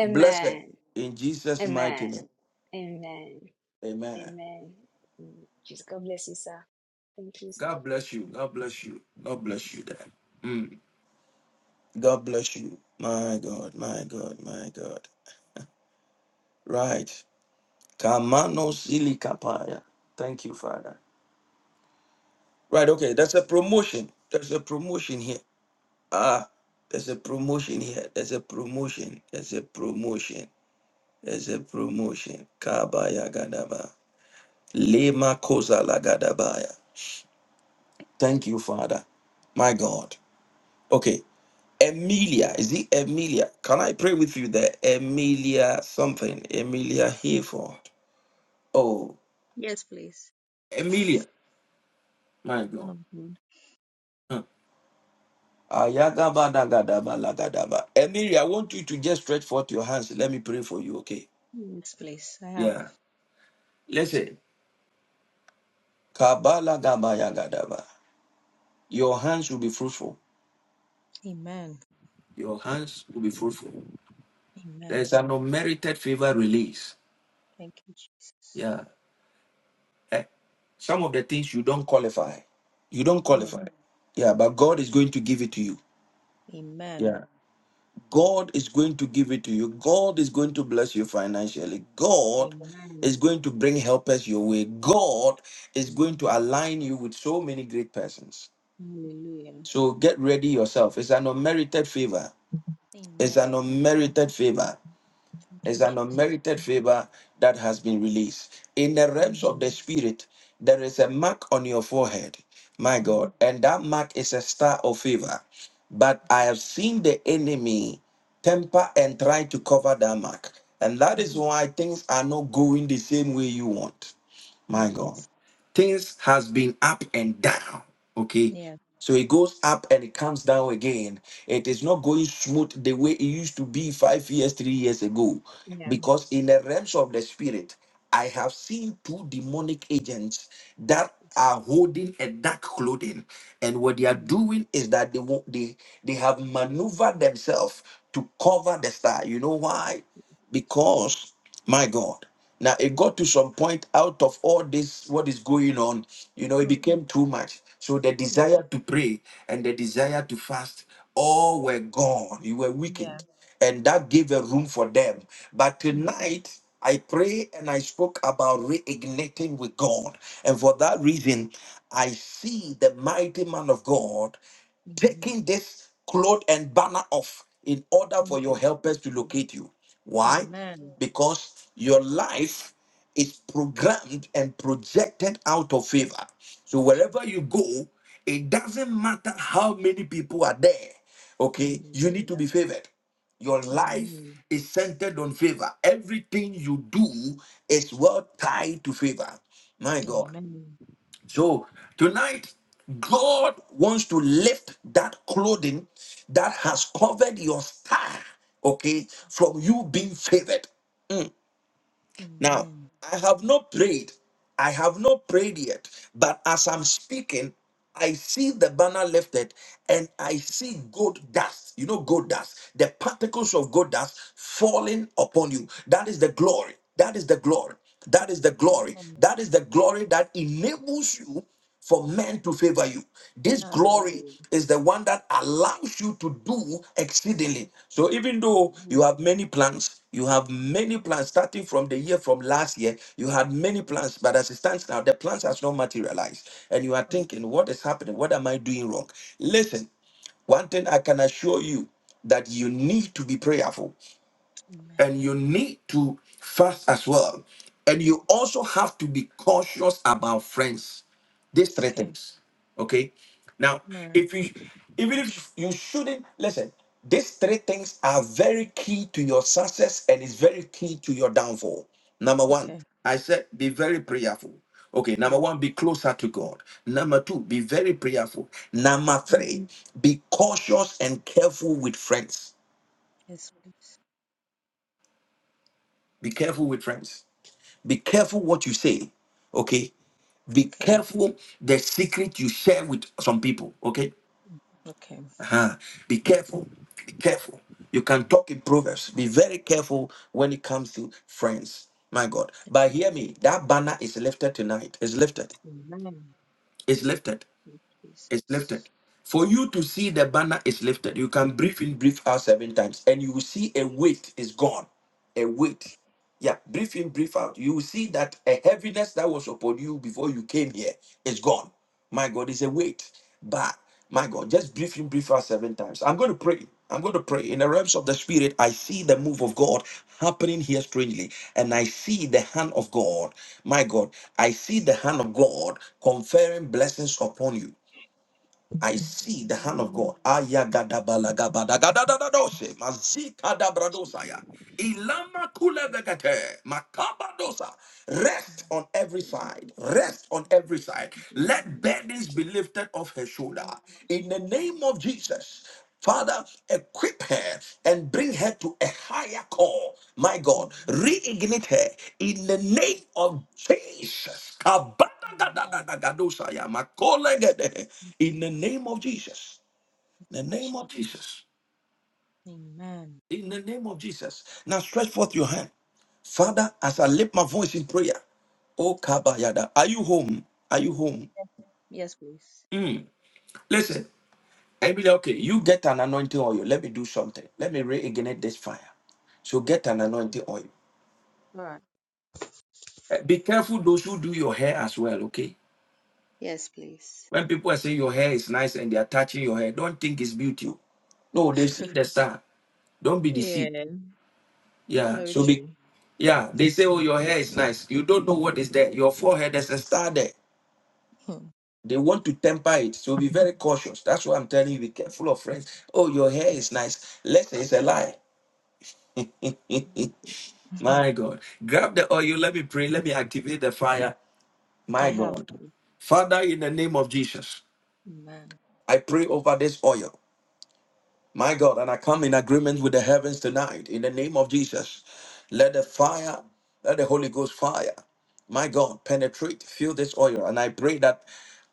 A: Blessed in Jesus' mighty name.
H: Amen.
A: Amen.
H: Amen. Mm, Just God bless you, sir. Thank you, sir.
A: God bless you. God bless you. God bless you Dad. Mm. God bless you. My God, my God, my God. Right. Kamano silikapaya. Thank you, Father. Right, okay. There's a promotion. There's a promotion here. Ah, there's a promotion here. There's a promotion. There's a promotion. There's a promotion. Kabaya Gadaba. Lema Kozala Gadabaya. Thank you, Father. My God. Okay. Emilia. Is it Emilia? Can I pray with you there? Emilia something. Emilia Hayford. Oh,
I: Yes, please.
A: Emilia. My
I: Man
A: God.
I: of God.
A: Huh. Ayagabadagadabalagadaba. Emilia, I want you to just stretch forth your hands. Let me pray for you, okay?
I: Yes, please. I have.
A: Yeah. Listen. Kabala gabaya gadaba. Your hands will be fruitful.
I: Amen.
A: Your hands will be fruitful.
I: Amen.
A: There's an unmerited favor release.
I: Thank you, Jesus.
A: Yeah. Eh, Some of the things you don't qualify. You don't
I: Hmm.
A: qualify. Yeah, but God is going to give it to you.
I: Amen.
A: Yeah. God is going to give it to you. God is going to bless you financially. God
I: Amen.
A: is going to bring helpers your way. God is going to
I: Amen.
A: align you with so many great persons.
I: Hallelujah.
A: So get ready yourself. It's an unmerited favor. It's an
I: Amen.
A: unmerited favor.
I: Thank you,
A: It's an
I: Jesus.
A: unmerited favor that has been released. In the realms of the
I: Amen.
A: spirit, there is a mark on your forehead, my
I: Hmm.
A: God, and that mark is a star of favor. But I have seen the enemy temper and try to cover that mark. And that
I: Hmm.
A: is why things are not going the same way you want.
I: Yeah.
A: My God. Things has been up and down. Okay.
I: Yeah.
A: So it goes up and it comes down again. It is not going smooth the way it used to be five years, three years ago.
I: Yeah.
A: Because in the realms of the spirit, I have seen two demonic agents that are holding a dark clothing. And what they are
I: Hmm.
A: doing is that they won't, they, they have maneuvered themselves to cover the star. You know why? because my god now it got to some point out of all this what is going on you know it
I: Hmm.
A: became too much so the
I: Yeah.
A: desire to pray and the desire to fast all were gone you were
I: Yeah.
A: weakened and that gave a room for them but
I: Hmm.
A: tonight i pray and i spoke about reigniting with god and for that reason i see the mighty man of god
I: Amen.
A: taking this cloth and banner off in order for
I: Thank
A: your
I: you,
A: helpers to
I: Jesus.
A: locate you. Why?
I: Amen.
A: Because your life is programmed and projected out of favor. So wherever you go, it doesn't matter how many people are there. Okay, you need to
I: Hallelujah.
A: be favored. Your life
I: Amen.
A: is centered on favor. Everything you do is well tied to favor. My God.
I: Amen.
A: So tonight, God wants to lift that clothing that has covered your star, okay, from you being favored. Now,
I: Amen.
A: I have not prayed. I have not prayed yet. But as I'm speaking, I see the banner lifted and I see gold dust. You know, gold dust, the particles of gold dust falling upon you. That is the glory. That is the glory. That is the glory.
I: Amen.
A: That is the glory that enables you for men to favor you. This glory
I: Hallelujah.
A: is the one that allows you to do exceedingly. So even though you
I: Amen.
A: have many plans, you have many plans starting from the year from last year, you had many plans, but as it stands now, the plans has not materialized. And you are
I: Hmm.
A: thinking, what is happening? What am I doing wrong? Listen, one thing I can assure you that you need to be prayerful
I: Amen.
A: and you need to fast as well. And you also have to be cautious about friends. These three
I: Okay.
A: things. Okay. Now,
I: All right.
A: if you even if you shouldn't listen, these three things are very key to your success and is very key to your downfall. Number one,
I: Okay.
A: I said be very prayerful. Okay, number
I: Yes.
A: one, be closer to God. Number two, be very prayerful. Number
I: Mm.
A: three, be cautious and careful with friends.
I: Yes, please.
A: Be careful with friends Be
I: Yeah.
A: careful what you say, okay? Be
I: Okay.
A: careful the secret you share with some people, okay?
I: Mm. Okay.
A: Uh-huh. Be careful. Be careful. You can talk in proverbs. Be very careful when it comes to friends. My God. But hear me, that banner is lifted tonight. It's lifted.
I: Amen. Thank
A: It's lifted.
I: you,
A: It's
I: Jesus.
A: lifted. For you to see the banner is lifted, you can breathe in, breathe out seven times, and you will see a weight is gone. A weight. Yeah, breathe in, breathe out. You will see that a heaviness that was upon you before you came here is gone. My God, is a weight. But my God, just breathe in, breathe out seven times. I'm going to pray. I'm going to pray. In the realms of the spirit, I see the move of God happening here strangely. And I see the hand of God. My God, I see the hand of God conferring blessings upon you. I see the hand of
I: Amen.
A: God.
I: Thank you,
A: Ayagadabalagadadadadadoshe,
I: Jesus.
A: mazikadabradosaya, ilamakulevekete, makabadosa. Rest
I: My
A: on every
I: God, my
A: side.
I: God,
A: Rest on every side.
I: my God, my
A: Let
I: God.
A: burdens
I: Okay.
A: be lifted off her
I: We
A: shoulder.
I: are
A: In
I: so
A: the
I: glad.
A: name of Jesus. Father, equip her and bring her to a higher call. My God,
I: Amen.
A: reignite her in the name of Jesus.
I: Amen.
A: Kadosaya, makolegede.
I: Thank you,
A: In the name of Jesus. In the name of
I: Jesus.
A: Jesus.
I: Amen.
A: In the name of Jesus. Now stretch forth your hand. Father, as I lift my voice in prayer. Oh Kabayada. Are you home? Are you home?
I: Yes, please.
A: Mm. Listen, Emily, okay, you get an anointing oil. Let me do something. Let me reignite this fire. So get an anointing oil.
I: All right.
A: Eh, Be careful those who do your hair as well, okay?
I: Yes, please.
A: When people are saying your hair is nice and they are touching your hair, don't think it's beauty. No, they see the style. Don't be deceived.
I: yeah.
A: Yeah.
I: Very
A: So be
I: true.
A: yeah, they say, Oh, your hair is nice. You don't know what is there. Your forehead, there's a star there. They want to temper it. So be very cautious. That's why I'm telling you, be careful of friends. Oh, your hair is nice. Let's say it's a lie. My God. Grab the oil. Let me pray. Let me activate the fire.
I: I
A: My
I: have.
A: God. Father, in the name of Jesus,
I: Amen.
A: I pray over this oil. My God, and I come in agreement with the heavens tonight in the name of Jesus. Let the fire, let the Holy Ghost fire, my God, penetrate, fill this oil. And I pray that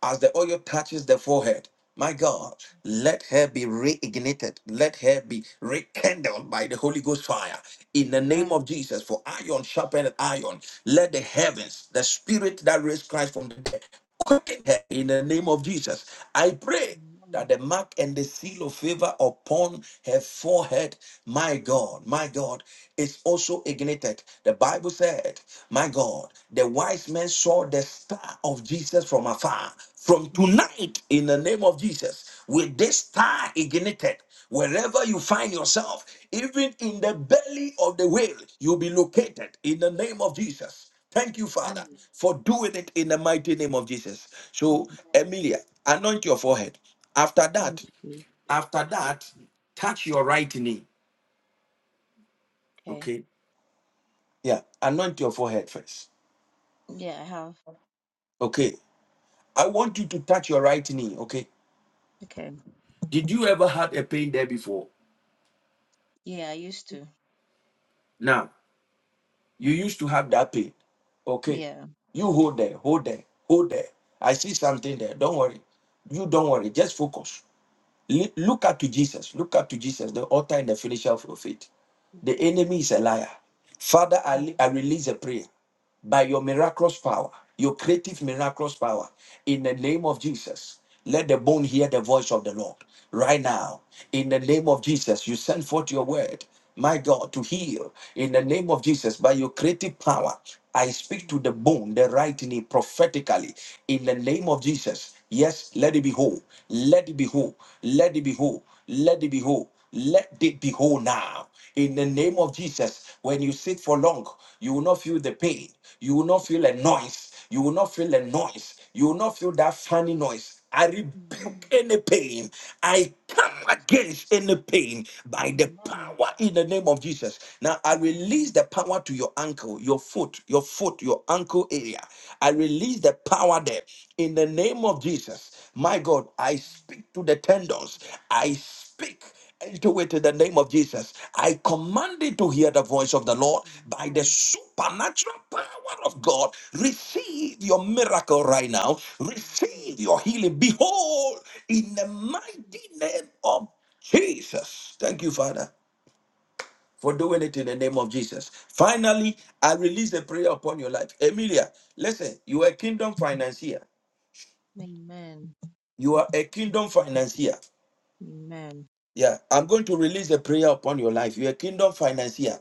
A: as the oil touches the forehead, my God, let her be reignited, let her be rekindled by the Holy Ghost fire in the name of
I: Amen.
A: Jesus. For iron sharpened iron, let the heavens, the spirit that raised Christ from the dead, quicken her in the name of Jesus. I pray that
I: Amen.
A: the mark and the seal of favor upon her forehead, my God, my God, is also ignited. The Bible said, my God, the wise men saw the star of Jesus from afar. From tonight, in the name of Jesus, with this star ignited, wherever you find yourself, even in the belly of the whale, you'll be located in the name of Jesus. Thank you, Father,
I: Amen.
A: for doing it in the mighty name of Jesus. So, Emilia, anoint your forehead. After
I: Thank
A: that,
I: you.
A: after that, touch your right knee.
I: Okay.
A: Okay. Yeah. Anoint your forehead first.
I: Yeah, I have.
A: Okay. I want you to touch your right knee. Okay.
I: Okay.
A: Did you ever had a pain there before?
I: Yeah, I used to.
A: Now, you used to have that pain. Okay.
I: Yeah.
A: You hold there, hold there, hold there. I see something there. Don't worry. You don't worry. Just focus. Li- Look up to Jesus. Look up to Jesus, the author and the finisher of your faith. The enemy is a liar. Father, I, li- I release a prayer by your miraculous power, your creative miraculous power, in the name of Jesus. Let the bone hear the voice of the Lord right now. In the name of Jesus, you send forth your word, my God, to heal. In the name of Jesus, by your creative power, I speak to the bone, the right knee, prophetically. In the name of Jesus, yes, let it be whole. Let it be whole. Let it be whole. Let it be whole. Let it be whole now. In the name of Jesus, when you sit for long, you will not feel the pain. You will not feel a noise. You will not feel a noise. You will not feel that funny noise. I rebuke
I: Amen.
A: any pain. I come against any pain by the power in the name of Jesus. Now I release
I: Amen. Amen.
A: the power to your ankle, your foot, your foot, your ankle area. I release the power there in the name of Jesus. My God, I speak to the tendons. I speak into it in the name of Jesus. I command it to hear the voice of the Lord by the
I: Amen.
A: supernatural power of God. Receive your miracle right now. Receive your healing. Behold, in the mighty name of Jesus. Thank you, Father, for doing it in the name of Jesus. Finally, I release a prayer upon your life. Emilia, listen, you are a kingdom financier.
I: Amen.
A: You are a kingdom financier.
I: Amen.
A: Yeah, I'm going to release a prayer upon your life. You're a kingdom financier.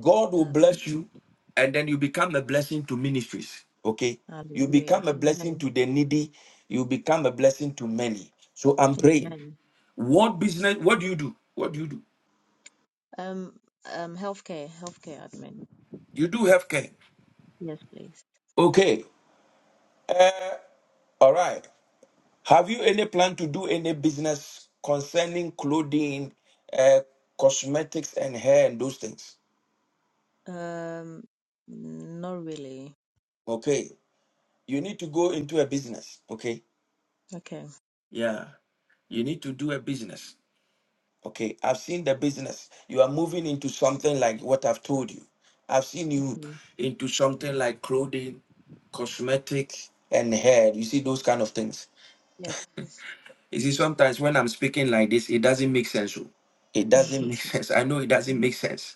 A: God will
I: Hall-
A: bless you, and then you become a blessing to ministries. Okay, you
I: Hallelujah.
A: become a blessing
I: Amen.
A: to the needy. You become a blessing to many. So I'm praying.
I: Amen.
A: What business? What do you do? What do you do?
I: Um, um, healthcare, healthcare admin.
A: You do healthcare.
I: Yes, please.
A: Okay. Uh, all right. Have you any plan to do any business concerning clothing, uh, cosmetics, and hair and those things?
I: Um, not really.
A: Okay. You need to go into a business. Okay.
I: Okay.
A: Yeah. You need to do a business. Okay. I've seen the business. You are moving into something like what I've told you. I've seen you
I: Mm.
A: into something like clothing, cosmetics, and hair. You see those kind of things.
I: Yes, please.
A: You see, sometimes when I'm speaking like this, it doesn't make sense. oh. It doesn't make sense. I know it doesn't make sense.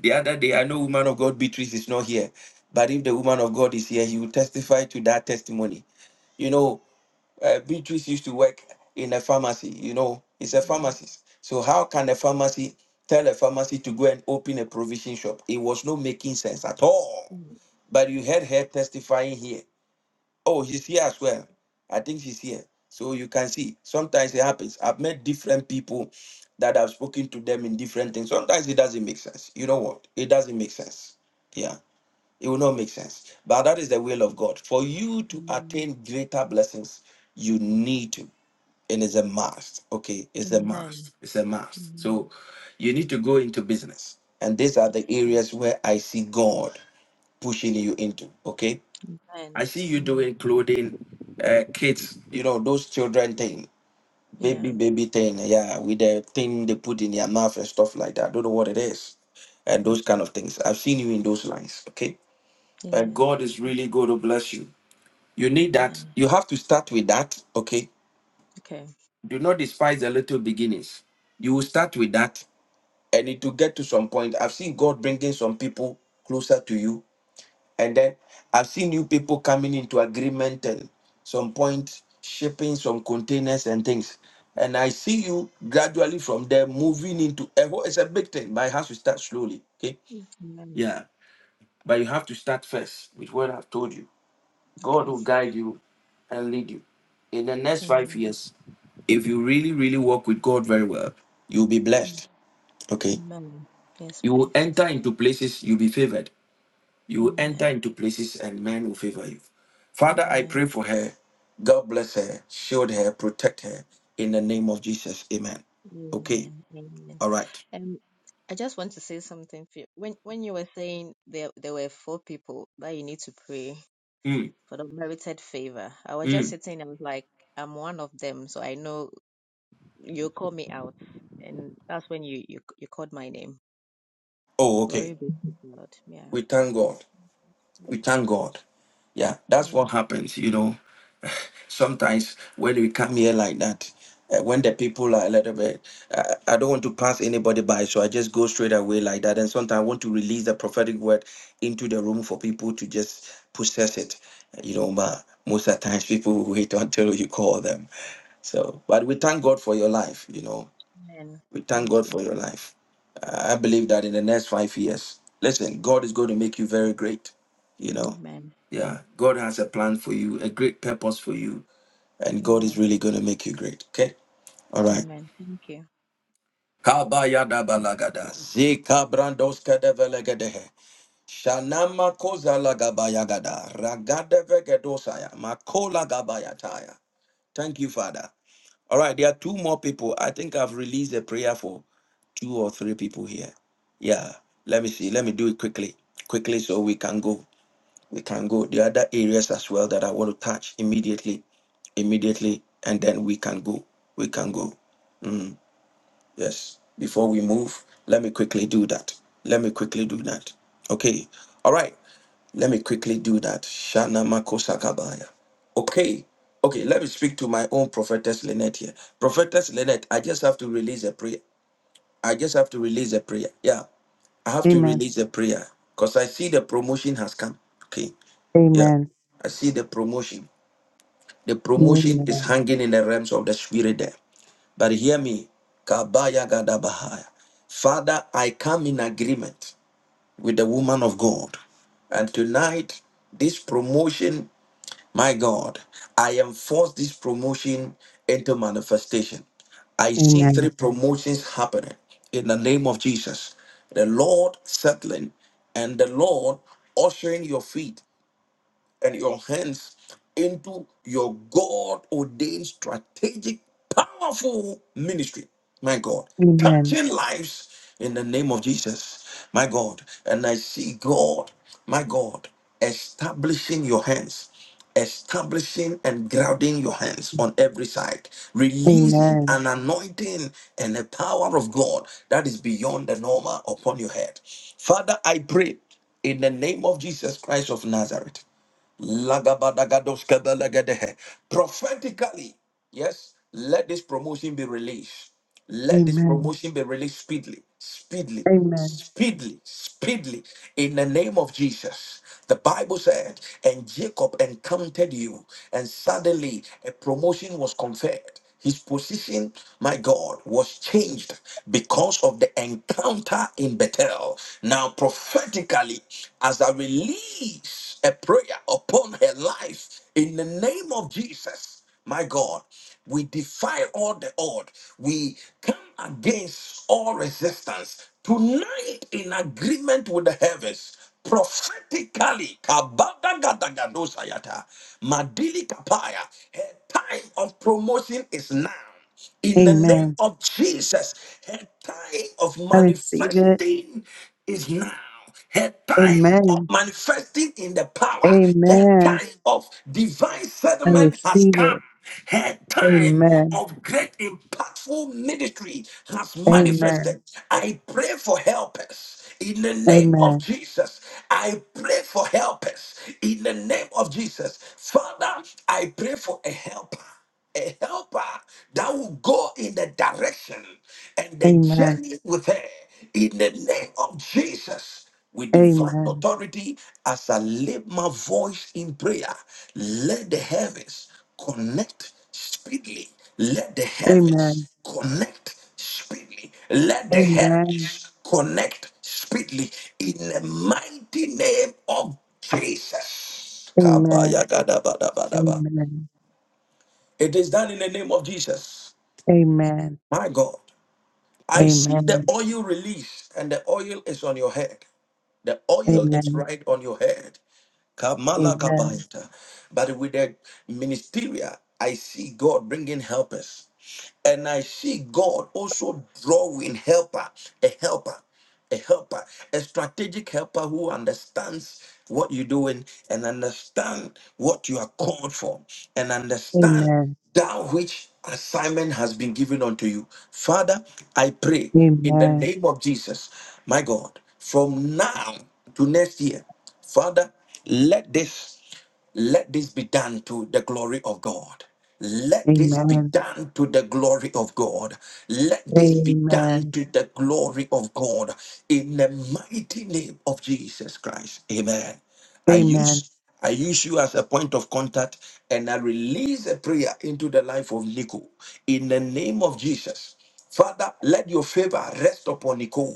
A: The other day, I know woman of God Beatrice is not here, but if the woman of God is here, he will testify to that testimony. You know, uh, Beatrice used to work in a pharmacy. You know, it's a
I: Yeah.
A: pharmacist. So how can a pharmacy tell a pharmacy to go and open a provision shop? It was not making sense at all.
I: Mm,
A: But you heard her testifying here. Oh, she's here as well. I think she's here. So you can see sometimes it happens. I've met different people that I've spoken to them in different things. Sometimes it doesn't make sense. You know what? It doesn't make sense. Yeah. It will not make sense. But that is the will of God. For you to
I: mm.
A: attain greater blessings, you need to and it's a must. Okay, it's a must.
I: Amen.
A: It's a must.
I: Amen.
A: So you need to go into business. And these are the
I: Amen.
A: areas where I see God pushing you into. Okay. I see you
I: Amen.
A: doing clothing, uh, kids, you know, those children thing,
I: Yeah.
A: baby, baby thing. Yeah, with the thing they put in their mouth and stuff like that. I don't know what it is. And
I: Lord.
A: those kind of things. I've seen you in those lines. Okay. And
I: Amen.
A: God is really going to bless you. You need that.
I: Amen.
A: You have to start with that. Okay
I: Okay.
A: do not despise the little beginnings. You will start with that, and it will get to some point. I've seen God bringing some people closer to you, and then I've seen you people coming into agreement and some point shipping some containers and things. And I see you gradually from there moving into a whole. It's a big thing, but it has to start slowly. Okay,
I: Amen.
A: yeah, but you have to start first with what I've told you. God
I: Okay.
A: will guide you and lead you. In the next five
I: Amen.
A: years, if you really, really work with God very well, you'll be
I: Am-
A: blessed. Okay.
I: Amen. Yes,
A: You will
I: please.
A: enter into places, you'll be favored. You will enter
I: Amen.
A: into places and men will favor you. Father, I pray
I: Amen.
A: for her. God bless her, shield her, protect her in the name of Jesus. Amen. Okay.
I: Amen. Amen.
A: All right.
I: Um, I just want to say something. For you. When when you were saying there there were four people that you need to pray
A: Mm,
I: for the merited favor, I was just
A: mm.
I: sitting. I was like, I'm one of them, so I know you call me out, and that's when you you you called my name.
A: Oh,
I: Glory
A: okay.
I: be to God. Yeah.
A: We thank God.
I: Yeah.
A: We thank God. Yeah, that's what
I: Amen.
A: happens, you know. sometimes when we come here like that, uh, when the people are a little bit, uh, I don't want to pass anybody by, so I just go straight away like that. And sometimes I want to release the prophetic word into the room for people to just possess it, you know. But most of the times, people wait until you call them. So, but we thank God for your life, you know.
I: Amen.
A: We thank
I: Thank
A: God
I: you.
A: for your life. Uh, I believe that in the next five years, listen, God is going to make you very great, you know.
I: Amen.
A: Yeah, God has a plan for you, a great purpose for you and God is
I: Amen.
A: really going to make you great. Okay? All right.
I: Amen. Thank you.
A: Kabayadabalagada, zikabrandoskadevelegedehe, shanamakozalagabayagada, ragadevegedoshaya, makolagabayataya. Thank you, Father. All right, there are two more people. I think I've released a prayer for two or three people here. Yeah, let me see. Let me do it quickly, quickly, so we can go. We can go the other areas as well that I want to touch immediately, immediately, and then we can go. We can go. Mm, yes. Before we move, let me quickly do that. Let me quickly do that. Okay. All right. Let me quickly do that. Shana Makosakabaya. Okay. Okay, let me speak to my own prophetess Lynette here. Prophetess Lynette, I just have to release a prayer. I just have to release a prayer. Yeah. I have to
D: Amen.
A: release a prayer. Because I see the promotion has come. Okay. Yeah.
D: Amen.
A: I see the promotion. The promotion is
D: Amen.
A: hanging in the realms of the spirit there. But hear me. Kabaya Gadabahaya. Father, I come in agreement with the woman of God. And tonight, this promotion, my God, I enforce this promotion into manifestation. I see three
D: Amen.
A: promotions happening in the name of Jesus. The Lord settling and the Lord ushering your feet and your hands into your God ordained strategic, powerful ministry. My God,
D: Amen.
A: touching lives in the name of Jesus. My God, and I see God, my God, establishing your hands. Establishing and grounding your hands on every side, releasing
D: Amen.
A: an anointing and the power of God that is beyond the normal upon your head. Father, I pray in the name of Jesus Christ of Nazareth. Lagabadagadoskebelegedehe. Prophetically, yes, let this promotion be released. Let this
D: Amen.
A: promotion be released speedily, speedily,
D: Amen.
A: speedily, speedily. In the name of Jesus. The Bible said, and Jacob encountered you, and suddenly a promotion was conferred. His position, my God, was changed because of the encounter in Bethel. Now, prophetically, as I release a prayer upon her life in the name of Jesus, my God, we defy all the odd. We come against all resistance. Tonight, in agreement with the heavens, prophetically, kabadagadagadosa yata, madili kapaya, time of promotion is now. In the name
D: Amen.
A: of Jesus, her time of
D: I receive it.
A: manifesting is now. Her time of
D: Amen.
A: manifesting in the power, her
D: Amen.
A: time of divine
D: I
A: settlement has
D: receive it.
A: come. Her time
D: Amen.
A: of great impactful ministry has
D: Amen.
A: manifested. I pray for helpers in the name of
D: Amen.
A: Jesus. I pray for helpers in the name of Jesus. Father, I pray for a helper a helper that will go in the direction and the
D: Amen.
A: journey with her. In the name of Jesus, with divine
D: Amen.
A: authority, as I lift my voice in prayer, let the heavens connect speedily. Let the
D: Amen.
A: heavens connect speedily. Let the
D: Amen.
A: heavens connect speedily. In the mighty name of Jesus.
D: Amen.
A: Kabaya
D: Amen.
A: it is done in the name of Jesus.
D: Amen.
A: My God, I see the
D: Amen.
A: oil release, and the oil is on your head. The oil is
D: Amen.
A: right on your head. Kamala
D: Amen.
A: Kabayata. But with the ministerial, I see God bringing helpers. And I see God also drawing helper, a helper, a helper, a strategic helper who understands what you're doing and understand what you are called for and understand
D: Amen.
A: that which assignment has been given unto you. Father, I pray in the
D: Amen.
A: name of Jesus, my God, from now to next year, Father, let this let this be done to the glory of God. Let this be
D: Amen.
A: done to the glory of God. Let this be done
D: Amen.
A: to the glory of God in the mighty name of Jesus Christ. Amen. I
D: Amen.
A: use I use you as a point of contact and I release a prayer into the life of Nico in the name of Jesus. Father, let your favor rest upon Nico.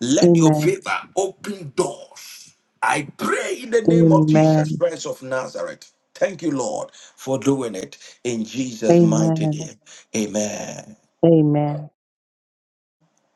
A: Let your
D: Amen.
A: favor open doors. I pray in the name of Jesus
D: Amen.
A: Christ of Nazareth. Thank you, Lord, for doing it in Jesus' mighty
D: Amen.
A: name. Amen.
D: Amen.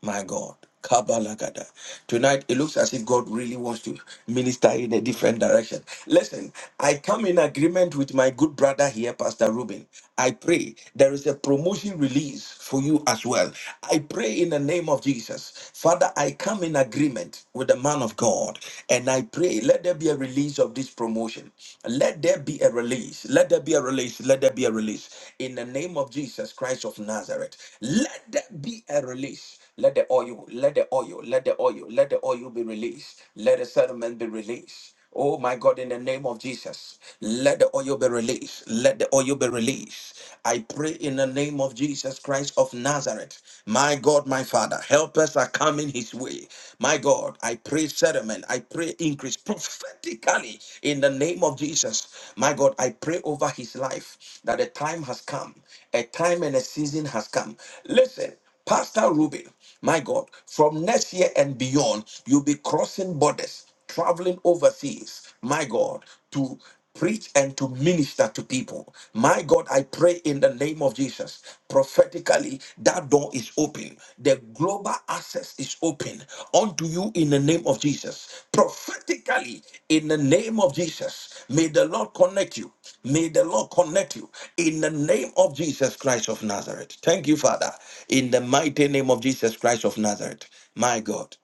A: My God. Kabalagada. Tonight, it looks as if God really wants to minister in a different direction. Listen, I come in agreement with my good brother here, Pastor Ruben. I pray there is a promotion release for you as well. I pray in the name of Jesus. Father, I come in agreement with the man of God and I pray, let there be a release of this promotion. Let there be a release. Let there be a release. Let there be a release. In the name of Jesus Christ of Nazareth, let there be a release. Let the oil, let the oil, let the oil, let the oil be released. Let the settlement be released. Oh my God, in the name of Jesus, let the oil be released. Let the oil be released. I pray in the name of Jesus Christ of Nazareth. My God, my Father, help us accountable coming his way. My God, I pray settlement. I pray increase prophetically in the name of Jesus. My God, I pray over his life that a time has come, a time and a season has come. Listen, Pastor Ruben, my God, from next year and beyond, you'll be crossing borders traveling overseas, my God, to preach and to minister to people. My God, I pray in the name of Jesus. Prophetically, that door is open. The global access is open unto you in the name of Jesus. Prophetically, in the name of Jesus, may the Lord connect you. May the Lord connect you in the name of Jesus Christ of Nazareth. Thank you, Father, in the mighty name of Jesus Christ of Nazareth. My God.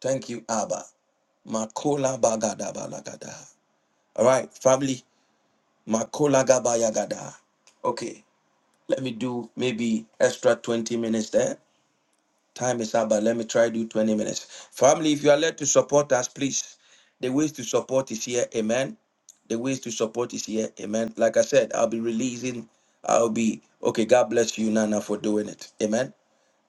A: Thank you, Abba. Makola bagada balagada. All right, family. Makola gabayagada. Okay, let me do maybe extra 20 minutes there. Time is up, but let me try do 20 minutes. Family, if you are led to support us, please. The ways to support is here. Amen. The ways to support is here. Amen. Like I said, I'll be releasing. I'll be okay. God bless you, Nana, for doing it. Amen.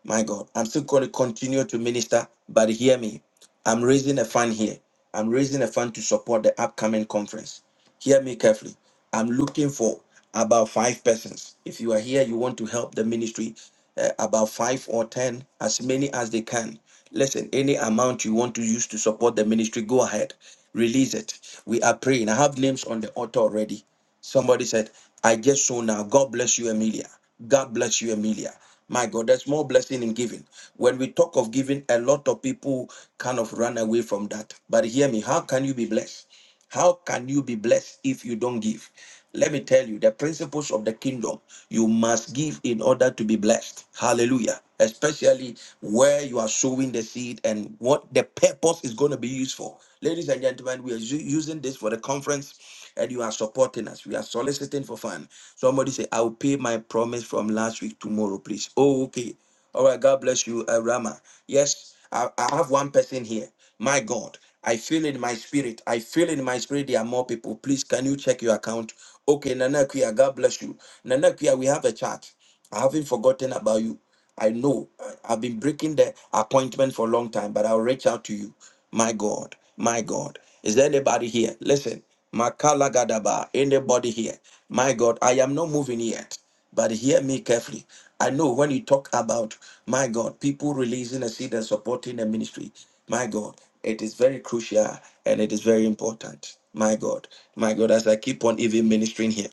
A: My God, I'm still going to continue to minister, but hear me. I'm raising a fund here. I'm raising a fund to support the upcoming conference. Hear me carefully. I'm looking for about five persons. If you are here, you want to help the ministry, uh, about five or ten, as many as they can. Listen, any amount you want to use to support the ministry, go ahead. Release it. We are praying. I have names on the altar already. Somebody said, I guess so." now. God bless you, Amelia. God bless you, Amelia. My God, there's more blessing in giving. When we talk of giving, a lot of people kind of run away from that. But hear me, how can you be blessed? How can you be blessed if you don't give? Let me tell you the principles of the kingdom. You must give in order to be blessed. Hallelujah. Especially where you are sowing the seed and what the purpose is going to be used for. Ladies and gentlemen, we are u- using this for the conference and you are supporting us. We are soliciting for fun. Somebody say, I'll pay my promise from last week tomorrow, please. Oh, okay. All right, God bless you, uh, Rama. Yes, I, I have one person here. My God, I feel in my spirit. I feel in my spirit there are more people. Please, can you check your account? Okay, Nana Kuya, God bless you. Nana Kuya, we have a chat. I haven't forgotten about you. I know I- I've been breaking the appointment for a long time, but I'll reach out to you. My God, my God. Is there anybody here? Listen, Makala Gadaba, anybody here? My God, I am not moving yet, but hear me carefully. I know when you talk about, my God, people releasing a seed and supporting the ministry, my God, it is very crucial and it is very important. My God, my God, as I keep on even ministering here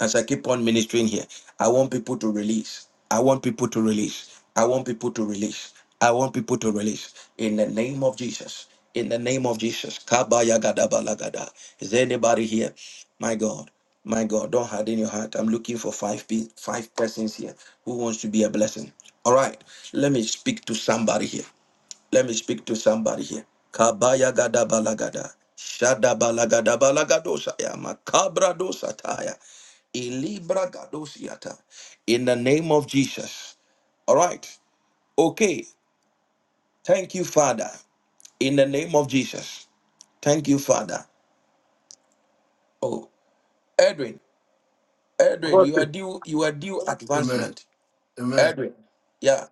A: as I keep on ministering here, I want people to release. I want people to release. I want people to release. I want people to release in the name of Jesus. In the name of Jesus. Kabaya gadabalagada. Is there anybody here? My God. My God. Don't harden your heart. I'm looking for five pe- five persons here who wants to be a blessing. All right. Let me speak to somebody here. Let me speak to somebody here. Kabaya gada balagada. Shada balagada balagadosa ya makabra dosa taya. Ilibra gadosiata. In the name of Jesus. All right. Okay. Thank you, Father. In the name of Jesus. Thank you, Father. Oh, Edwin. Edwin,
J: About
A: you are
J: it.
A: due. You are due
J: Amen.
A: advancement.
J: Amen.
A: Edwin. Yeah.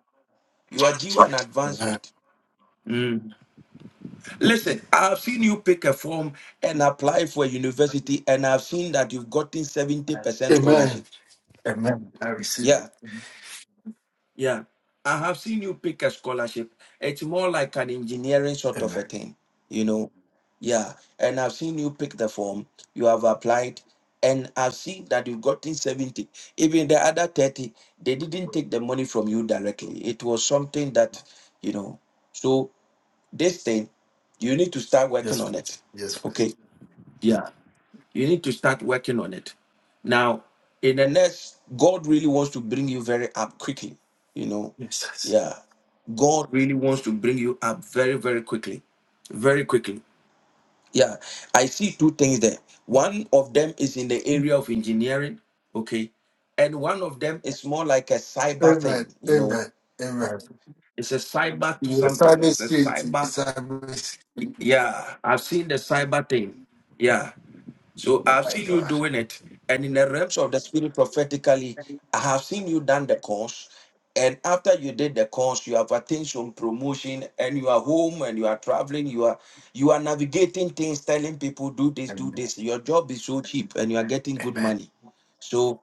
A: You are due an
J: Amen.
A: advancement. Listen, I've seen you pick a form and apply for a university, and I've seen that you've gotten 70%
J: Amen.
A: scholarship.
J: Amen. I receive it.
A: Yeah, yeah. I have seen you pick a scholarship. It's more like an engineering sort of
J: Amen.
A: a thing, you know. Yeah, and I've seen you pick the form, you have applied, and I've seen that you've gotten 70. Even the other 30, they didn't take the money from you directly. It was something that, you know, so this thing, you need to start working
J: Yes,
A: on it.
J: please. Yes, please.
A: Okay Yeah, you need to start working on it. Now, in the next, God really wants to bring you very up quickly. You know,
J: Jesus.
A: yeah, God really wants to bring you up very, very quickly, very quickly. Yeah, I see two things there. One of them is in the area of engineering, okay, and one of them is more like a cyber thing.
J: Amen.
A: You know,
J: Amen. Amen.
A: it's a cyber to
J: Yes, I'm
A: something. It's a
J: sweet.
A: cyber.
J: Simon sweet.
A: Yeah, I've seen the cyber thing. Yeah. So I've
J: My
A: seen you
J: God.
A: doing it, and in the realms of the spirit prophetically, I have seen you done the course. And after you did the course, you have attained some promotion, and you are home and you are traveling. You are you are navigating things, telling people do this, do
J: Amen.
A: this. Your job is so cheap, and you are getting good
J: Amen.
A: money. So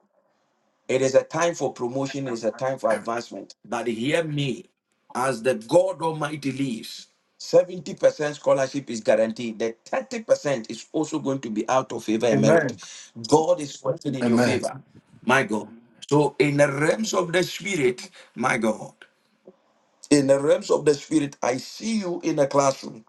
A: it is a time for promotion, it is a time for advancement. But hear me, as the God Almighty lives, 70% scholarship is guaranteed. The 30% is also going to be out of favor and merit.
J: Amen.
A: God is working in your
J: Amen.
A: favor. my God. So in the realms of the spirit, my God, In the realms of the spirit, I see you in a classroom.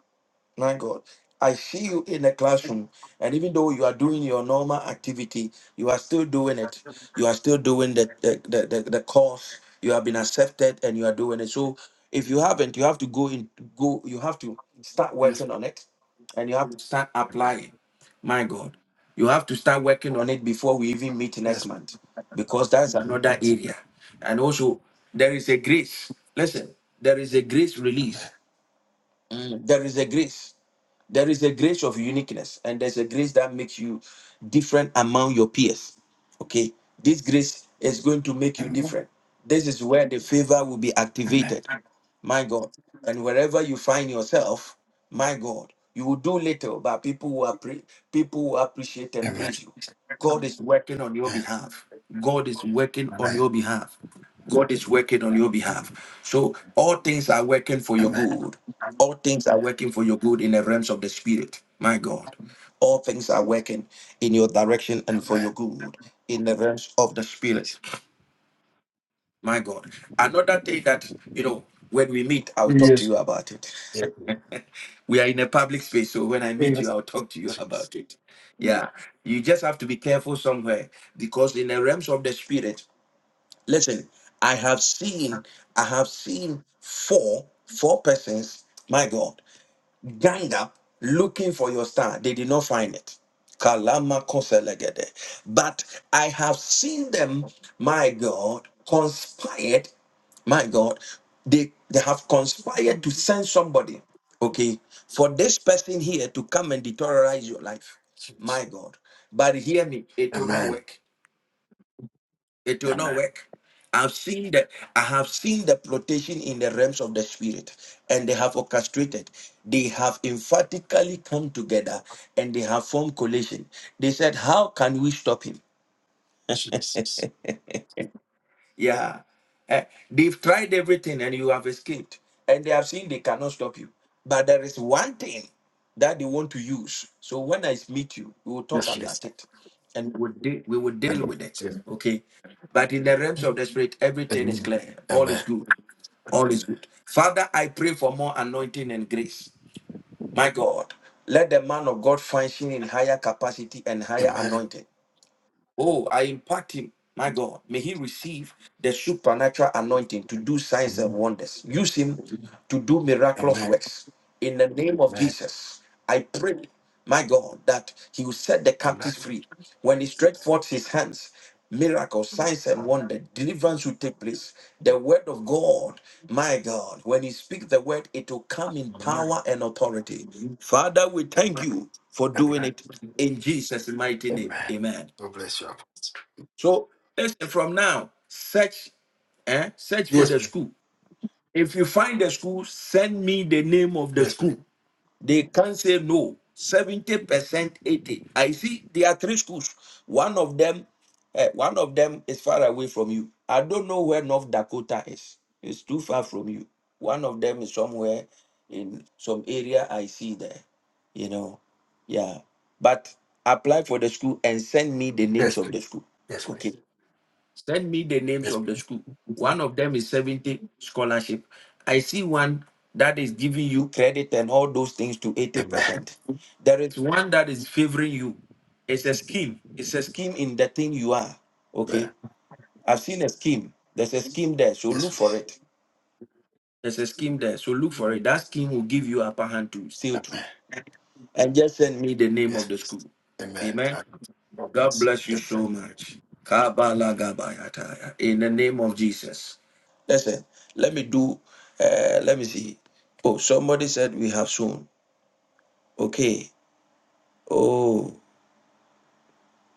A: My God. I see you in the classroom, and even though you are doing your normal activity, you are still doing it. You are still doing the the, the, the, the course. You have been accepted, and you are doing it. So if you haven't, you have to go in. Go. You have to start
J: Yes.
A: working on it, and you have to start
J: Amen.
A: applying. My God, you have to start working on it before we even meet next
J: Yes.
A: month, because that's another area. And also, there is a grace. Listen, there is a grace
J: Amen.
A: release. Mm, There is a grace. There is a grace of uniqueness, and there's a grace that makes you different among your peers. Okay, this grace is going to make you
J: Amen.
A: different. This is where the favor will be activated my God. And wherever you find yourself, my God, you will do little, but people will, appre- people will appreciate and
J: Amen.
A: praise you.
J: Amen.
A: God is working on your
J: Amen.
A: behalf. God is working on your behalf. God is working on your behalf. So all things are working for your
J: Amen.
A: good. All things are working for your good in the realms of the spirit. My God. All things are working in your
J: Amen.
A: direction and for
J: Amen.
A: your good in the realms of the
J: Jesus.
A: spirit. My God. Another thing that, you know, when we meet, I'll talk to
J: Yes.
A: you about it.
J: Yes.
A: We are in a public space, so when I meet you,
J: Yes.
A: I'll talk to you
J: Yes.
A: about it. Yeah. You just have to be careful somewhere because in the realms of the spirit, listen, I have seen, I have seen four, four persons, my God gang up looking for your star. They did not find it. Kalama koselegede. But I have seen them, my God, conspired. My God, they, they have conspired to send somebody, okay, for this person here to come and deteriorate your life.
J: Jesus.
A: My God. But hear me, it will not
J: Amen.
A: work. It will not
J: Amen.
A: work. I've seen that I have seen the plotation in the realms of the spirit, and they have orchestrated. They have emphatically come together and they have formed coalition. They said, How can we stop him?
J: Jesus.
A: Yeah. Eh, they've tried everything and you have escaped. And they have seen they cannot stop you. But there is one thing that they want to use. So when I meet you, we will talk
J: Yes, please.
A: about it and we'll de- we will deal
J: Amen.
A: with it.
J: Yes.
A: Okay. But in the realms of the spirit, everything is
J: Amen.
A: clear. All is good. All is good. Father, I pray for more anointing and grace. My God, let the man of God function in higher capacity and higher
J: Amen. Amen. Amen.
A: anointing. Oh, I impact him. My God, may he receive the supernatural anointing to do
J: Amen.
A: signs and wonders. Use him to do miraculous
J: Amen.
A: works. In the name of
J: Amen.
A: Jesus, I pray, my God, that he will set the
J: Amen.
A: captives free. When he stretched forth his hands, miracles, signs, and
J: Amen.
A: wonder, deliverance will take place. The word of God, my God, when he speaks the word, it will come in power and authority. Father, we thank you for doing
J: Amen.
A: it in Jesus' mighty name.
J: Amen.
A: Amen.
J: God bless you. Apostle.
A: So listen from now, search, eh, search for
J: Yes,
A: the
J: please.
A: school. If you find the school, send me the name of the
J: Yes,
A: school.
J: please.
A: They can't say no. 70%, 80. I see there are three schools. One of them, eh, one of them is far away from you. I don't know where North Dakota is. It's too far from you. One of them is somewhere in some area I see there. You know. Yeah. But apply for the school and send me the names
J: Yes,
A: of
J: please.
A: the school.
J: Yes, please.
A: Okay. Send me the names
J: Yes,
A: of the
J: please.
A: school. One of them is 70 scholarship. I see one that is giving you credit and all those things to
J: Amen.
A: 80%. There is one that is favoring you. It's a scheme. It's a scheme in the thing you are.
J: Amen.
A: Okay. I've seen a scheme. There's a scheme there. So
J: Yes,
A: look for
J: please.
A: it. There's a scheme there. So look for
J: Amen.
A: it. That scheme will give you upper hand to sail through. And just send me the name
J: Yes,
A: of the
J: please.
A: school.
J: Amen.
A: Amen.
J: I-
A: God bless you
J: Amen.
A: so much. Kabalagabayataya. In the name of Jesus. Listen, let me do, uh, let me see. Oh, somebody said we have sown. Okay. Oh,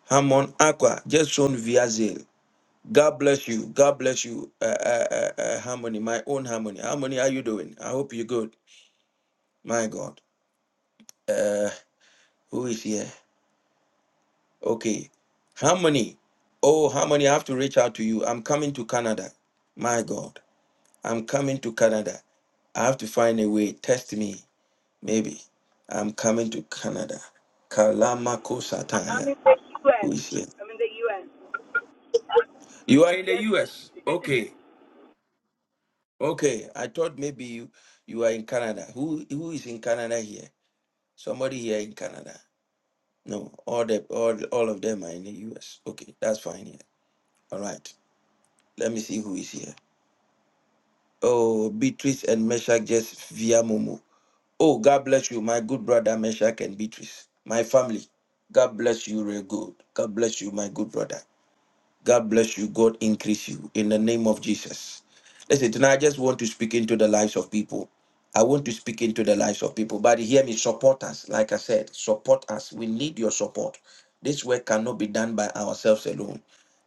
A: Harmon Aqua, just sown via Zale. God bless you. God bless you, uh, uh, uh, uh, Harmony, my own Harmony. Harmony, how you doing? I hope you're good. My God. Uh, who is here? Okay. Harmony. Oh, Harmony, I have to reach out to you. I'm coming to Canada. My God. I'm coming to Canada. I have to find a way. Test me. Maybe. I'm coming to Canada. Kalamako
K: I'm
A: Sataya.
K: in the U.S.
A: Who is here?
K: I'm in the U.S.
A: You are in the
K: Yes.
A: US. Okay. Okay. I thought maybe you, you are in Canada. Who who is in Canada here? Somebody here in Canada. No. All the all all of them are in the US. Okay, that's fine here. All right. Let me see who is here. Oh, Beatrice and Meshach just via Momo. Oh, God bless you, my good brother Meshach and Beatrice. My family, God bless you real good. God bless you, my good brother. God bless you. God increase you in the name of Jesus. Listen, tonight I just want to speak into the lives of people. I want to speak into the lives of people. But hear me, support us. Like I said, support us. We need your support. This work cannot be done by ourselves alone.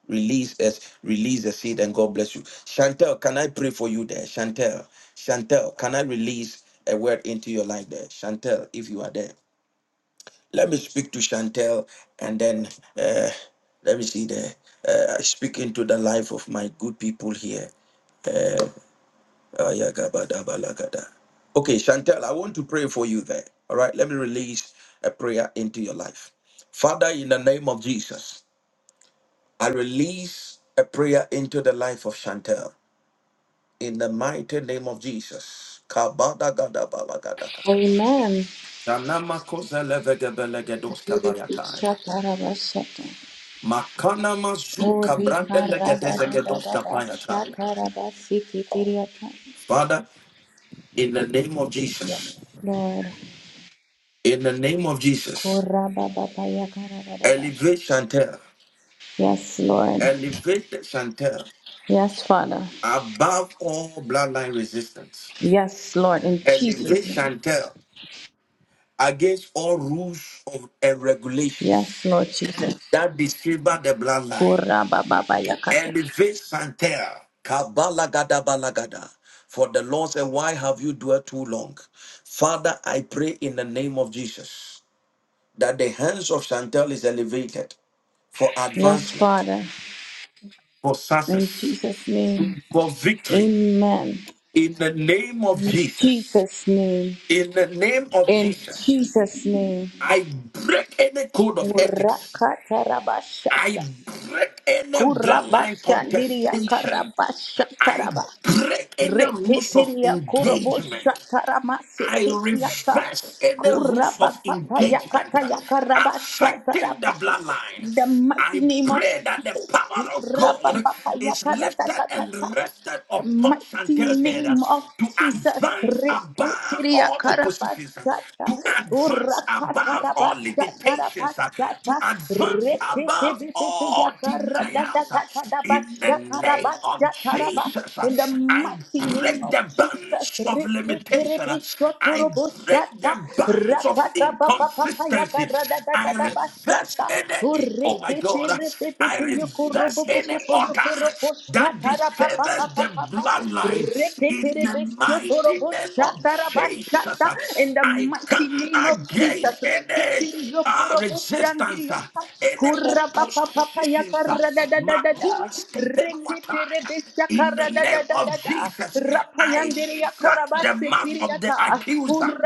A: Release us, release the seed, and God bless you. Chantel, can I pray for you there? Chantel, Chantel, can I release a word into your life there? Chantel, if you are there. Let me speak to Chantel and then uh, let me see the uh, I speak into the life of my good people here. Ah, yeah, gabba, dabba, lagada. Okay, Chantel, I want to pray for you there. All right, let me release a prayer into your life. Father, in the name of Jesus, I release a prayer into the life of Chantel. In the mighty name of Jesus. Kabada gada balagada.
L: Amen.
A: Sanamako
L: Shakarabashata.
A: Makana
L: Oh,
A: masuka brande legedezegedos kapayataya.
L: Rikaradadadadabashakarabasikitiriyata.
A: Father, in the name of
L: Yes,
A: Jesus,
L: Lord.
A: in the name of
L: Oh,
A: Jesus,
L: Rabababayakarababa.
A: elevate Chantel,
L: Yes, Lord.
A: elevate Chantel
L: Yes, Father.
A: above all bloodline resistance,
L: Yes, Lord. In
A: elevate
L: Jesus' name.
A: Chantel against all rules of, and regulations
L: Yes, Lord Jesus.
A: that disfavor the
L: Oh,
A: bloodline.
L: Rabababayakata.
A: Elevate Santerre. Kabalagadabalaga. For the Lord said, Why have you dwelt too long? Father, I pray in the name of Jesus that the hands of Chantel is elevated for
L: Yes,
A: advancement,
L: Father.
A: for
L: In
A: success,
L: Jesus' name.
A: for victory.
L: Amen.
A: In the name of
L: In
A: Jesus.
L: Jesus' name.
A: In the name of
L: In
A: Jesus.
L: Jesus' name.
A: I break any code of ethics. I
L: Urakatarabashata.
A: break any bloodline
L: Kurabashandiria
A: contestation. I
L: karabashataraba.
A: break any rules of
L: Reketeria
A: engagement. I
L: koroboshataramasekekiata.
A: reverse any rules of engagement affecting the
L: Kurabapapayakatayakarabachataraba.
A: bloodline.
L: In The mighty
A: I
L: name of
A: pray that the
L: Jesus.
A: power of God is lifted
L: Kurabapapayakaratatata.
A: and rested
L: The
A: upon
L: mighty
A: Chantel's head
L: name of
A: to
L: Jesus.
A: advance above
L: Reketeria
A: all oppositions,
L: karabasata.
A: to advance above all limitations, to
L: Urakatarabashatarabasata.
A: advance above all
L: Reketebetebeya
A: denials. In the
L: karadadadadadabasha
A: name of
L: karabashataraba.
A: Jesus,
L: In the
A: I
L: mighty name
A: break
L: of
A: the
L: Jesus.
A: bands of limitation. I break
L: Reketerebeshotoroboshata.
A: the bands of
L: Rakatapapapapaya
A: inconsistency. I reverse
L: karadadadadabashata
A: any, oh my God,
L: re pe pe
A: I
L: pe yo corro po
A: reverse
L: po po
A: any
L: po yo corro po
A: order that
L: satara pa pa pa
A: disfavors
L: pa
A: the
L: pa pa
A: bloodline in the mighty name of Jesus. uh,
L: in the
A: I come
L: mighty name of Jesus
A: against
L: re
A: any uh, resistance, uh, any opposition, uh, Makulas Keteruataya. in the name of Jesus. I shut the mouth of the accuser.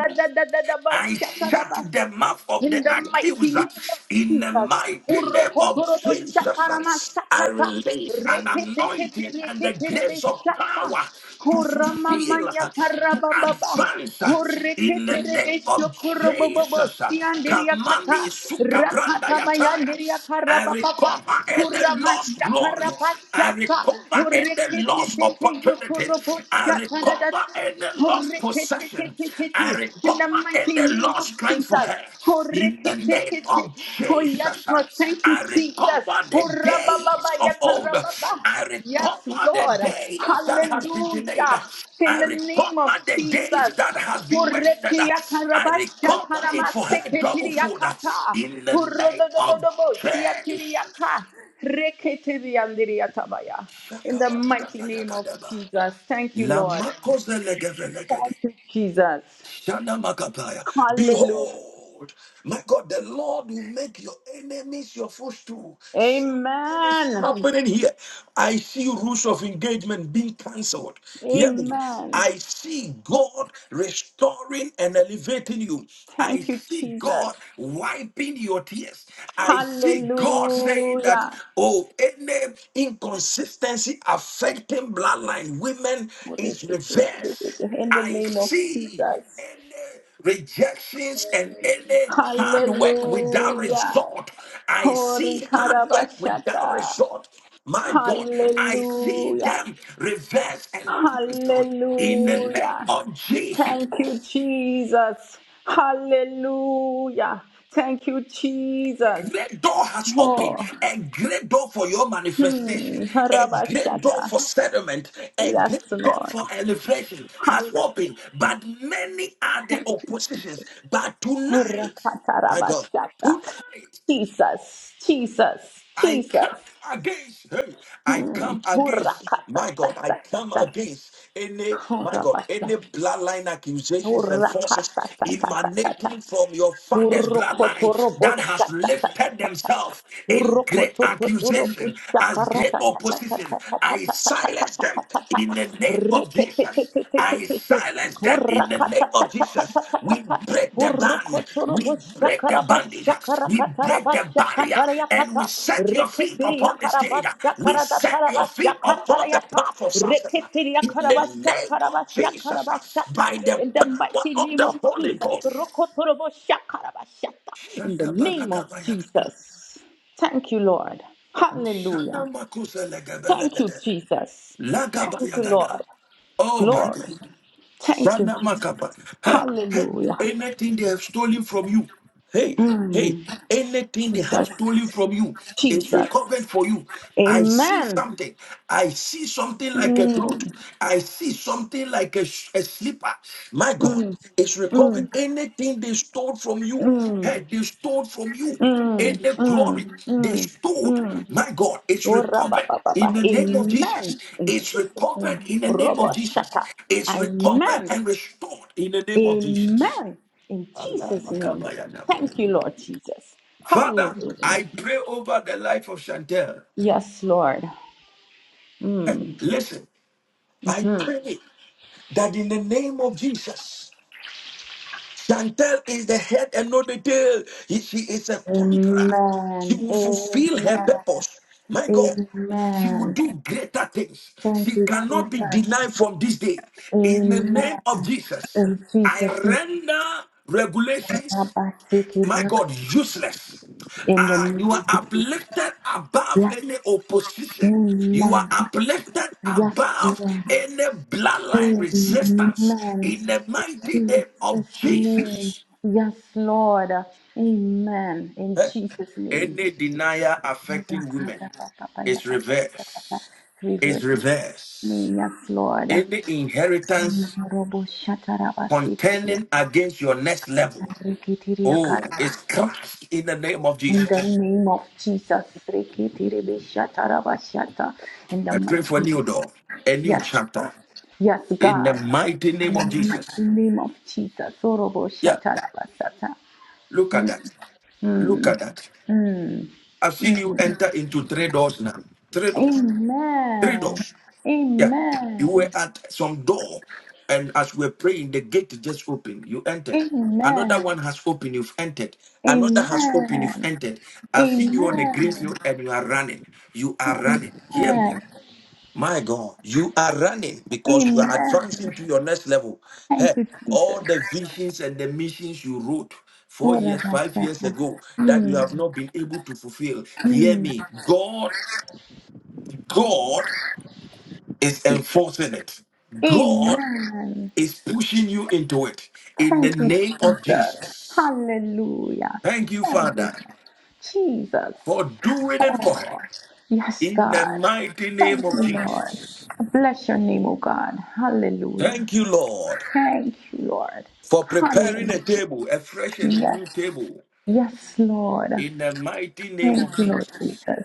A: I shut the mouth of
L: in
A: the
L: the mighty
A: accuser
L: name of
A: in the
L: Jesus.
A: mighty name of
L: Urokotorobo shakarama
A: Jesus. I
L: sakata.
A: release an
L: Reketekete
A: anointing and the
L: reketerebe
A: grace of
L: shaka.
A: power to
L: Kurama
A: fulfill,
L: manya
A: to
L: karabababa.
A: advance in the name
L: Ureketerebe
A: of
L: shokorobobobo.
A: Jesus.
L: Siandiria kata.
A: Kamani sukabranda
L: Rakata bayandiria
A: yataya. I
L: karabababa.
A: recover any
L: Kurama
A: lost glory.
L: shakaraba
A: I recover
L: shaka.
A: any lost
L: Ureketete
A: opportunity.
L: yokorobo
A: I
L: shakaradat.
A: recover any lost possession. I
L: Ureketete in
A: recover
L: the mighty
A: any
L: name of
A: lost strength for
L: Jesus.
A: her. In the name
L: Koreketete.
A: of
L: Oh, yes,
A: Jesus,
L: Lord. Thank you,
A: I
L: Jesus.
A: recover the
L: Oh,
A: days
L: rabababa,
A: of old.
L: yakarababa.
A: I
L: Yes,
A: recover the
L: Lord.
A: days that has been delayed.
L: Hallelujah. In
A: I
L: the name
A: recover
L: of
A: the days
L: Jesus.
A: that has been wasted.
L: Koreke
A: I
L: yakarabasha
A: recover it for
L: karamase
A: her double
L: ketiri
A: food
L: yakata.
A: in the name of
L: Urododododobo, shiatiri
A: Jesus.
L: yaka. Reketiri yandiri yatabaya. In the mighty name of
A: Shakabatakatayakadaba.
L: Jesus. Thank you, Lord.
A: Lamakozelegevelegede.
L: Thank you, Jesus.
A: Shana Makataya.
L: Hallelujah.
A: Behold, my God, the Lord will make your enemies your footstool. Something is
L: Amen.
A: Happening here, I see rules of engagement being cancelled. Hear me.
L: Amen.
A: I see God restoring and elevating you. I
L: Thank you,
A: see
L: Jesus.
A: God wiping your tears. I see God saying that,
L: Hallelujah.
A: oh, any inconsistency affecting bloodline women
L: What is
A: is
L: this? In
A: reversed
L: the
A: I
L: name of
A: see
L: Jesus.
A: any rejections and any hard work without
L: Hallelujah.
A: result. I
L: Hori
A: see hard work without
L: Karabashata.
A: result. My God, I see
L: Hallelujah.
A: them reversed and canceled in the name
L: Hallelujah.
A: of Jesus.
L: Thank you, Jesus. Hallelujah. Thank you, Jesus.
A: great door has opened
L: Oh,
A: a great door for your
L: Hmm,
A: manifestation a great door
L: Rabashata.
A: for settlement a
L: Yes,
A: great door
L: Lord.
A: for elevation has
L: Hallelujah.
A: opened but many are the oppositions but tonight
L: Rakata
A: my god
L: Rabashata.
A: tonight
L: Jesus, Jesus,
A: I come
L: Jesus.
A: against, hey, I
L: Hmm.
A: come against,
L: Hurakata,
A: my
L: ta,
A: God,
L: ta,
A: I
L: ta,
A: come
L: ta.
A: against any, my God,
L: Hurabasha.
A: any bloodline accusations and forces
L: Hurakata, ta, ta, ta, ta, ta.
A: emanating from your father's
L: Hurokoto
A: bloodline that has
L: roboshata.
A: lifted themselves in
L: Hurokoto
A: great accusation as great opposition. I silence them in the name of Jesus. I
L: Reketetetetetete.
A: silence them in the name of Jesus. We
L: Kurakatatatatatata.
A: break the band, we break the bandage, we break the barrier, and
L: Kurokotoroboshakarabatshakarakatarabashakatarayakata.
A: we set your feet upon the stage. We set your feet upon the
L: Reketeriakarabashakaradakarabatshakarayata.
A: path of success. In the name of Jesus,
L: Reketeriakarabashakarabashakarabashata.
A: by the
L: In the
A: power
L: mighty
A: of
L: name
A: the
L: of
A: Holy
L: Jesus.
A: Ghost.
L: Rokotoroboshakarabashata. In the name of
A: Shadabalagabayagada,
L: Jesus. Thank you, Lord. Hallelujah. Thank you,
A: Shanamakuselegabelagada,
L: Jesus. Thank you,
A: Lagabayagada.
L: Lord.
A: Oh my God.
L: Glory. Thank you.
A: Shana
L: Jesus.
A: Makapa. Hey, hey,
L: Hallelujah.
A: anything they have stolen from you, hey, hey,
L: Mm,
A: anything they have
L: Jesus.
A: stolen from you is
L: Jesus.
A: recovered for you. I see
L: Amen.
A: something. I see something like a cloth.
L: Mm,
A: I see something like a, sh- a slipper. My God,
L: mm,
A: it's
L: mm,
A: recovered. Anything they stole from you,
L: mm,
A: hey, they stole from you. In
L: mm,
A: the
L: mm,
A: glory they
L: mm,
A: stood,
L: mm.
A: my God, it's
L: Ora ba
A: recovered.
L: ba ba
A: In
L: ba.
A: the name of Jesus,
L: Amen. In
A: it's
L: Jesus' name.
A: recovered. In the name
L: Robo
A: of Jesus,
L: shaka.
A: it's recovered
L: Amen.
A: and restored. In the name of Jesus.
L: Amen. In
A: Allah
L: Jesus' name.
A: makabayana.
L: Thank you, Lord Jesus.
A: Father,
L: Hallelujah.
A: I pray over the life of Chantel.
L: Yes, Lord. Mm.
A: Listen, I
L: mm-hmm.
A: pray that in the name of Jesus, Chantel is the head and not the tail. He- She is a conqueror. She
L: Amen.
A: will
L: Amen.
A: fulfill her purpose. My God. She will
L: Amen.
A: do greater things.
L: Thank
A: She
L: you,
A: cannot be
L: Jesus.
A: denied from this day. In the
L: Amen.
A: name of Jesus,
L: In
A: I
L: Jesus' name,
A: render regulations
L: Abba, take it
A: my
L: up
A: God, useless.
L: in the
A: Ah,
L: name of
A: you are
L: Jesus.
A: uplifted above
L: Yes.
A: any opposition. You are
L: Amen.
A: uplifted
L: Yes,
A: above
L: Lord.
A: any bloodline resistance
L: Amen.
A: in the mighty name of
L: Jesus' name.
A: Jesus.
L: Yes, Lord. Amen. In
A: Eh?
L: Jesus' name.
A: Any denier affecting women is reversed.
L: Three
A: Is
L: verses.
A: reversed.
L: Yes, Lord.
A: Any inheritance
L: Robo shatarabasitiya,
A: contending against your next level,
L: rikitiriya
A: oh,
L: kara.
A: is crushed in the name of
L: In the
A: Jesus.
L: name of Jesus, rikitiribe shatarabashata. in the
A: I pray
L: mighty
A: for a
L: name,
A: new door, a new
L: yes,
A: chapter.
L: Lord. yes,
A: in the
L: God,
A: mighty
L: in
A: name
L: the
A: of Jesus.
L: mighty name of Jesus, Orobo
A: Yeah,
L: shatarabasata.
A: look at
L: Mm,
A: that. Look
L: mm,
A: at that.
L: mm,
A: I've seen you
L: mm.
A: enter into three doors now. Three doors. Three
L: Amen,
A: doors. Yeah. You were
L: amen,
A: at some door, and as we're praying, the gate just opened. You entered. Another
L: amen,
A: one has opened. You've entered. Another
L: amen.
A: has opened. You've entered. I've seen you on a green
L: Amen.
A: field, and you are running. You are running. Hear me.
L: Amen.
A: My God, you are running because you are
L: Amen.
A: advancing to your next level.
L: Thank
A: Hey,
L: you,
A: all
L: Jesus.
A: the visions and the missions you wrote four
L: What a
A: years, five years
L: blessing.
A: ago that you have
L: Mm,
A: not been able to fulfill. Hear
L: mm,
A: me. God, God is
L: Jesus.
A: enforcing it. God
L: Amen.
A: is pushing you into it in the
L: Thank you,
A: name of
L: Jesus.
A: Jesus.
L: Hallelujah.
A: Thank you,
L: Thank you,
A: Father,
L: Jesus.
A: for doing it for her
L: Yes,
A: in the
L: God.
A: mighty name
L: Thank
A: of
L: you, Lord.
A: Jesus.
L: Bless your name, O God. Hallelujah.
A: Thank you, Lord.
L: Thank you, Lord.
A: for preparing a
L: Hallelujah.
A: table, a fresh and a new
L: Yes,
A: table,
L: Yes, Lord.
A: in the mighty name of
L: Thank you, Lord
A: Jesus.
L: Jesus.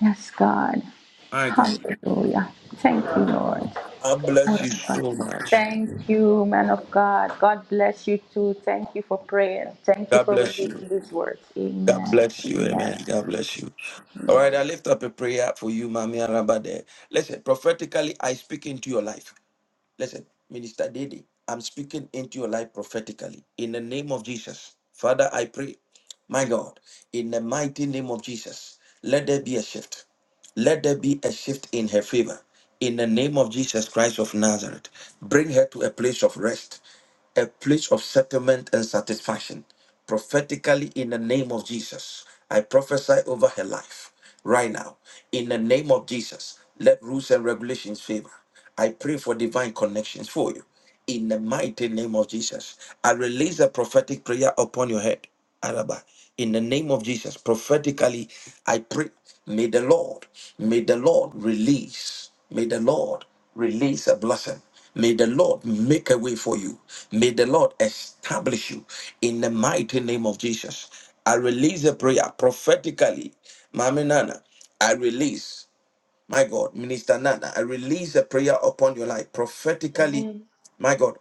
L: Yes, God.
A: My God,
L: Hallelujah. Thank you, Lord.
A: God bless you so much.
L: Thank you, man of God. God bless you too. Thank you for praying. Thank you
A: God
L: for
A: bless you.
L: releasing these words.
A: God
L: Amen.
A: bless you.
L: Amen.
A: Amen. God bless you. All right, I lift up a prayer for you, Mami Arabade. Listen, prophetically, I speak into your life. Listen, Minister Dede, I'm speaking into your life prophetically in the name of Jesus. Father, I pray, my God, in the mighty name of Jesus, let there be a shift. Let there be a shift in her favor. In the name of Jesus Christ of Nazareth, bring her to a place of rest a place of settlement and satisfaction. Prophetically, in the name of Jesus, I prophesy over her life right now. In the name of Jesus, let rules and regulations favor. I pray for divine connections for you. In the mighty name of Jesus, I release a prophetic prayer upon your head. Araba. In the name of Jesus, prophetically, I pray, may the Lord, may the Lord release, may the Lord release a blessing. May the Lord make a way for you. May the Lord establish you in the mighty name of Jesus. I release a prayer prophetically. Mami Nana, I release. My God, Minister Nana, I release a prayer upon your life prophetically.
M: Amen.
A: My God,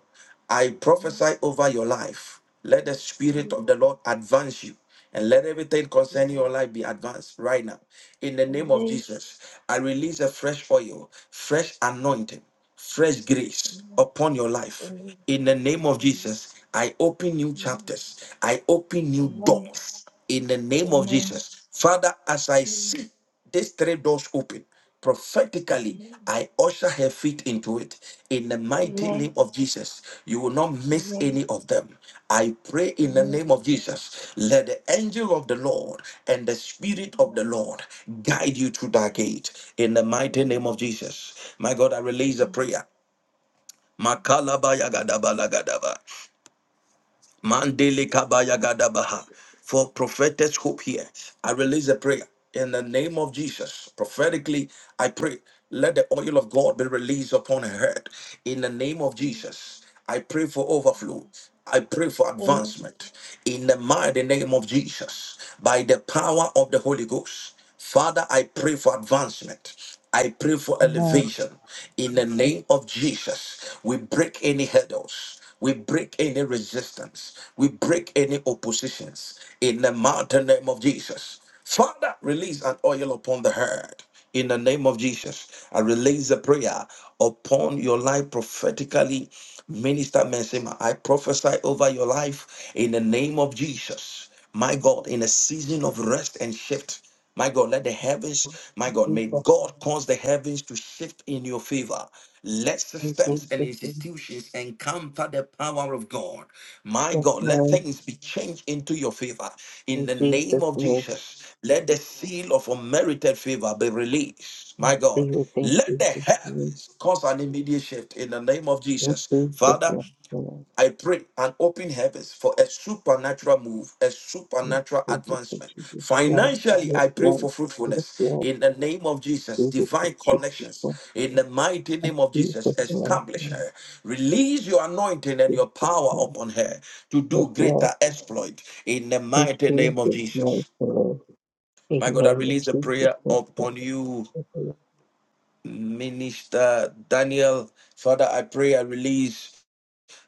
A: I
M: Amen.
A: prophesy over your life. Let the Spirit of the
M: Amen.
A: Lord advance you and let everything concerning your
M: Amen.
A: life be advanced right now. In the name of
M: Amen.
A: Jesus, I release a fresh oil, fresh anointing, fresh grace
M: Amen.
A: upon your life.
M: Amen.
A: In the name of
M: Amen.
A: Jesus, I open new chapters, I open new
M: Amen.
A: doors. In the
M: Amen.
A: name of
M: Amen.
A: Jesus, Father, as I
M: Amen.
A: see. These three doors open prophetically.
M: Amen.
A: I usher her feet into it in the mighty name of Jesus. You will not
M: Amen. Amen. Amen. Amen.
A: miss
M: Amen.
A: any of them. I pray in the name of
M: Amen.
A: Jesus. Let the angel of the Lord and the spirit of the Lord guide you through that gate in the mighty name of Jesus. My God, I release a
M: Amen.
A: prayer. Makalabaya gadaba gadaba. Mandele kabaya gadabaha. For prophetess hope here. I release a prayer in the name of Jesus. Prophetically, I pray. Let the oil of God be released upon her head. In the name of
M: Amen.
A: Jesus, I pray for overflow.
M: Amen.
A: I pray for
M: Amen.
A: advancement in the mighty name of Jesus by the power of the Holy Ghost. Father, I pray for advancement. I pray for
N: Hello.
A: elevation. In the name of Jesus, we break any hurdles. We break any resistance. We break any oppositions. In the mighty name of Jesus. Father, release an oil upon the herd. In the name of Jesus, I release a prayer upon your life prophetically. Minister Mensima, I prophesy over your life in the name of Jesus. My God, in a season of rest and shift, my God, let the heavens, my God,
F: you,
A: may God cause the heavens to shift in your favor. Let
F: Jesus.
A: systems and
F: name.
A: institutions encounter the power of God. My
F: Yes,
A: God, let
F: Lord.
A: things be changed into your favor. In
F: In
A: the name
F: Jesus'
A: of
F: name.
A: Jesus, let the seal of unmerited favor be released. My
F: Thank
A: God,
F: you, thank
A: let
F: you,
A: the heavens cause an immediate shift in the name of
F: Yes,
A: Jesus.
F: Jesus.
A: Father,
F: Yes, Lord.
A: I pray and open heavens for a supernatural move, a
F: Yes,
A: supernatural
F: Jesus. Yes,
A: advancement.
F: Jesus. Lord.
A: Financially,
F: Yes,
A: I pray for
F: Lord. Yes,
A: fruitfulness
F: Lord.
A: in the name of Jesus,
F: Jesus. Yes,
A: divine
F: Jesus.
A: connections
F: Lord.
A: in the mighty
F: Yes,
A: name of
F: Jesus.
A: Jesus.
F: Lord.
A: Establish her, release your anointing and
F: Yes,
A: your
F: Jesus.
A: power
F: Lord.
A: upon her to
F: Yes,
A: do greater
F: Lord.
A: exploit in the
F: Yes,
A: mighty name of
F: Jesus. Lord. Yes,
A: Jesus.
F: Lord.
A: My God, I
F: Amen.
A: release a
F: In
A: prayer
F: Jesus.
A: upon you,
F: name.
A: Minister Daniel. Father, I pray I release.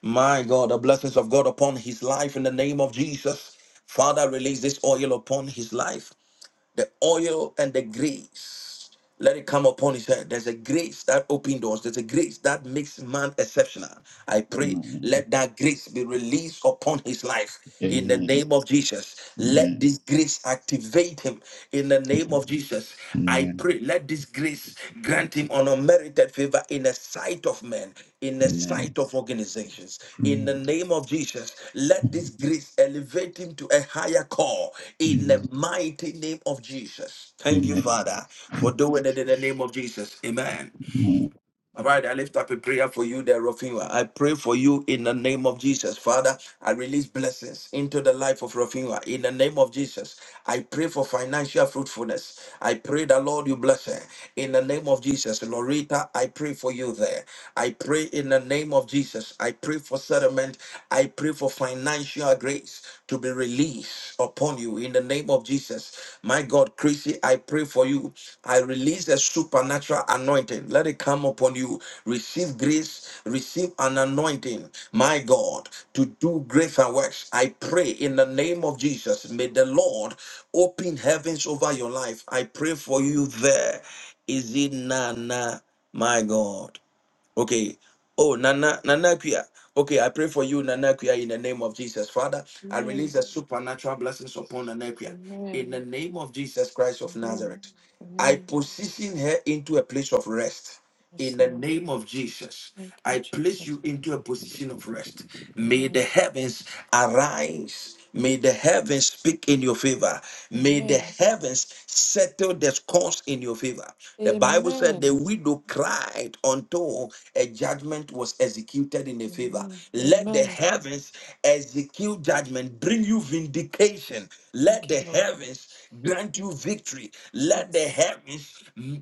A: My God, the blessings of God upon his life in the name of Jesus. Father, release this oil upon his life. The oil and the grace. Let it come upon his head. There's a grace that opens doors. There's a grace that makes man exceptional. I pray,
O: Amen.
A: let that grace be released upon his life in the
O: Amen.
A: name of Jesus. Let
O: Amen.
A: this grace activate him in the name of Jesus. I
O: Amen.
A: pray pray, let this grace grant him an unmerited favor in the sight of men, in the
O: Amen.
A: sight of organizations. In the name of Jesus, let this grace elevate him to a higher call in the mighty name of Jesus. Thank you,
O: Amen.
A: Father, for doing it in the name of Jesus. Amen.
O: Amen.
A: All right, I lift up a prayer for you there, Rafinha. I pray for you in the name of Jesus. Father, I release blessings into the life of Rafinha. In the name of Jesus, I pray for financial fruitfulness. I pray that, Lord, you bless her. In the name of Jesus, Lorita, I pray for you there. I pray in the name of Jesus. I pray for settlement. I pray for financial grace to be released upon you in the name of Jesus. My God, Chrissy, I pray for you. I release a supernatural anointing. Let it come upon you. Receive grace, receive an anointing, my God, to do greater works. I pray in the name of Jesus. May the Lord open heavens over your life. I pray for you there. Is it Nana, my God? Okay. Oh, Nana, Nana Pia. Okay, I pray for you, Nana Pia, in the name of Jesus. Father, I
P: Amen.
A: release the supernatural blessings upon Nana Pia. In the
P: Amen.
A: name of Jesus Christ of
P: Amen.
A: Nazareth, I
P: Amen.
A: position her into a place of rest
P: Yes,
A: in the
P: Lord.
A: name of Jesus,
P: Thank you,
A: I place
P: Jesus.
A: you into a position of rest. May the
P: Amen.
A: heavens arise. May the heavens speak in your favor. May the
P: Amen.
A: heavens settle the scores in your favor. The Bible said the
P: Amen.
A: widow cried until a judgment was executed in her favor.
P: Amen.
A: Let the
P: Amen.
A: heavens execute judgment, bring you vindication. Let
P: Thank you,
A: the
P: Lord.
A: heavens grant you
P: Thank
A: victory.
P: you.
A: Let the
P: Yes.
A: heavens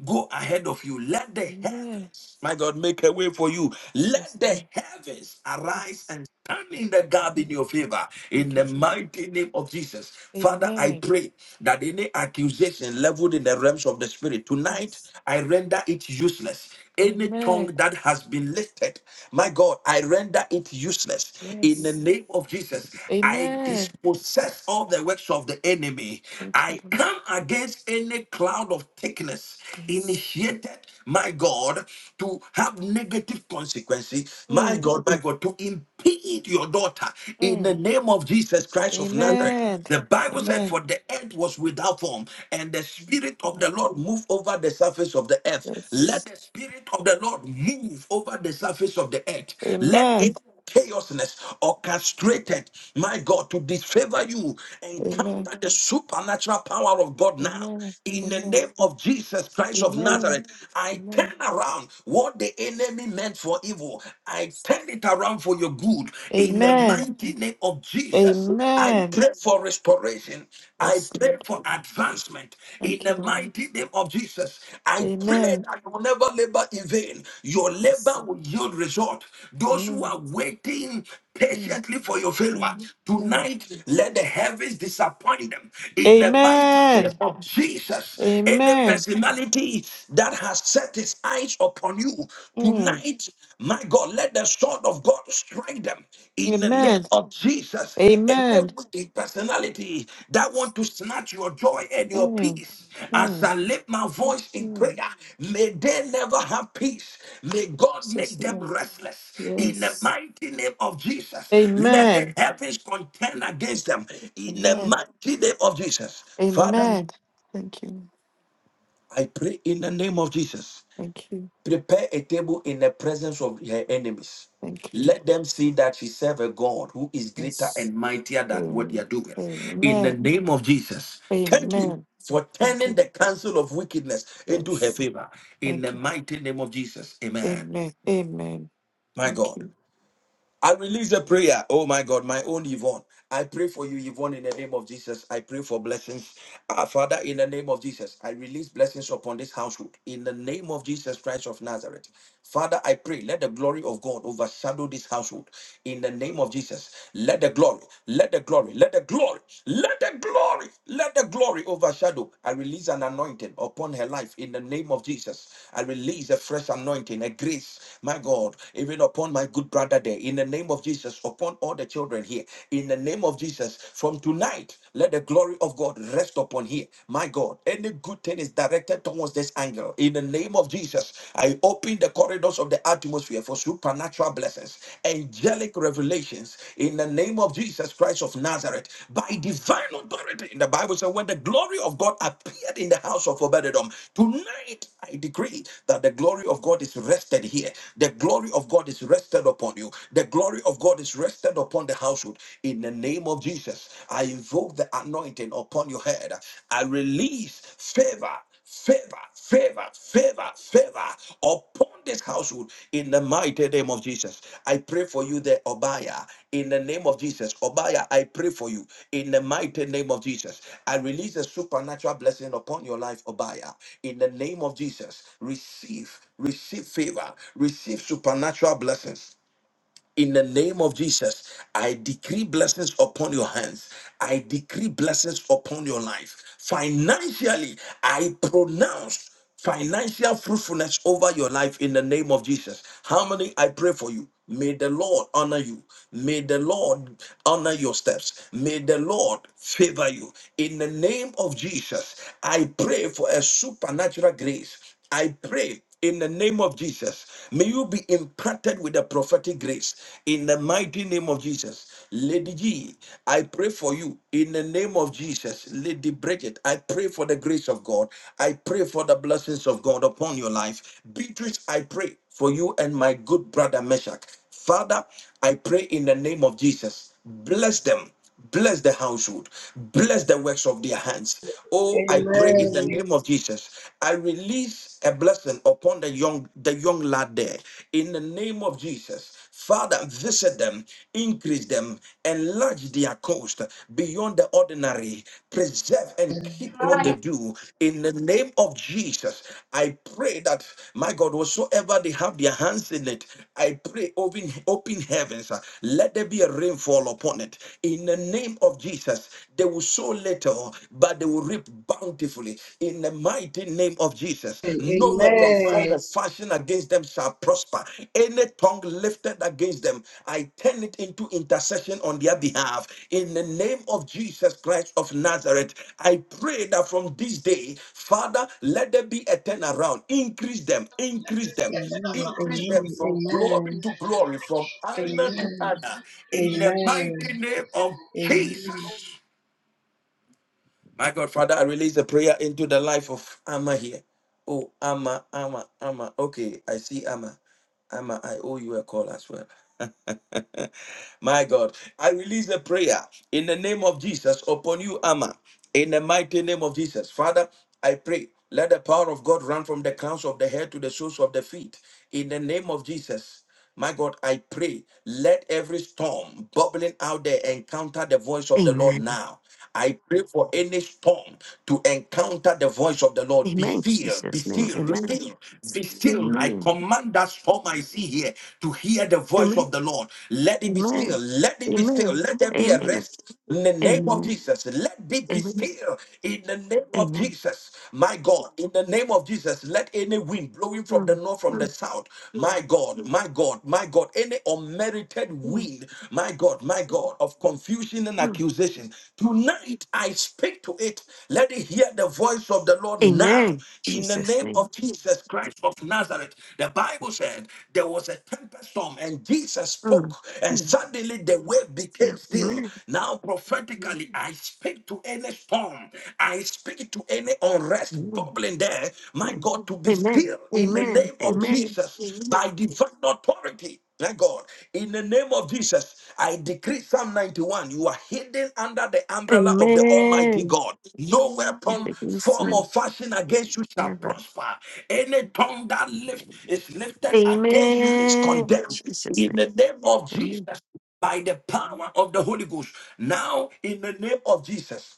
A: go ahead of you. Let the
P: Amen.
A: heavens, my God, make a way for you.
P: Yes,
A: Let the
P: Lord.
A: heavens arise
P: Yes.
A: and stand in the gap in
P: Thank you.
A: your
P: Je-
A: favor in
P: Thank you,
A: the mighty
P: Jesus.
A: name of Jesus. Father, I
P: Amen.
A: pray that any accusation leveled in the realms of the spirit tonight,
P: Yes.
A: I render it useless. Any tongue
P: Amen.
A: that has been lifted, my God, I render it useless. In the
P: Yes.
A: name of Jesus, I
P: Amen.
A: dispossess all the works of the enemy.
P: Thank you,
A: I
P: Lord.
A: come against any cloud of thickness
P: Yes.
A: initiated, my God, to have negative consequences tendency, my
P: Mm.
A: God, my God, to impede your daughter in the
P: Mm.
A: name of Jesus Christ of Nazareth.
P: Amen.
A: The Bible said, For
P: Amen.
A: the earth was without form, and the Spirit of
P: Mm.
A: the Lord moved over the surface of the earth.
P: Yes.
A: Let the Spirit of the Lord move over the surface of the earth. Let
P: Amen.
A: it chaosness orchestrated, my God, to disfavor you.
P: Amen.
A: Encounter the supernatural power of God now.
P: Amen.
A: In the
P: Amen.
A: name of Jesus Christ of
P: Amen.
A: Nazareth, I
P: Amen.
A: turn around what the enemy meant for evil. I turn it around for your good. In the
P: Amen.
A: mighty name of Jesus, I
P: Amen.
A: pray for restoration. I
P: Yes,
A: pray
P: Lord.
A: for advancement. In
P: Thank you,
A: the
P: Lord.
A: mighty name of Jesus, I pray
P: Amen.
A: that you will never labor in vain. Your
P: Yes.
A: labor will yield result. Those who
P: Amen.
A: are waiting
P: Mm,
A: patiently for your failure,
P: mm, mm.
A: tonight let the heavens disappoint them. In the mighty name
P: Amen.
A: of Jesus, any
P: Amen.
A: personality that has set his eyes upon you,
P: Mm.
A: tonight, my God, let the sword of God strike them in the name
P: Amen.
A: of Jesus. And
P: Amen.
A: every personality that want to snatch your joy and your
P: Mm.
A: peace, as
P: Mm.
A: I lift my voice in prayer,
P: Mm.
A: may they never have peace. May God make
P: Jesus
A: them
P: name.
A: restless in the
P: Yes.
A: mighty name of Jesus. Let the
P: Amen.
A: heavens contend against them in the
P: Amen.
A: mighty name of Jesus. Father,
P: Amen. Thank you.
A: I pray in the name of Jesus.
P: Thank you.
A: Prepare a table in the presence of her enemies.
P: Thank you.
A: Let them see that she serve a God who is greater
P: Yes.
A: and mightier than what
P: Am-
A: they are doing. In the
P: Amen.
A: name of Jesus, thank you
P: Amen.
A: for
P: Thank
A: turning
P: you.
A: the counsel of wickedness into her
P: Yes.
A: favor. In
P: Thank
A: the
P: you.
A: mighty name of Jesus, amen.
P: Amen. Amen.
A: My
P: Thank
A: God.
P: you.
A: I release a prayer. Oh my God, my own Yvonne. I pray for you, Yvonne, in the name of Jesus. I pray for blessings. Ah, Father, in the name of Jesus, I release blessings upon this household. In the name of Jesus Christ of Nazareth. Father, I pray, let the glory of God overshadow this household. In the name of Jesus, let the glory, let the glory, let the glory, let the glory, let the glory overshadow. I release an anointing upon her life in the name of Jesus. I release a fresh anointing, a grace, my God, even upon my good brother there here in the name of Jesus upon all the children here in the name of Jesus from tonight let the glory of God rest upon here my God any good thing is directed towards this angle in the name of Jesus I open the corridors of the atmosphere for supernatural blessings angelic revelations in the name of Jesus Christ of Nazareth by divine authority in the Bible says when the glory of God appeared in the house of Obededom tonight I decree that the glory of God is rested here the glory of God is rested upon upon you. The glory of God is rested upon the household. In the name of Jesus, I invoke the anointing upon your head. I release favor favor, favor, favor, favor upon this household in the mighty name of Jesus. I pray for you there, Obaya, in the name of Jesus. Obaya, I pray for you in the mighty name of Jesus. I release a supernatural blessing upon your life, Obaya, in the name of Jesus. Receive, receive favor, receive supernatural blessings in the name of Jesus, I decree blessings upon your hands. I decree blessings upon your life. Financially, I pronounce financial fruitfulness over your life in the name of Jesus. How many I pray for you? May the Lord honor you. May the Lord honor your steps. May the Lord favor you. In the name of Jesus, I pray for a supernatural grace. I pray in the name of Jesus. May you be impacted with the prophetic grace in the mighty name of Jesus. Lady G, I pray for you in the name of Jesus. Lady Bridget, I pray for the grace of God. I pray for the blessings of God upon your life. Beatrice, I pray for you and my good brother Meshach. Father, I pray in the name of Jesus. Bless them. Bless the household. Bless the works of their hands. Oh, I pray in the
Q: Amen.
A: name of Jesus. I release a blessing upon the young, the young lad there. In the name of Jesus. Father, visit them, increase them, enlarge their coast beyond the ordinary, preserve and keep what they
Q: Amen.
A: do. In the name name of Jesus, I pray that, my God, whatsoever they have their hands in it, I pray, open, open heavens, uh, let there be a rainfall upon it. In the name of Jesus, they will sow little, but they will reap bountifully. In the mighty name of Jesus,
Q: Amen.
A: no weapon formed
Q: Amen.
A: of fashion against them shall prosper. Any tongue lifted against them, I turn it into intercession on their behalf. In the name of Jesus Christ of Nazareth, I pray that from this day, Father, let there be a turnaround. Increase them, increase them, increase them
Q: Amen.
A: from
Q: Amen.
A: glory to glory, from honor to
Q: Amen.
A: honor. In the
Q: Amen.
A: mighty name of Jesus. My God, Father, I release a prayer into the life of Amma here. Oh, Amma, Amma, Amma. Okay, I see Amma. Amma, I owe you a call as well. My God, I release a prayer in the name of Jesus upon you, Amma. In the mighty name of Jesus. Father, I pray, let the power of God run from the crowns of the head to the soles of the feet. In the name of Jesus. My God, I pray, let every storm bubbling out there encounter the voice of the Lord
R: Amen.
A: now. I pray for any storm to encounter the voice of the Lord. Be
R: Amen.
A: still, be
R: Jesus' name.
A: still, be
R: Amen.
A: still, be still. I
R: Amen.
A: command that storm I see here to hear the voice
R: Amen.
A: of the Lord. Let it be still,
R: Amen.
A: let it be
R: Amen.
A: still, let there be a
R: Amen.
A: rest in the name of
R: Amen.
A: Jesus. Let it be
R: Amen.
A: still in the name of
R: Amen.
A: Jesus. My God, in the name of Jesus, let any wind blowing from the
R: Mm,
A: north, from the
R: mm,
A: south, my God, my my God, my God, any unmerited
R: mm,
A: weed, my God, my God, of confusion and
R: mm.
A: accusation. Tonight I speak to it. Let it hear the voice of the Lord now.
R: Amen.
A: In the
R: Jesus'
A: name
R: name.
A: of Jesus Christ of Nazareth, the Bible said there was a tempest storm and Jesus spoke
R: Mm,
A: and
R: mm.
A: suddenly the wave
R: Yeah.
A: became still.
R: Amen.
A: Now prophetically, I speak to any storm. I speak to any unrest
R: Amen.
A: bubbling there, my God, to be
R: Amen.
A: still in the
R: Amen.
A: name of
R: Amen.
A: Jesus by divine authority. My God, in the name of Jesus, I decree Psalm 91 you are hidden under the umbrella of the Almighty
R: Amen.
A: God. No
R: Come
A: weapon,
R: against
A: form,
R: me.
A: or fashion against you shall
R: Never.
A: prosper. Any tongue that lift, is lifted against you is
R: Amen.
A: condemned.
R: Jesus'
A: In the
R: name.
A: name of
R: Amen.
A: Jesus, by the power of the Holy Ghost. Now, in the name of Jesus.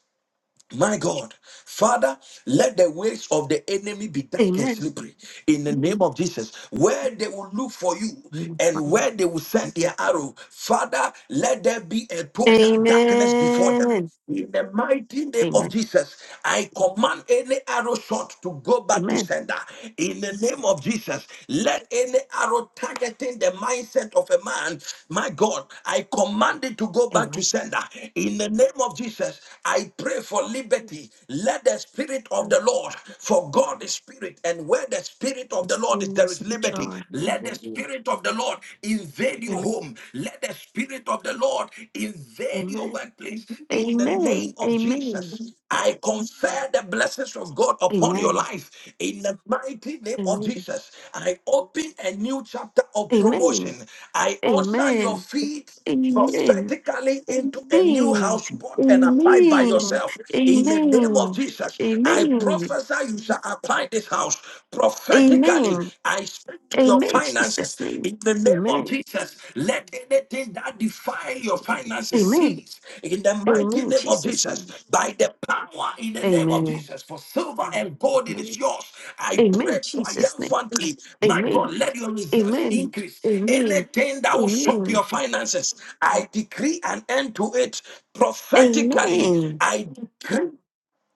A: My God, Father, let the ways of the enemy be dark and
R: Amen.
A: slippery in the name of Jesus. Where they will look for you and
R: Amen.
A: where they will send their arrow, Father, let there be a total darkness before them.
R: Amen.
A: In the mighty name
R: Amen.
A: of Jesus, I command any arrow shot to go back to
R: Amen.
A: sender. In the name of Jesus, let any arrow target affecting the mindset of a man, my God, I command it to go back to
R: Amen.
A: sender. In the name of Jesus, I pray for liberty. Let the spirit of
R: Mm,
A: the Lord, for God is spirit, and where the spirit of the
R: As
A: Lord is,
R: soon
A: there
R: as
A: is liberty.
R: joy.
A: Let the
R: Amen.
A: spirit of the Lord invade your
R: Amen.
A: home. Let the spirit of the Lord invade your
R: Amen.
A: workplace. In the name
R: Amen.
A: of Jesus.
R: Amen.
A: I confer the blessings of God upon your
R: Amen.
A: life in the mighty name
R: Amen.
A: of
R: Amen.
A: Jesus. I open a new chapter of promotion.
R: Amen.
A: I usher your
R: Amen.
A: feet
R: Amen. Amen.
A: prophetically into a new house bought and applied by yourself in the name of jesus
R: Amen.
A: i
R: Amen.
A: prophesy you shall apply this house prophetically
R: Amen.
A: i speak to your
R: Amen.
A: finances
R: Jesus' name.
A: in the name of
R: Amen.
A: Jesus, let anything that defile your finances
R: Amen.
A: cease. In the mighty
R: Amen.
A: name of
R: Jesus' name.
A: Jesus, by the power in the name of
R: Amen.
A: Jesus, for silver and gold it is
R: Amen.
A: yours. I
R: Amen.
A: pray
R: Jesus' name.
A: triumphantly, my
R: Amen.
A: God, let your reserves
R: Amen.
A: increase.
R: Amen.
A: Anything that will shock
R: Amen.
A: your finances, I decree an end to it prophetically.
R: Amen.
A: I decree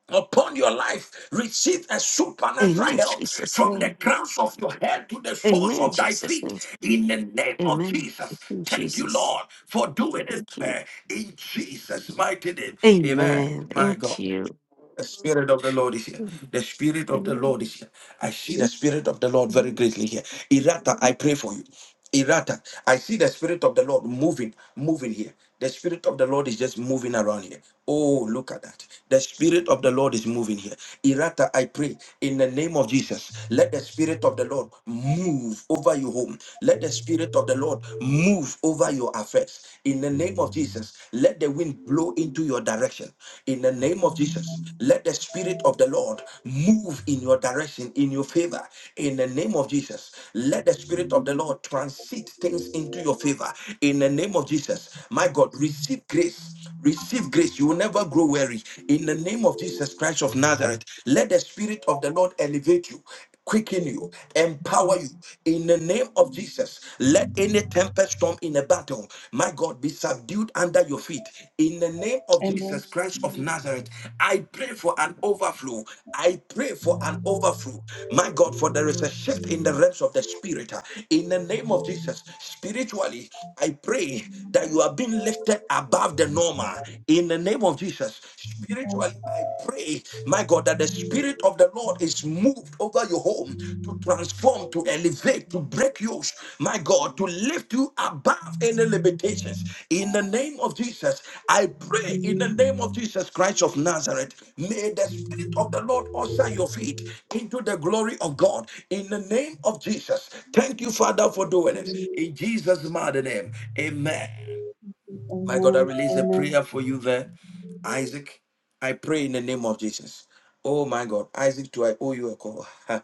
A: upon your life. Receive a supernatural
R: Amen.
A: help
R: Jesus'
A: from the
R: name.
A: crowns of your head to the soles
R: Amen.
A: of thy
R: Jesus'
A: feet
R: name.
A: in the name of
R: Amen.
A: Jesus.
R: Thank you,
A: Thank you,
R: Jesus.
A: Lord, for doing this.
R: Thank
A: for
R: you.
A: her. In Jesus' mighty name. Amen.
R: Amen.
A: My God.
R: Thank you.
A: The Spirit of the Lord is here. The Spirit of the
R: Amen.
A: Lord is here. I see the Spirit of the Lord
R: Amen.
A: very greatly here. Irata, I pray for you. Irata, I see the Spirit of the Lord moving, moving here. The Spirit of the Lord is just moving around here. Oh, look at that. The Spirit of the Lord is moving here. Irata, I pray in the name of Jesus, let the Spirit of the Lord move over your home. Let the Spirit of the Lord move over your affairs. In the name of Jesus, let the wind blow into your direction. In the name of Jesus, let the Spirit of the Lord move in your direction, in your favor. In the name of Jesus, let the Spirit of the Lord transit things into your favor. In the name of Jesus, my God, receive grace. Receive grace. You will never grow weary. In the name of Jesus Christ of Nazareth, let the Spirit of the Lord elevate you quicken you, empower you in the name of Jesus. Let any tempest storm in a battle, my God, be subdued under your feet in the name of
S: Amen.
A: Jesus Christ of Nazareth. I pray for an overflow. I pray for an overflow, my God, for there is a shift in the realms of the spirit uh, in the name of Jesus. Spiritually, I pray that you are being lifted above the normal in the name of Jesus
S: Amen.
A: Spiritually, I pray, my God, that the Spirit of the Lord is moved over your home to transform, to elevate, to break yokes, my God, to lift you above any limitations. In the name of Jesus, I pray in the name of Jesus Christ of Nazareth, may the Spirit of the Lord usher your feet into the glory of God. In the name of Jesus, thank you, Father, for doing it. In Jesus' mighty name, amen. My God, I
S: Amen.
A: release a
S: Amen.
A: prayer for you there. Isaac, I pray in the name of Jesus. Oh my God, Isaac, do I owe you a call?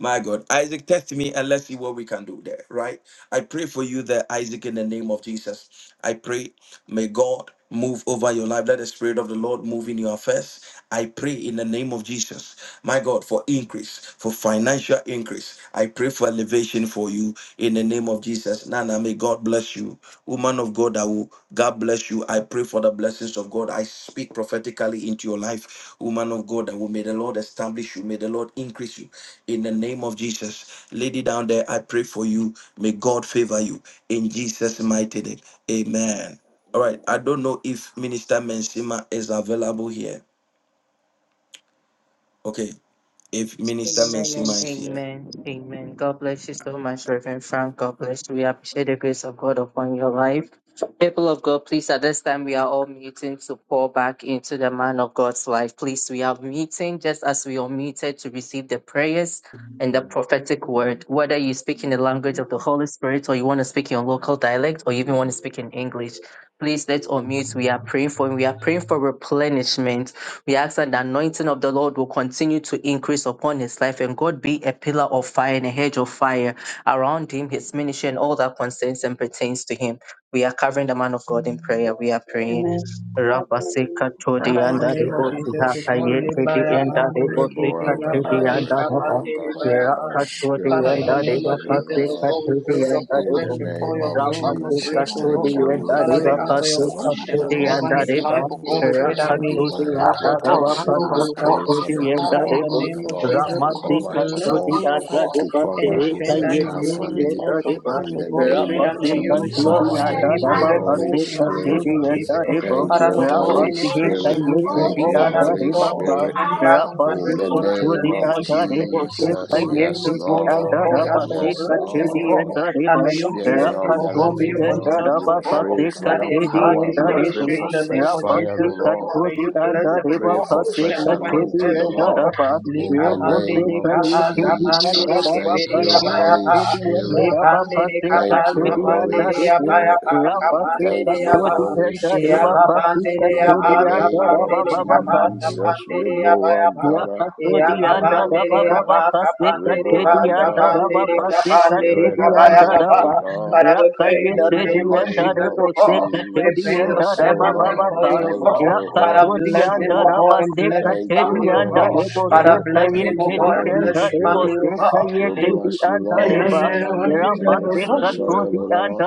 A: my God, Isaac, test me and let's see what we can do there, right? I pray for you there, Isaac, in the name of Jesus. I pray, may God move over your life. Let the Spirit of the Lord move in your affairs. I pray in the name of Jesus, my God, for increase, for financial increase. I pray for elevation for you in the name of Jesus. Nana, may God bless you. Woman of God, I will God bless you. I pray for the blessings of God. I speak prophetically into your life. Woman of God, I will may the Lord establish you. May the Lord increase you in the name of Jesus. Lady down there, I pray for you. May God favor you in Jesus' mighty name. Amen. All right. I don't know if Minister Mensima is available here. Okay. If Minister
F: Amen and
A: Mensima is here.
F: amen. Amen. God bless you so much, Reverend Frank. God bless you. We appreciate the grace of God upon your life. People of God, please, at this time, we are all meeting to pour back into the man of God's life. Please, we are meeting just as we are meted to receive the prayers and the prophetic word. Whether you speak in the language of the Holy Spirit or you want to speak in your local dialect or you even want to speak in English, please let's unmute. We are praying for, we are praying for replenishment we ask that the anointing of the Lord will continue to increase upon his life and God be a pillar of fire and a hedge of fire around him, his ministry, and all that concerns and pertains to him. We are covering the man of God in prayer. We are praying.
S: Amen. God
F: Rapa
S: bless you.
F: to the
Q: Father, in the
T: Thank
F: anda
Q: name
T: you,
Q: of
F: rebo
T: Holy
Q: Jesus,
F: siha
Q: we call
F: kaye
S: Let's
T: Spirit.
F: to
S: go back
F: the
Q: Libaya
S: to
F: enda
Q: Pandele
F: rebo seka
Q: Kipira
F: to the
T: Reboandara,
F: anda
Q: Palika
F: raba.
Q: Pandele
T: Reboandara,
Q: Bayaka.
T: the
F: Raka to the
T: Spirit
Q: Father, in the
F: enda
T: of the
Q: name
F: reba
Q: of
F: pa
T: Living
Q: Jesus, O
F: seka
T: God.
Q: God, we
F: to the
Q: put
P: Father,
Q: your
F: anda
T: In
Q: prophet
T: the
F: rebo.
S: you.
Q: before
T: name
Q: your
T: of
Q: throne of
F: Ramasi
S: It's
Q: grace,
T: Jesus,
Q: O God.
T: thank
F: Katudi
T: you.
F: and
T: We
Q: Father, we
F: Dariba
T: bring
Q: ask
T: your
Q: for your
F: Pasi
T: servant
Q: unction, O
P: we
F: Katudi
T: before
Q: God,
F: and
Q: over
T: thee.
Q: his
P: release your
Q: life,
F: Dariba
Q: O
T: We
Q: God.
P: anointing
Q: We pray
T: pray
P: upon
Q: that
T: for
Q: may
P: Prophet
Q: his
F: Rakatudi
P: and our
T: divine
Q: cup,
F: and
Q: O
P: friend
Q: God,
F: Daraba
P: Imagine
Q: run
T: protection.
Q: over,
F: Pasi
T: We
Q: O
P: life
Q: God.
T: pray
P: and his
T: for the
F: Katudi
P: family.
F: and
Q: Father,
P: Father,
Q: in
P: we
T: power
Q: the
T: of
P: pray
F: Daribu
Q: name
T: the
P: for
Q: of
P: your
T: Lord
P: mercy
T: to
Q: Jesus,
P: and
Q: O
P: your
F: Ramasi
Q: God,
P: grace
T: cover
P: upon
T: his
Q: bless
P: him.
S: around
F: Katudi
Q: him,
T: home,
Q: O
F: and
P: Father,
Q: God.
T: to
P: soak
F: Dariba
P: him with the
Q: Any
T: cover
P: blood
T: his
F: Sehika
Q: strength
P: of
Q: that he
T: entire
P: Jesus.
F: Yetudi
Q: loses
P: Anoint him
F: and
T: family.
P: with
Q: because of
P: your
F: Dariba
P: word
Q: us,
T: In
Q: O
T: the
Q: God,
P: everywhere
Q: we
P: that
T: name
Q: pray
P: you
Q: that
P: go.
T: of
Q: may
F: Rapasi
P: Lord.
Q: you
S: you. You can
Q: restore
F: Katudi
S: do
P: Father,
T: Jesus,
S: it
Q: unto
S: and you
F: and
P: feed
S: can
P: him
S: do
Q: him
T: thank
P: with
T: you,
S: it.
P: your
F: Daraba
P: blood. Feed
T: Holy
Q: hundredfold
P: him
F: Pasi
P: with
Q: in
P: your
Q: the
P: grace.
F: Katudi
T: Spirit.
Q: name
P: Let your
Q: of
F: and
Q: Jesus.
P: mercy be
F: Daribu
P: upon
T: Thank
P: him.
Q: Father,
T: you,
Q: Lord God,
P: Let
T: Holy
P: your
Q: any
F: Rapasi
P: mercy
F: Hika
Q: strength
T: Spirit.
Q: in
P: abound and give
Q: delayed,
P: him
Q: oh
P: the
T: Thank
F: Yetudi
Q: God,
S: can do
T: you,
S: it.
F: and
P: receiving
Q: Father,
P: spirit,
T: Holy
P: the
Q: restore
F: Dariba
S: Everything is
P: spirit
Q: unto
P: of
T: Spirit.
Q: him
S: learning to
P: grace,
Q: back
P: the
Q: a
S: find out
T: In the
P: spirit
S: everything
Q: hundredfold
P: of
Q: in the
T: name
F: Rapasukuchudi
Q: name
P: abundance,
T: of
Q: of
F: and
P: spirit
F: the
P: of
Q: Jesus.
S: you are
Q: We
P: abundance,
F: river,
S: out of
P: spirit
T: Jesus,
Q: soak
S: the
P: of
Q: him
S: pool
T: yes,
F: Payeti
Q: before
P: abundance
Q: you,
F: and
Q: oh
F: the
Q: God. We
P: the
T: Lord,
Q: ask
F: Rabba,
Q: for
P: mighty
S: in
Q: your
S: the
P: name
T: yes,
P: of
S: name of
Q: blessing,
P: Jesus,
Q: oh
F: Sikatidi
Q: God.
S: Jesus.
F: and
T: Lord.
P: we
F: the
P: from
Q: And
P: the
F: river,
Q: may you
P: crown of
S: Blessing
P: his
S: is
Q: bless
T: Spirit
P: head,
Q: him,
T: of
S: in
Q: oh
T: the
S: the
P: The
Q: God. May
F: Rakatudi
S: grace
T: living
Q: you
P: was of
S: of
F: and
S: the
P: his
F: the
T: God,
Q: continue
T: we
Q: to
F: Rabba,
P: footstep,
Q: go.
T: pray
P: Father, we
T: for
Q: That
S: King.
T: your
Q: he
P: pray for
F: Pasikatidi
P: him.
Q: enlarge
T: power.
F: and
Q: his
T: We
P: Yes,
F: the
P: I
T: pray
Q: ministry
F: river,
P: have
Q: in
T: for
P: not
Q: the
P: seen
T: fresh
Q: name
P: the
Q: of
P: Lord, but
T: fire,
Q: Jesus,
T: O
P: we will
Q: oh
P: not
T: Lord.
Q: God.
P: let
Q: May
P: his
Q: you
F: Rapasikatudi
P: be
F: and
S: Bless
Q: bless
S: you.
T: We
F: the
P: upon
Q: him
P: him.
Q: with
S: Bless
F: river,
T: pray
Q: more
S: you.
T: for
P: Father,
Q: unction
T: fresh
P: in
Q: over his
F: Pasikatidi
Q: head,
T: anointing, O
Q: oh
F: and the
T: Lord.
Q: God.
F: Rabba,
T: In
Q: Lika
T: the
Q: pande,
T: name of
Q: lika
F: Repusikayeti
Q: pa,
F: and
Q: zapande,
F: the
T: Jesus,
Q: leke,
F: Rabba,
T: thank
Q: bere,
T: you,
Q: abaya,
T: Holy
Q: pa.
F: Pasikatidi and the
T: Spirit.
F: Rabba,
Q: Lepande, lika pa,
T: Thank you,
F: Pasikatidi and
Q: zapande,
T: Holy
F: the river,
Q: abaya,
T: Spirit.
Q: pa kapandere
T: Thank you,
F: Rapasikatudi
T: Holy
F: and the
T: Spirit.
F: river, Pasikatidi
T: In the
F: and
T: name
F: the
T: of
F: Rabba,
T: Jesus,
F: Rabba,
T: Riboambara, Riboambara, Riboambara, the Spirit of the Living God.
Q: Father, we pray in the
T: In the
Q: name of
T: name
Q: Jesus,
T: of
Q: O God. We bring your
T: Jesus, O
Q: servant
T: Lord,
Q: before you, O
T: thank
Q: God.
T: you,
Q: Father,
T: Holy
Q: bless him, O
T: Spirit.
Q: God, and bless his
T: Thank you,
Q: family, O God.
T: Holy
S: Bless
Q: Father,
T: Spirit.
Q: bless
S: you.
Q: him,
T: Thank
Q: O
S: Bless
T: you,
Q: God, and
T: Holy
Q: bless his family,
T: Spirit.
Q: O God.
T: We
S: you.
T: bless you,
Q: in the
T: Lord. Father,
Q: name of
T: anoint him with
Q: Jesus,
S: Bless
T: fresh
Q: O God.
T: oil, O
S: you.
T: Lord.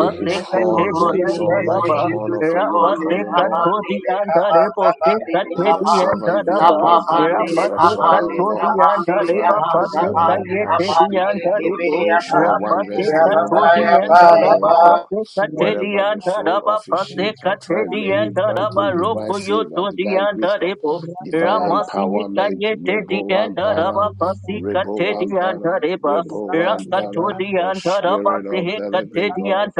S: Bless you. Bless
T: his
Q: bless
S: you.
Q: him, O
S: Bless
T: horns
S: you.
Q: God, in the
T: exalt
Q: name of
T: like a horn
Q: Jesus,
T: of
Q: O
T: a
Q: God.
S: with the
Q: Le
S: things that we have to do. Bless you. with the things that we
T: unicorn, O
Q: kaba,
T: Lord.
S: have to
Q: le
S: do.
Q: le kaba, kaba, le le
T: May your
Q: kaba.
T: servant be
Q: Kaba,
T: anointed
Q: bande,
T: with
Q: le
T: fresh
F: Rapase
Q: kaba,
T: oil,
Q: le
T: O
F: katori
T: Lord.
Q: kaba, le
F: anda
Q: le
F: re
T: Father,
Q: yaba,
F: bapase
T: preserve
Q: zaba,
T: him.
Q: le
F: kaye
T: I
F: te
Q: kaba,
F: di
Q: le
T: speak
Q: le
F: anda re
Q: kebe,
F: bo.
Q: yaba.
T: Joshua 1
F: Rapase
T: verse 3
Q: Yaba, ba,
T: over
F: katori
T: his
Q: yaba,
F: anda
T: destiny,
F: ra
T: O
Q: yaba.
T: God.
F: bapase kate di
T: Wherever the
F: anda ra
T: soul of his
F: bapase
T: sheep shall
F: kate
T: tread,
F: di
T: may you
F: anda ra
T: grant
F: ba
T: him divine
F: roko yo
T: favor,
F: to di
T: divine
F: anda re
T: wisdom,
F: bo.
T: divine
F: Ramasi
T: empowerment.
F: kaye te di
T: Rebel one
F: anda ra
T: bara,
F: bapase
T: rebel
F: kate di anda
T: bara,
F: re ba.
T: rebel
F: Rakato
T: bara.
F: di
T: The
F: anda ra
T: spirit of
F: bapase
T: the
F: kate
T: living
F: di
T: God.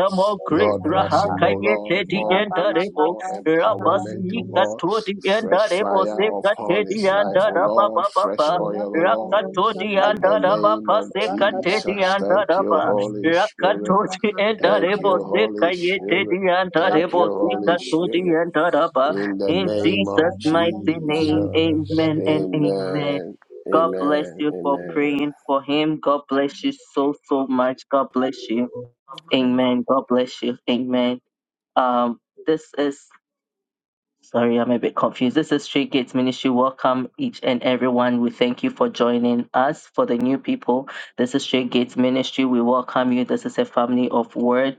F: grace
T: Lord bless
F: raha
T: him, oh
F: kaye te
T: Lord,
F: di
T: more
S: Rabba
F: anda
T: grace,
S: Baba
T: more
S: Baba Sakala
T: empowerment,
F: Rabasi
T: oh
S: Mimi
T: God.
S: Sakia
F: katodi anda
T: Fresh
F: rebo
T: fire
F: se
S: Baba
T: upon
F: katedi
T: his life,
F: anda
T: oh
S: Sakala
F: raba
T: Lord,
F: ba ba
T: fresh
F: ba.
T: oil, oh Lord.
S: Rakadano
F: Rakatodi
T: In
F: anda
T: the
S: Sakadani,
F: raba
T: name
F: pa
T: of
F: se katedi
S: Rakadano
T: Jesus,
F: anda
T: thank you,
F: raba.
T: Holy
S: Sakadana,
T: Spirit.
F: Rakatodi anda
T: Thank
F: rebo
T: you,
F: se
T: Holy
F: kayetedi
T: Spirit.
F: anda
T: Thank
F: rebo
T: you,
F: se
T: Holy
F: katodi
T: Spirit.
F: anda raba.
T: In the
F: In
T: name
F: Jesus'
T: of
F: mighty name,
T: Jesus,
F: amen and amen.
T: amen.
F: God bless
T: Amen.
F: you for
T: Amen.
F: praying for him. God bless you so, so much. God bless you.
P: the name of
F: Amen. God bless you. Amen. Um, this is Sorry, I'm a bit confused. This is Street Gates Ministry. Welcome each and everyone. We thank you for joining us. For the new people, this is Street Gates Ministry. We welcome you. This is a family of word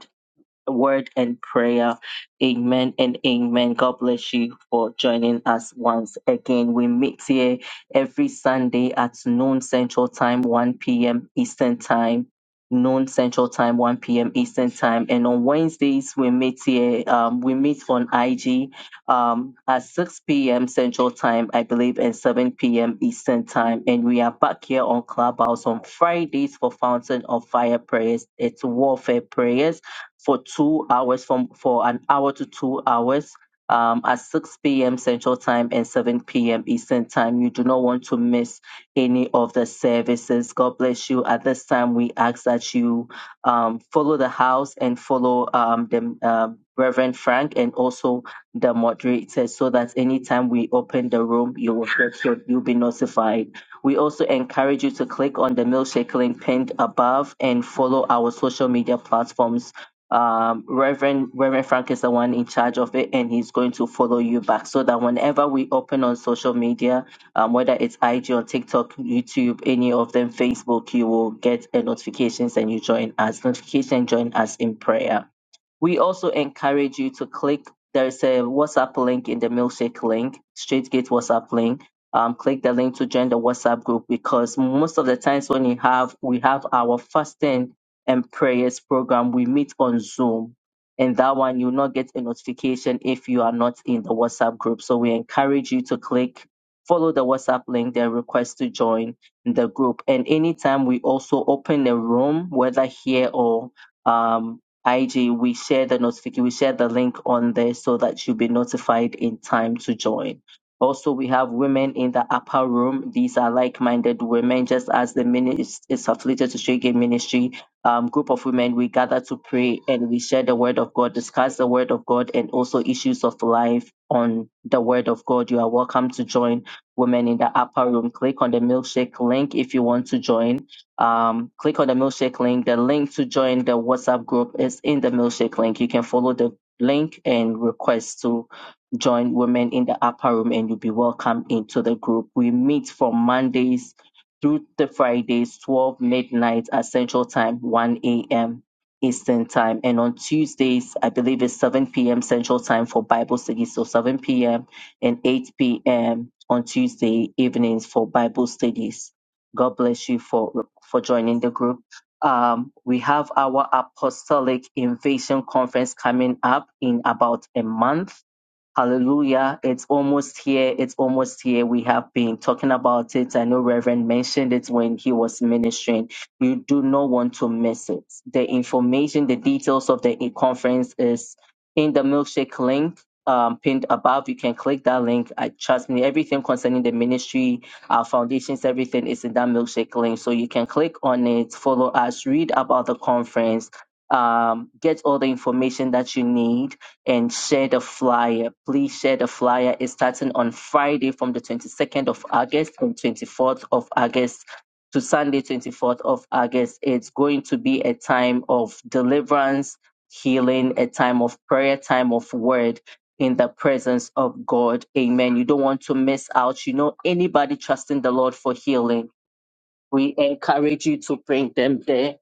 F: word and prayer. Amen and amen. God bless you for joining us once again. We meet here every Sunday at noon Central Time, 1 p.m. Eastern Time. Noon Central Time, 1 p.m. Eastern Time. And on Wednesdays, we meet here. Um, we meet on IG um, at 6 p.m. Central Time, I believe, and 7 p.m. Eastern Time. And we are back here on Clubhouse on Fridays for Fountain of Fire prayers. It's warfare prayers for two hours from for an hour to two hours um, at 6 p.m. Central Time and 7 p.m. Eastern Time. You do not want to miss any of the services. God bless you. At this time, we ask that you um, follow the house and follow um, the um Reverend Frank and also the moderator, so that anytime we open the room, you will get your, you'll be notified. We also encourage you to click on the milkshake link pinned above and follow our social media platforms um, Reverend Reverend Frank is the one in charge of it, and he's going to follow you back so that whenever we open on social media, um, whether it's IG or TikTok, YouTube, any of them, Facebook, you will get a notifications and you join us. Notification join us in prayer. We also encourage you to click. There's a WhatsApp link in the milkshake link, Straightgate WhatsApp link. Um, click the link to join the WhatsApp group because most of the times when you have we have our fasting and prayers program, we meet on Zoom. And that one you'll not get a notification if you are not in the WhatsApp group. So we encourage you to click, follow the WhatsApp link, then request to join the group. And anytime we also open a room, whether here or um, IG, we share the notification, we share the link on there so that you'll be notified in time to join. Also, we have women in the upper room. These are like-minded women, just as the ministry is affiliated to Straight Game Ministry. Um, group of women, we gather to pray and we share the word of God, discuss the word of God, and also issues of life on the word of God. You are welcome to join Women in the Upper Room. Click on the milkshake link if you want to join um, click on the milkshake link. The link to join the WhatsApp group is in the milkshake link. You can follow the link and request to join Women in the Upper Room, and you'll be welcome into the group. We meet from Mondays through the Fridays, 12 midnight at Central Time, 1 a.m. Eastern Time, and on Tuesdays, I believe it's 7 p.m. Central Time for Bible study. So 7 p.m. and 8 p.m. on Tuesday evenings for Bible studies. God bless you for for joining the group. Um, we have our Apostolic Invasion Conference coming up in about a month. Hallelujah. It's almost here. It's almost here. We have been talking about it. I know Reverend mentioned it when he was ministering. You do not want to miss it. The information, the details of the conference is in the milkshake link. Um, pinned above, you can click that link. I trust me, everything concerning the ministry, our foundations, everything is in that milkshake link. So you can click on it, follow us, read about the conference, um, get all the information that you need and share the flyer. Please share the flyer. It's starting on Friday from the 22nd of August and 24th of August to Sunday, 24th of August. It's going to be a time of deliverance, healing, a time of prayer, time of word in the presence of God. Amen. You don't want to miss out. You know, anybody trusting the Lord for healing we encourage you to bring them there.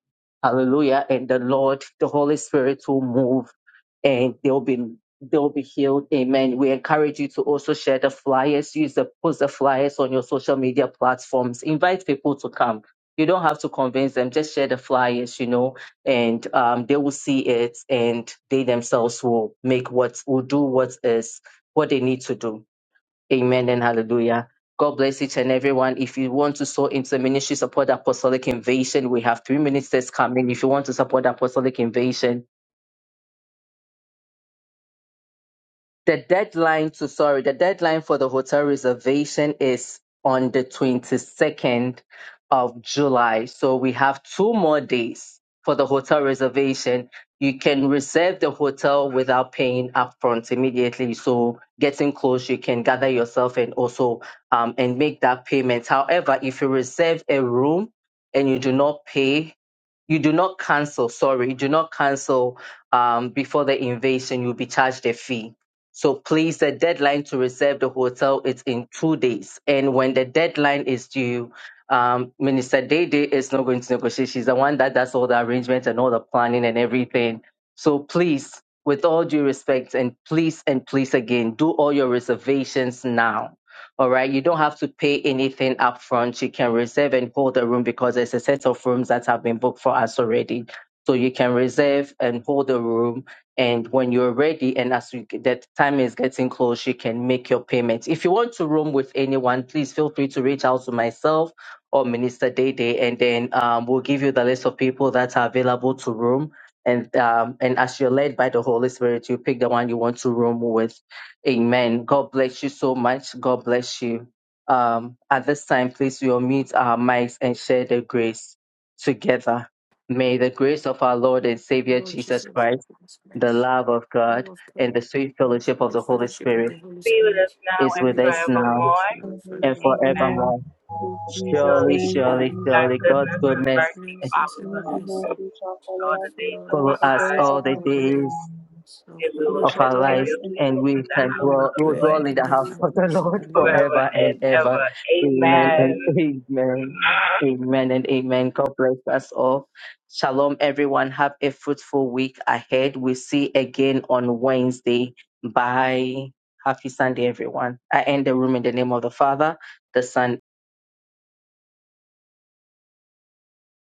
F: Hallelujah. And the Lord, the Holy Spirit will move and they'll be they'll be healed. Amen. We encourage you to also share the flyers. Use the post the flyers on your social media platforms. Invite people to come. You don't have to convince them. Just share the flyers, you know, and um, they will see it, and they themselves will make what will do what is what they need to do. Amen and hallelujah. God bless each and everyone. If you want to sow into the ministry, support Apostolic Invasion. We have three ministers coming. If you want to support Apostolic Invasion, The deadline to, sorry, the deadline for the hotel reservation is on the 22nd of July. So we have two more days for the hotel reservation. You can reserve the hotel without paying upfront immediately. So getting close, you can gather yourself and also um, and make that payment. However, if you reserve a room and you do not pay you do not cancel, sorry, you do not cancel um, before the invasion, you'll be charged a fee. So please, the deadline to reserve the hotel is in two days. And when the deadline is due, um, Minister Dede is not going to negotiate. She's the one that does all the arrangements and all the planning and everything. So please, with all due respect, and please and please again, do all your reservations now all right. You don't have to pay anything up front. You can reserve and hold the room because there's a set of rooms that have been booked for us already. So you can reserve and hold the room. And when you're ready, and as you, that time is getting close, you can make your payment. If you want to room with anyone, please feel free to reach out to myself or Minister Day and then um, we'll give you the list of people that are available to room. And um, and as you're led by the Holy Spirit, you pick the one you want to room with Amen. God bless you so much. God bless you. Um, at this time, please we will mute our mics and share the grace together. May the grace of our Lord and
P: the
F: Savior
P: Lord
F: Jesus
P: Jesus, we
F: Christ,
P: give us
F: the
P: grace.
F: love of
P: the Love
F: God,
P: of
F: and the
P: God,
F: sweet
P: yes,
F: fellowship of
P: the
F: the Holy
P: fellowship of
F: Spirit
P: the Holy
U: Be with
P: Spirit,
U: us now
F: is
P: be
U: and
F: with
P: with
F: us
P: us now
F: now
P: and
U: forevermore.
P: now and
F: and
P: forevermore.
U: Amen.
S: Forevermore,
F: forevermore.
S: in Jesus'
F: Surely,
U: Surely
S: name,
F: surely,
P: Surely,
U: God's
F: surely, God's
U: goodness
S: amen.
U: and
F: goodness
U: mercy
P: goodness
U: follows
S: Even
P: and
U: us
S: for
P: mercy
S: Matthew shall
U: all
P: shall
S: follow us
U: the days of
P: follow
F: follow
S: all
U: our
S: the
P: us
F: us
S: days
F: all
S: of
U: lives,
F: the
S: our
P: all the days
F: days
S: life,
P: of
U: and we
P: our
S: and we
U: will
P: life.
F: of
S: shall
F: our
S: dwell
F: lives,
S: in the
U: continuously
F: and
U: go
S: house
F: we
S: of
U: in the
S: the
F: can
P: We
U: house
S: Lord.
U: of
P: will
F: dwell,
U: the
F: we will
P: dwell
F: dwell
U: Lord
F: in
P: in
F: the
P: the
F: house of the
P: house of the
F: Lord
P: Lord.
U: forever
F: forever
U: and
F: and ever.
U: ever.
F: Amen and
S: Amen.
U: Amen.
F: amen. Amen and amen. God bless us all. Shalom, everyone. Have a fruitful week ahead. We see again on Wednesday. Bye. Happy Sunday, everyone. I end the room in the name of the Father, the Son,